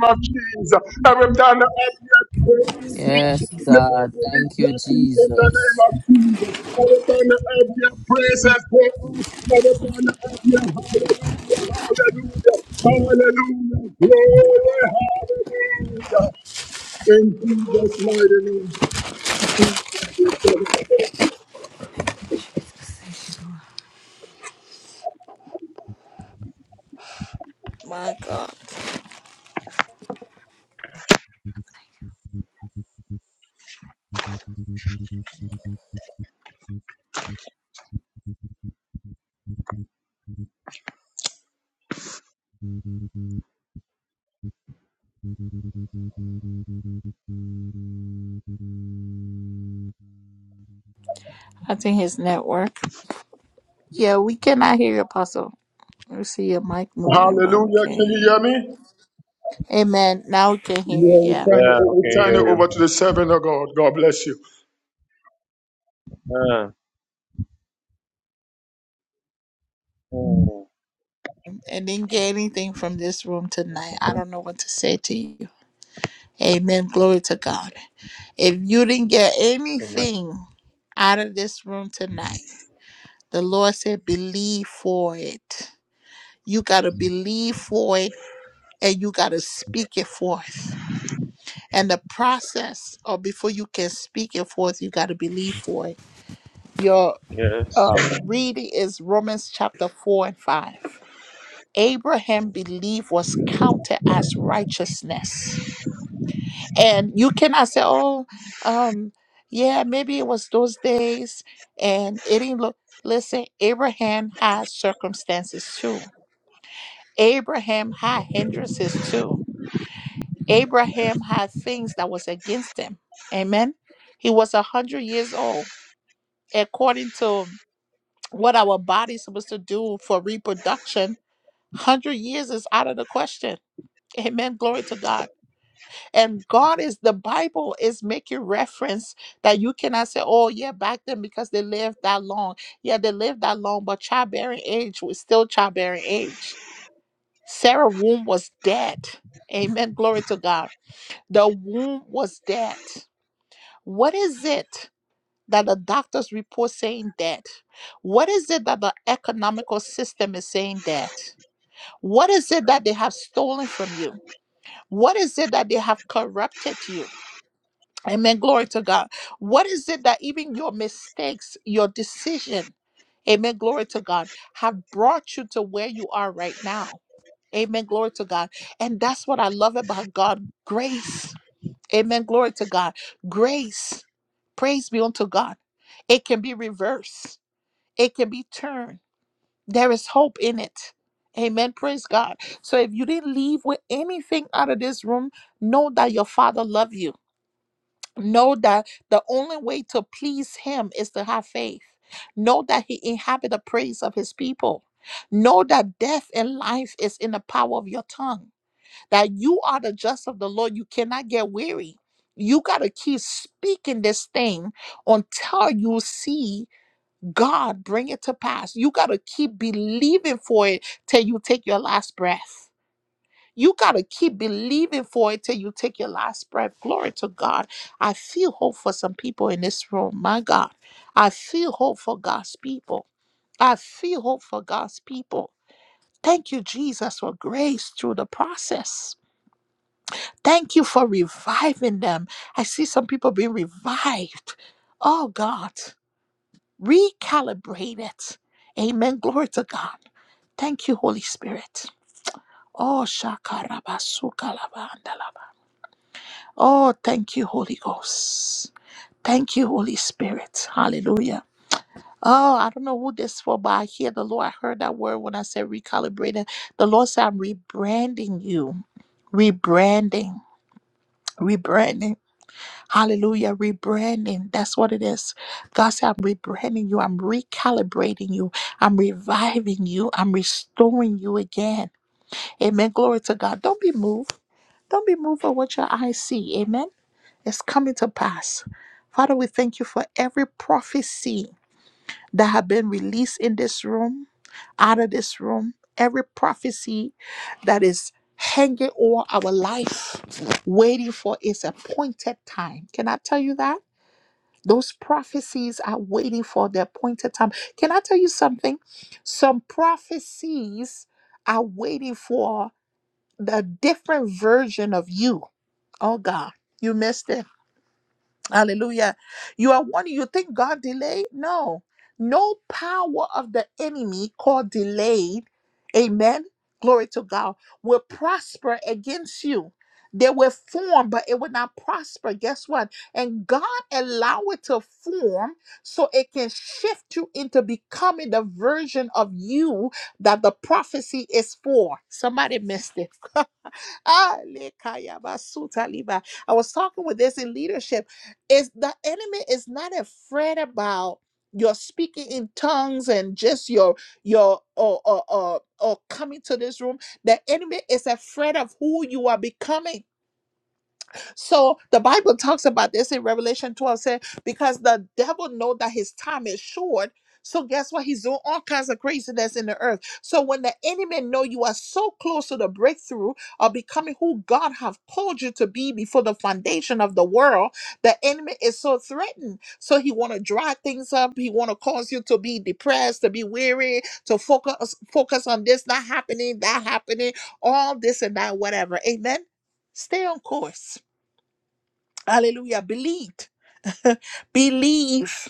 of Jesus. Every time the earth
Yes, Lord
Yes,
Jesus.
God. Thank you, Jesus.
Hallelujah. Glory. Hallelujah. In Jesus' mighty name.
Thank you, Jesus. Thank you, Lord.
mm,
I think his network. Yeah, we cannot hear you, Apostle. We see your mic moving, but we
Hallelujah. Can
can't hear
you
you.
hear me?
Amen. Now we can hear
Yeah,
you.
we
Yeah.
turn, it,
yeah,
we
okay,
turn it
yeah,
over to the servant of God. God bless you.
yeah. Uh, mm,
And didn't get anything from this room tonight. I
mhm,
don't know what to say to you. Amen. Glory to God. If you didn't get
amen.
anything out of this room tonight, The Lord said, believe for it. You got to believe for it and you got to speak it forth. And the process, or before you can speak it forth, you got to believe for it. Your
Yes.
uh, reading is Romans chapter 4 and 5.
Hmm.
Abraham believed was counted as righteousness. And you cannot say, oh, um, yeah, maybe it was those days and it didn't look. Listen, Abraham has circumstances too Abraham had hindrances too. Abraham had things that was against him. Amen. He was a hundred years old. According to what our body is supposed to do for reproduction, hundred years is out of the question. Amen. Glory to God. And God is the Bible is making reference that you cannot say, oh yeah, back then because they lived that long. Yeah, they lived that long, but childbearing age was still childbearing age. Sarah's womb was dead. Amen. Glory to God. The womb was dead. What is it that the doctor's report saying dead? What is it that the economical system is saying dead? What is it that they have stolen from you? What is it that they have corrupted you? Amen. Glory to God. What is it that even your mistakes, your decision, amen. Glory to God, have brought you to where you are right now? Amen. Glory to God. And that's what I love about God grace. Amen. Glory to God. Grace. Praise be unto God. It can be reversed, it can be turned. There is hope in it. Amen. Praise God. So if you didn't leave with anything out of this room, know that your Father loves you. Know that the only way to please Him is to have faith. Know that He inhabits the praise of His people. Know that death and life is in the power of your tongue that you are the just of the Lord. You cannot get weary. You got to keep speaking this thing until you see God bring it to pass. You got to keep believing for it till you take your last breath. You got to keep believing for it till you take your last breath. Glory to God. I feel hope for some people in this room. My God. I feel hope for God's people. I feel hope for God's people. Thank you, Jesus, for grace through the process. Thank you for reviving them. I see some people being revived. Oh God, recalibrate it. Amen. Glory to God. Thank you, Holy Spirit. Oh, shakarabasukalabandalaba. Oh, thank you, Holy Ghost. Thank you, Holy Spirit. Hallelujah. Oh, I don't know who this for, but I hear the Lord. I heard that word when I said recalibrated. The Lord said, I'm rebranding you. Rebranding. Rebranding. Hallelujah. Rebranding. That's what it is. God said, I'm rebranding you. I'm recalibrating you. I'm reviving you. I'm restoring you again. Amen. Glory to God. Don't be moved. Don't be moved by what your eyes see. Amen. It's coming to pass. Father, we thank you for every prophecy that have been released in this room, out of this room, every prophecy that is hanging over our life, waiting for its appointed time. Can I tell you that? Those prophecies are waiting for their appointed time. Can I tell you something? Some prophecies are waiting for the different version of you. Oh God, you missed it. Hallelujah. You are one, you think God delayed? No. No power of the enemy called delay Amen. Glory to God. Will prosper against you. They will form, but it will not prosper. Guess what? And God allow it to form so it can shift you into becoming the version of you that the prophecy is for. Somebody missed it. Ah, lekaya basuta liba. I was talking with this in leadership. Is the enemy is not afraid about your speaking in tongues and just your your or or or, or coming to this room. The enemy is afraid of who you are becoming. So the Bible talks about this in Revelation 12, said, because the devil know that his time is short. So guess what? He's doing all kinds of craziness in the earth. So when the enemy know you are so close to the breakthrough of becoming who God have called you to be before the foundation of the world, the enemy is so threatened. So he want to dry things up. He want to cause you to be depressed, to be weary, to focus focus on this not happening, that happening, all this and that, whatever. Amen. Stay on course Hallelujah. Believed. Believe.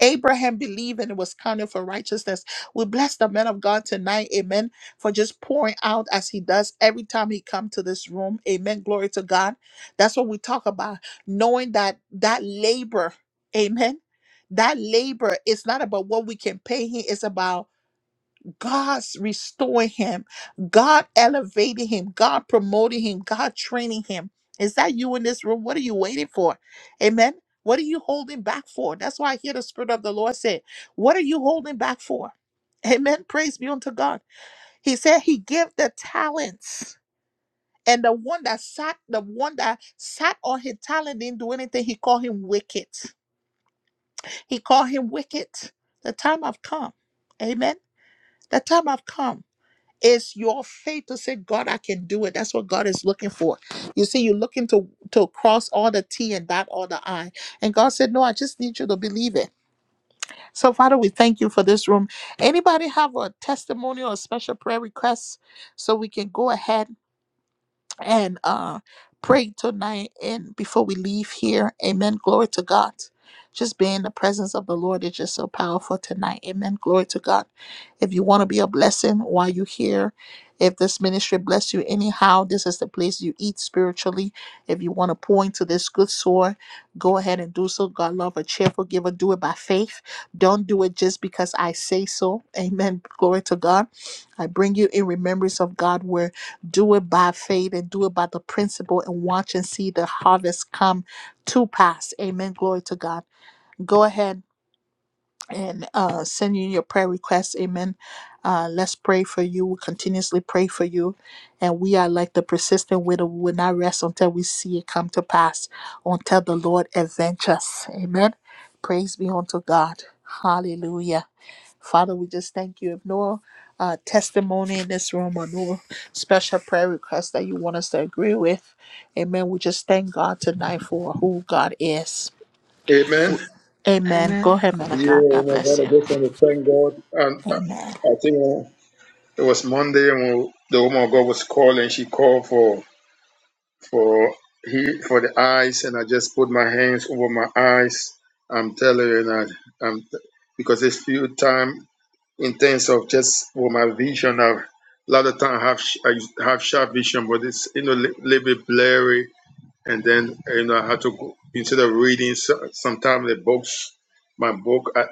Abraham believed and it was counted for righteousness. We bless the man of God tonight, amen, for just pouring out as he does every time he come to this room. Amen. Glory to God. That's what we talk about, knowing that that labor, amen, that labor is not about what we can pay him. It's about God's restoring him. God elevating him. God promoting him. God training him. Is that you in this room? What are you waiting for? Amen. What are you holding back for? That's why I hear the Spirit of the Lord say, What are you holding back for? Amen. Praise be unto God. He said he gave the talents. And the one that sat, the one that sat on his talent didn't do anything. He called him wicked. He called him wicked. The time I've come. Amen. The time I've come. It's your faith to say, God, I can do it. That's what God is looking for. You see, you're looking to, to cross all the T and dot all the I. And God said, No, I just need you to believe it. So, Father, we thank you for this room. Anybody have a testimony or a special prayer request so we can go ahead? and uh, pray tonight and before we leave here. Amen. Glory to God. Just being in the presence of the Lord is just so powerful tonight. Amen. Glory to God. If you want to be a blessing while you're here, if this ministry bless you anyhow, this is the place you eat spiritually. If you want to pour into this good soil, go ahead and do so. God love a cheerful giver. Do it by faith. Don't do it just because I say so. Amen. Glory to God I bring you in remembrance of God where do it by faith and do it by the principle and watch and see the harvest come to pass. Amen. Glory to God. Go ahead and uh, send you your prayer requests. Amen. Uh, let's pray for you. We continuously pray for you. And we are like the persistent widow. We will not rest until we see it come to pass, until the Lord avenge us. Amen. Praise be unto God. Hallelujah. Father, we just thank you. If no uh, testimony in this room or no special prayer request that you want us to agree with, amen. We just thank God tonight for who God is.
Amen.
Amen. Go
Amen.
ahead, man of God. God
God,
bless
I
you.
just want to thank God. And uh,
Amen.
I think it was Monday when the woman of God was calling. She called for for he for the eyes, and I just put my hands over my eyes. I'm telling you that. I'm because it's few time. in terms of just what my vision of a lot of time I have sh- I used have sharp vision, but it's you know a little bit blurry. And then you know I had to go instead of reading so- sometimes the books, my book I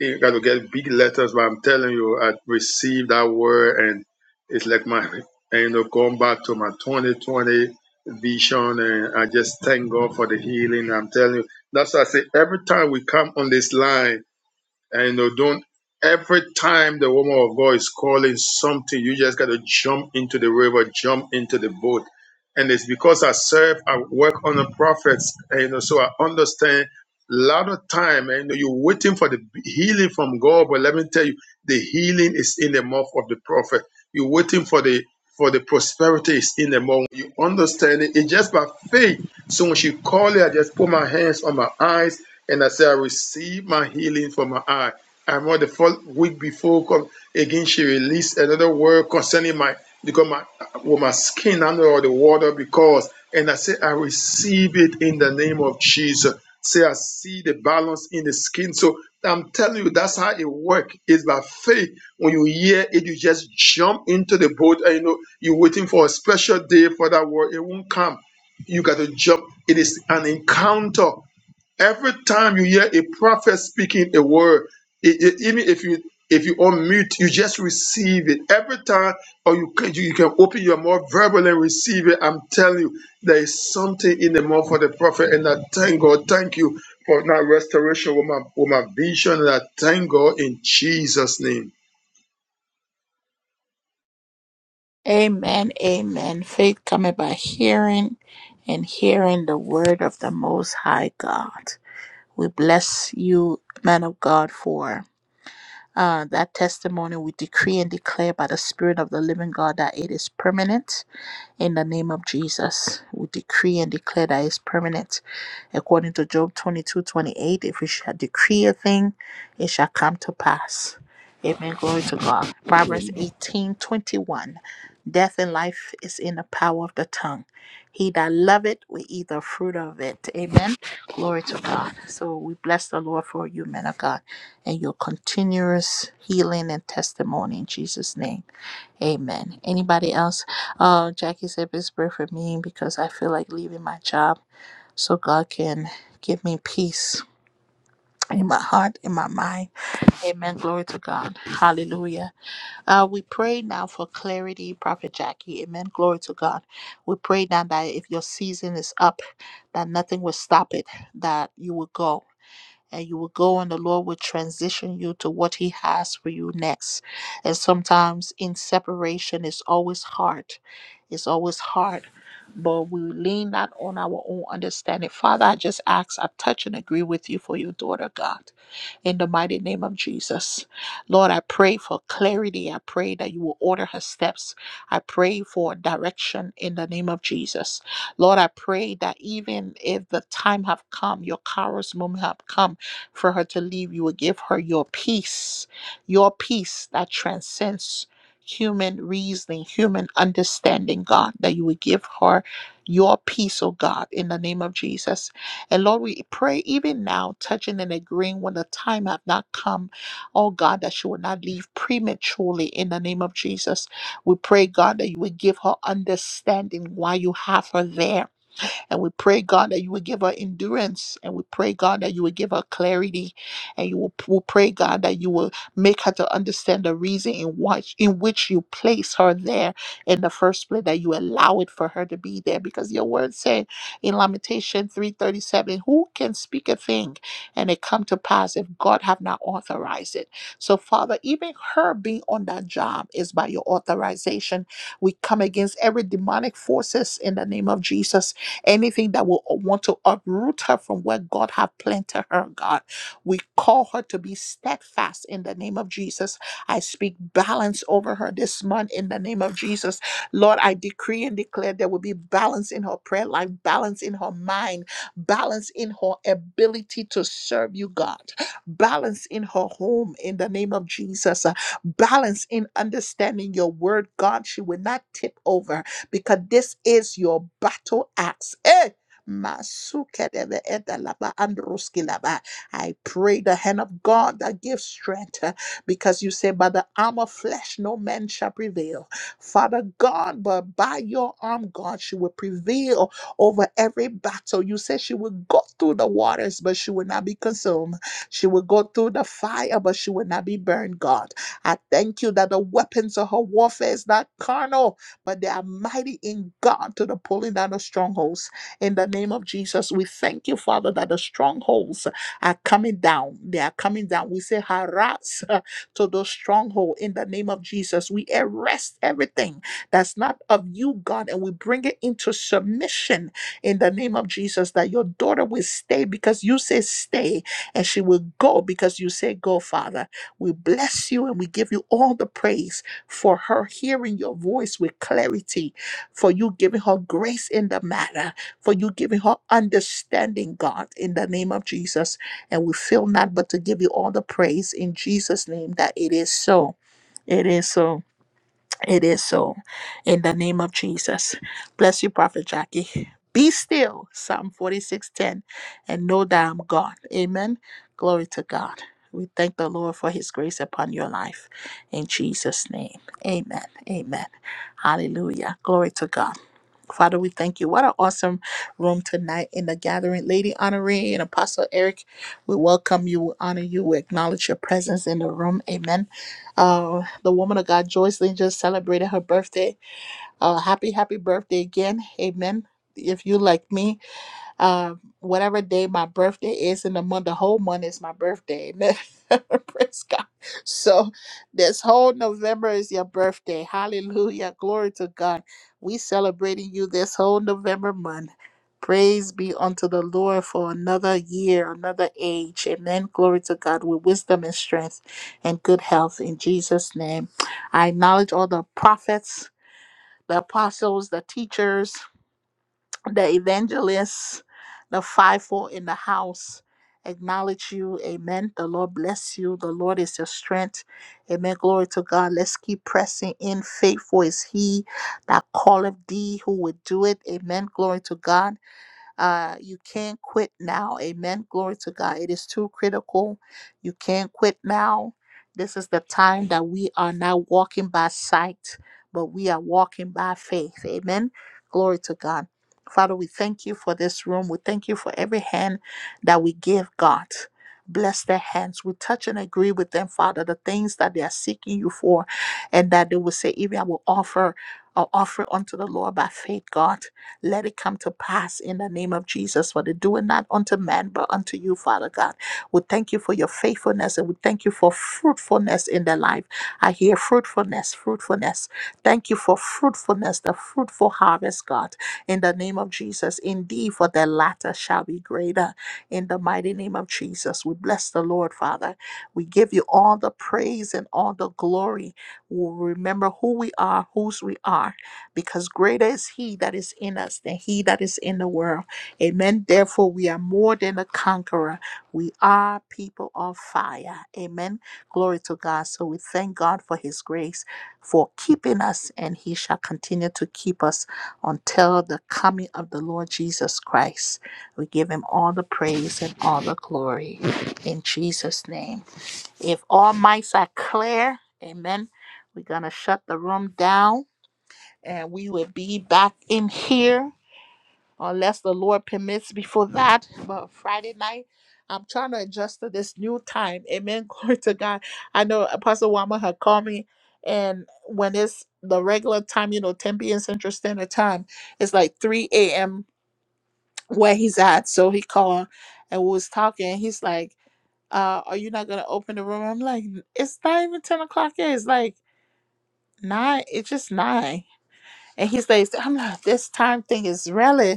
you got to get big letters. But I'm telling you, I received that word, and it's like my and, you know going back to my 2020 vision, and I just thank God for the healing. I'm telling you, that's why I say every time we come on this line. And you know, don't every time the woman of God is calling something, you just gotta jump into the river, jump into the boat. And it's because I serve, I work on the prophets, and you know, so I understand a lot of time, and you know, you're waiting for the healing from God, but let me tell you, the healing is in the mouth of the prophet. You're waiting for the for the prosperity is in the moment. You understand it. It's just by faith. So when she called it, I just put my hands on my eyes and I said, I receive my healing for my eye. I remember the first week before come again, she released another word concerning my because my with my skin under all the water because and I said I receive it in the name of Jesus. Say, I see the balance in the skin. So I'm telling you, that's how it works. It's by faith. When you hear it, you just jump into the boat and you know you're waiting for a special day for that word. It won't come. You got to jump. It is an encounter. Every time you hear a prophet speaking a word, it, it- even if you if you unmute, you just receive it. Every time, or you can you can open your mouth verbally and receive it. I'm telling you, there is something in the mouth for the prophet, and I thank God. Thank you for that restoration with my with my vision, and I thank God in Jesus' name.
Amen. Amen. Faith coming by hearing and hearing the word of the Most High God. We bless you, man of God, for uh, that testimony. We decree and declare by the Spirit of the living God that it is permanent In the name of Jesus, we decree and declare that it's permanent. According to Job 22:28, if we shall decree a thing, it shall come to pass. Amen. Glory to God. Proverbs 18:21. Death and life is in the power of the tongue. He that loveth will eat the fruit of it. Amen. Glory to God. So we bless the Lord for you, men of God, and your continuous healing and testimony in Jesus' name. Amen. Anybody else? Uh, Jackie said it's prayer for me because I feel like leaving my job so God can give me peace in my heart, in my mind. Amen. Glory to God. Hallelujah. Uh, we pray now for clarity, Prophet Jackie. Amen. Glory to God. We pray now that if your season is up, that nothing will stop it, that you will go. And you will go, and the Lord will transition you to what He has for you next. And sometimes in separation, it's always hard it's always hard, but we lean not on our own understanding. Father, I just ask, I touch and agree with you for your daughter, God in the mighty name of Jesus. Lord, I pray for clarity. I pray that you will order her steps. I pray for direction in the name of Jesus. Lord, I pray that even if the time have come, your Kairos moment have come for her to leave, you will give her your peace, your peace that transcends human reasoning, human understanding, God, that you will give her your peace, oh God, in the name of Jesus and Lord, we pray even now, touching and agreeing when the time have not come, oh God, that she will not leave prematurely in the name of Jesus. We pray, God, that you would give her understanding why you have her there and we pray, God, that you will give her endurance. And we pray, God, that you will give her clarity. And you will we pray, God, that you will make her to understand the reason in which in which you place her there in the first place, that you allow it for her to be there. Because your word said in Lamentation 337, who can speak a thing and it come to pass if God have not authorized it? So, Father, even her being on that job is by your authorization. We come against every demonic forces in the name of Jesus anything that will want to uproot her from where God have planted her, God. We call her to be steadfast in the name of Jesus. I speak balance over her this month in the name of Jesus. Lord, I decree and declare there will be balance in her prayer life, balance in her mind, balance in her ability to serve you, God, balance in her home in the name of Jesus, Uh, balance in understanding your word, God. She will not tip over because this is your battle axe. Eh? Masukedebe edalaba androskilaba. I pray the hand of God that gives strength uh, because you say, By the arm of flesh, no man shall prevail. Father God, but by your arm, God, she will prevail over every battle. You said she will go through the waters, but she will not be consumed. She will go through the fire, but she will not be burned, God. I thank you that the weapons of her warfare is not carnal, but they are mighty in God to the pulling down of strongholds. In the name of Jesus, we thank you, Father, that the strongholds are coming down. They are coming down. We say, harass uh, to those strongholds. in the name of Jesus. We arrest everything that's not of you, God, and we bring it into submission in the name of Jesus. That your daughter will stay because you say stay, and she will go because you say go, Father. We bless you and we give you all the praise for her hearing your voice with clarity, for you giving her grace in the matter, for you giving her understanding, God, in the name of Jesus. And we feel not but to give you all the praise in Jesus' name that it is so. It is so. It is so. In the name of Jesus. Bless you, Prophet Jackie. Be still, Psalm 46:10, and know that I'm God. Amen. Glory to God. We thank the Lord for his grace upon your life. In Jesus' name. Amen. Amen. Hallelujah. Glory to God. Father, we thank you. What an awesome room tonight in the gathering. Lady Honoree and Apostle Eric, we welcome you, we honor you, we acknowledge your presence in the room. Amen. Uh, the woman of God, Joycelyn, just celebrated her birthday. Uh, happy, happy birthday again. Amen. If you like me, uh, whatever day my birthday is in the month, the whole month is my birthday. Amen. Praise God. So this whole November is your birthday. Hallelujah. Glory to God. We celebrating you this whole November month. Praise be unto the Lord for another year, another age. Amen. Glory to God with wisdom and strength and good health in Jesus' name. I acknowledge all the prophets, the apostles, the teachers, the evangelists, the fivefold in the house acknowledge you. Amen. The Lord bless you. The Lord is your strength. Amen. Glory to God. Let's keep pressing in. Faithful is He that calleth thee who would do it. Amen. Glory to God. Uh, you can't quit now. Amen. Glory to God. It is too critical. You can't quit now. This is the time that we are not walking by sight, but we are walking by faith. Amen. Glory to God. Father, we thank you for this room. We thank you for every hand that we give God. Bless their hands. We touch and agree with them, Father, the things that they are seeking you for, and that they will say, Even I will offer, I'll offer unto the Lord by faith, God. Let it come to pass in the name of Jesus, for they do it not unto man, but unto you, Father God. We thank you for your faithfulness and we thank you for fruitfulness in their life. I hear fruitfulness, fruitfulness. Thank you for fruitfulness, the fruitful harvest, God, in the name of Jesus. Indeed, for the latter shall be greater in the mighty name of Jesus. We bless the Lord, Father. We give you all the praise and all the glory. We remember who we are, whose we are because greater is he that is in us than he that is in the world. Amen. Therefore, we are more than a conqueror. We are people on fire. Amen. Glory to God. So we thank God for his grace for keeping us, and he shall continue to keep us until the coming of the Lord Jesus Christ. We give him all the praise and all the glory in Jesus' name. If all mics are clear, amen. We're going to shut the room down and we will be back in here unless the Lord permits before that. But Friday night, I'm trying to adjust to this new time. Amen. Glory to God. I know Apostle Wama had called me, and when it's the regular time, you know, 10 p.m. Central Standard Time, it's like 3 a.m. where he's at. So he called and we was talking. He's like, uh, are you not gonna open the room? I'm like, it's not even 10 o'clock yet. It's like nine. It's just nine." And he says, I'm like, this time thing is really."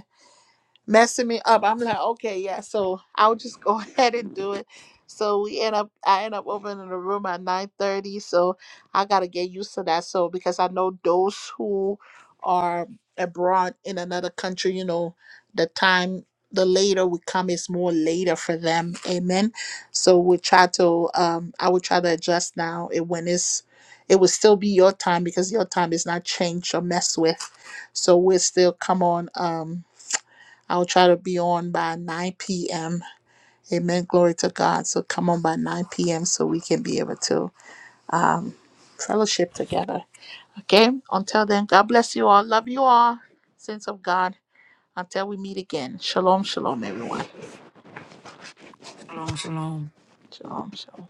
messing me up. I'm like, okay, yeah, so I'll just go ahead and do it. So we end up I end up opening the room at nine thirty. So I gotta get used to that. So because I know those who are abroad in another country, you know, the time the later we come is more later for them. Amen. So we try to um I will try to adjust now it when it's it will still be your time because your time is not changed or messed with. So we'll still come on um I'll try to be on by 9 p.m. Amen. Glory to God. So come on by 9 p.m. so we can be able to fellowship together. Okay. Until then, God bless you all. Love you all. Saints of God. Until we meet again. Shalom, shalom, everyone.
Shalom, shalom.
Shalom, shalom.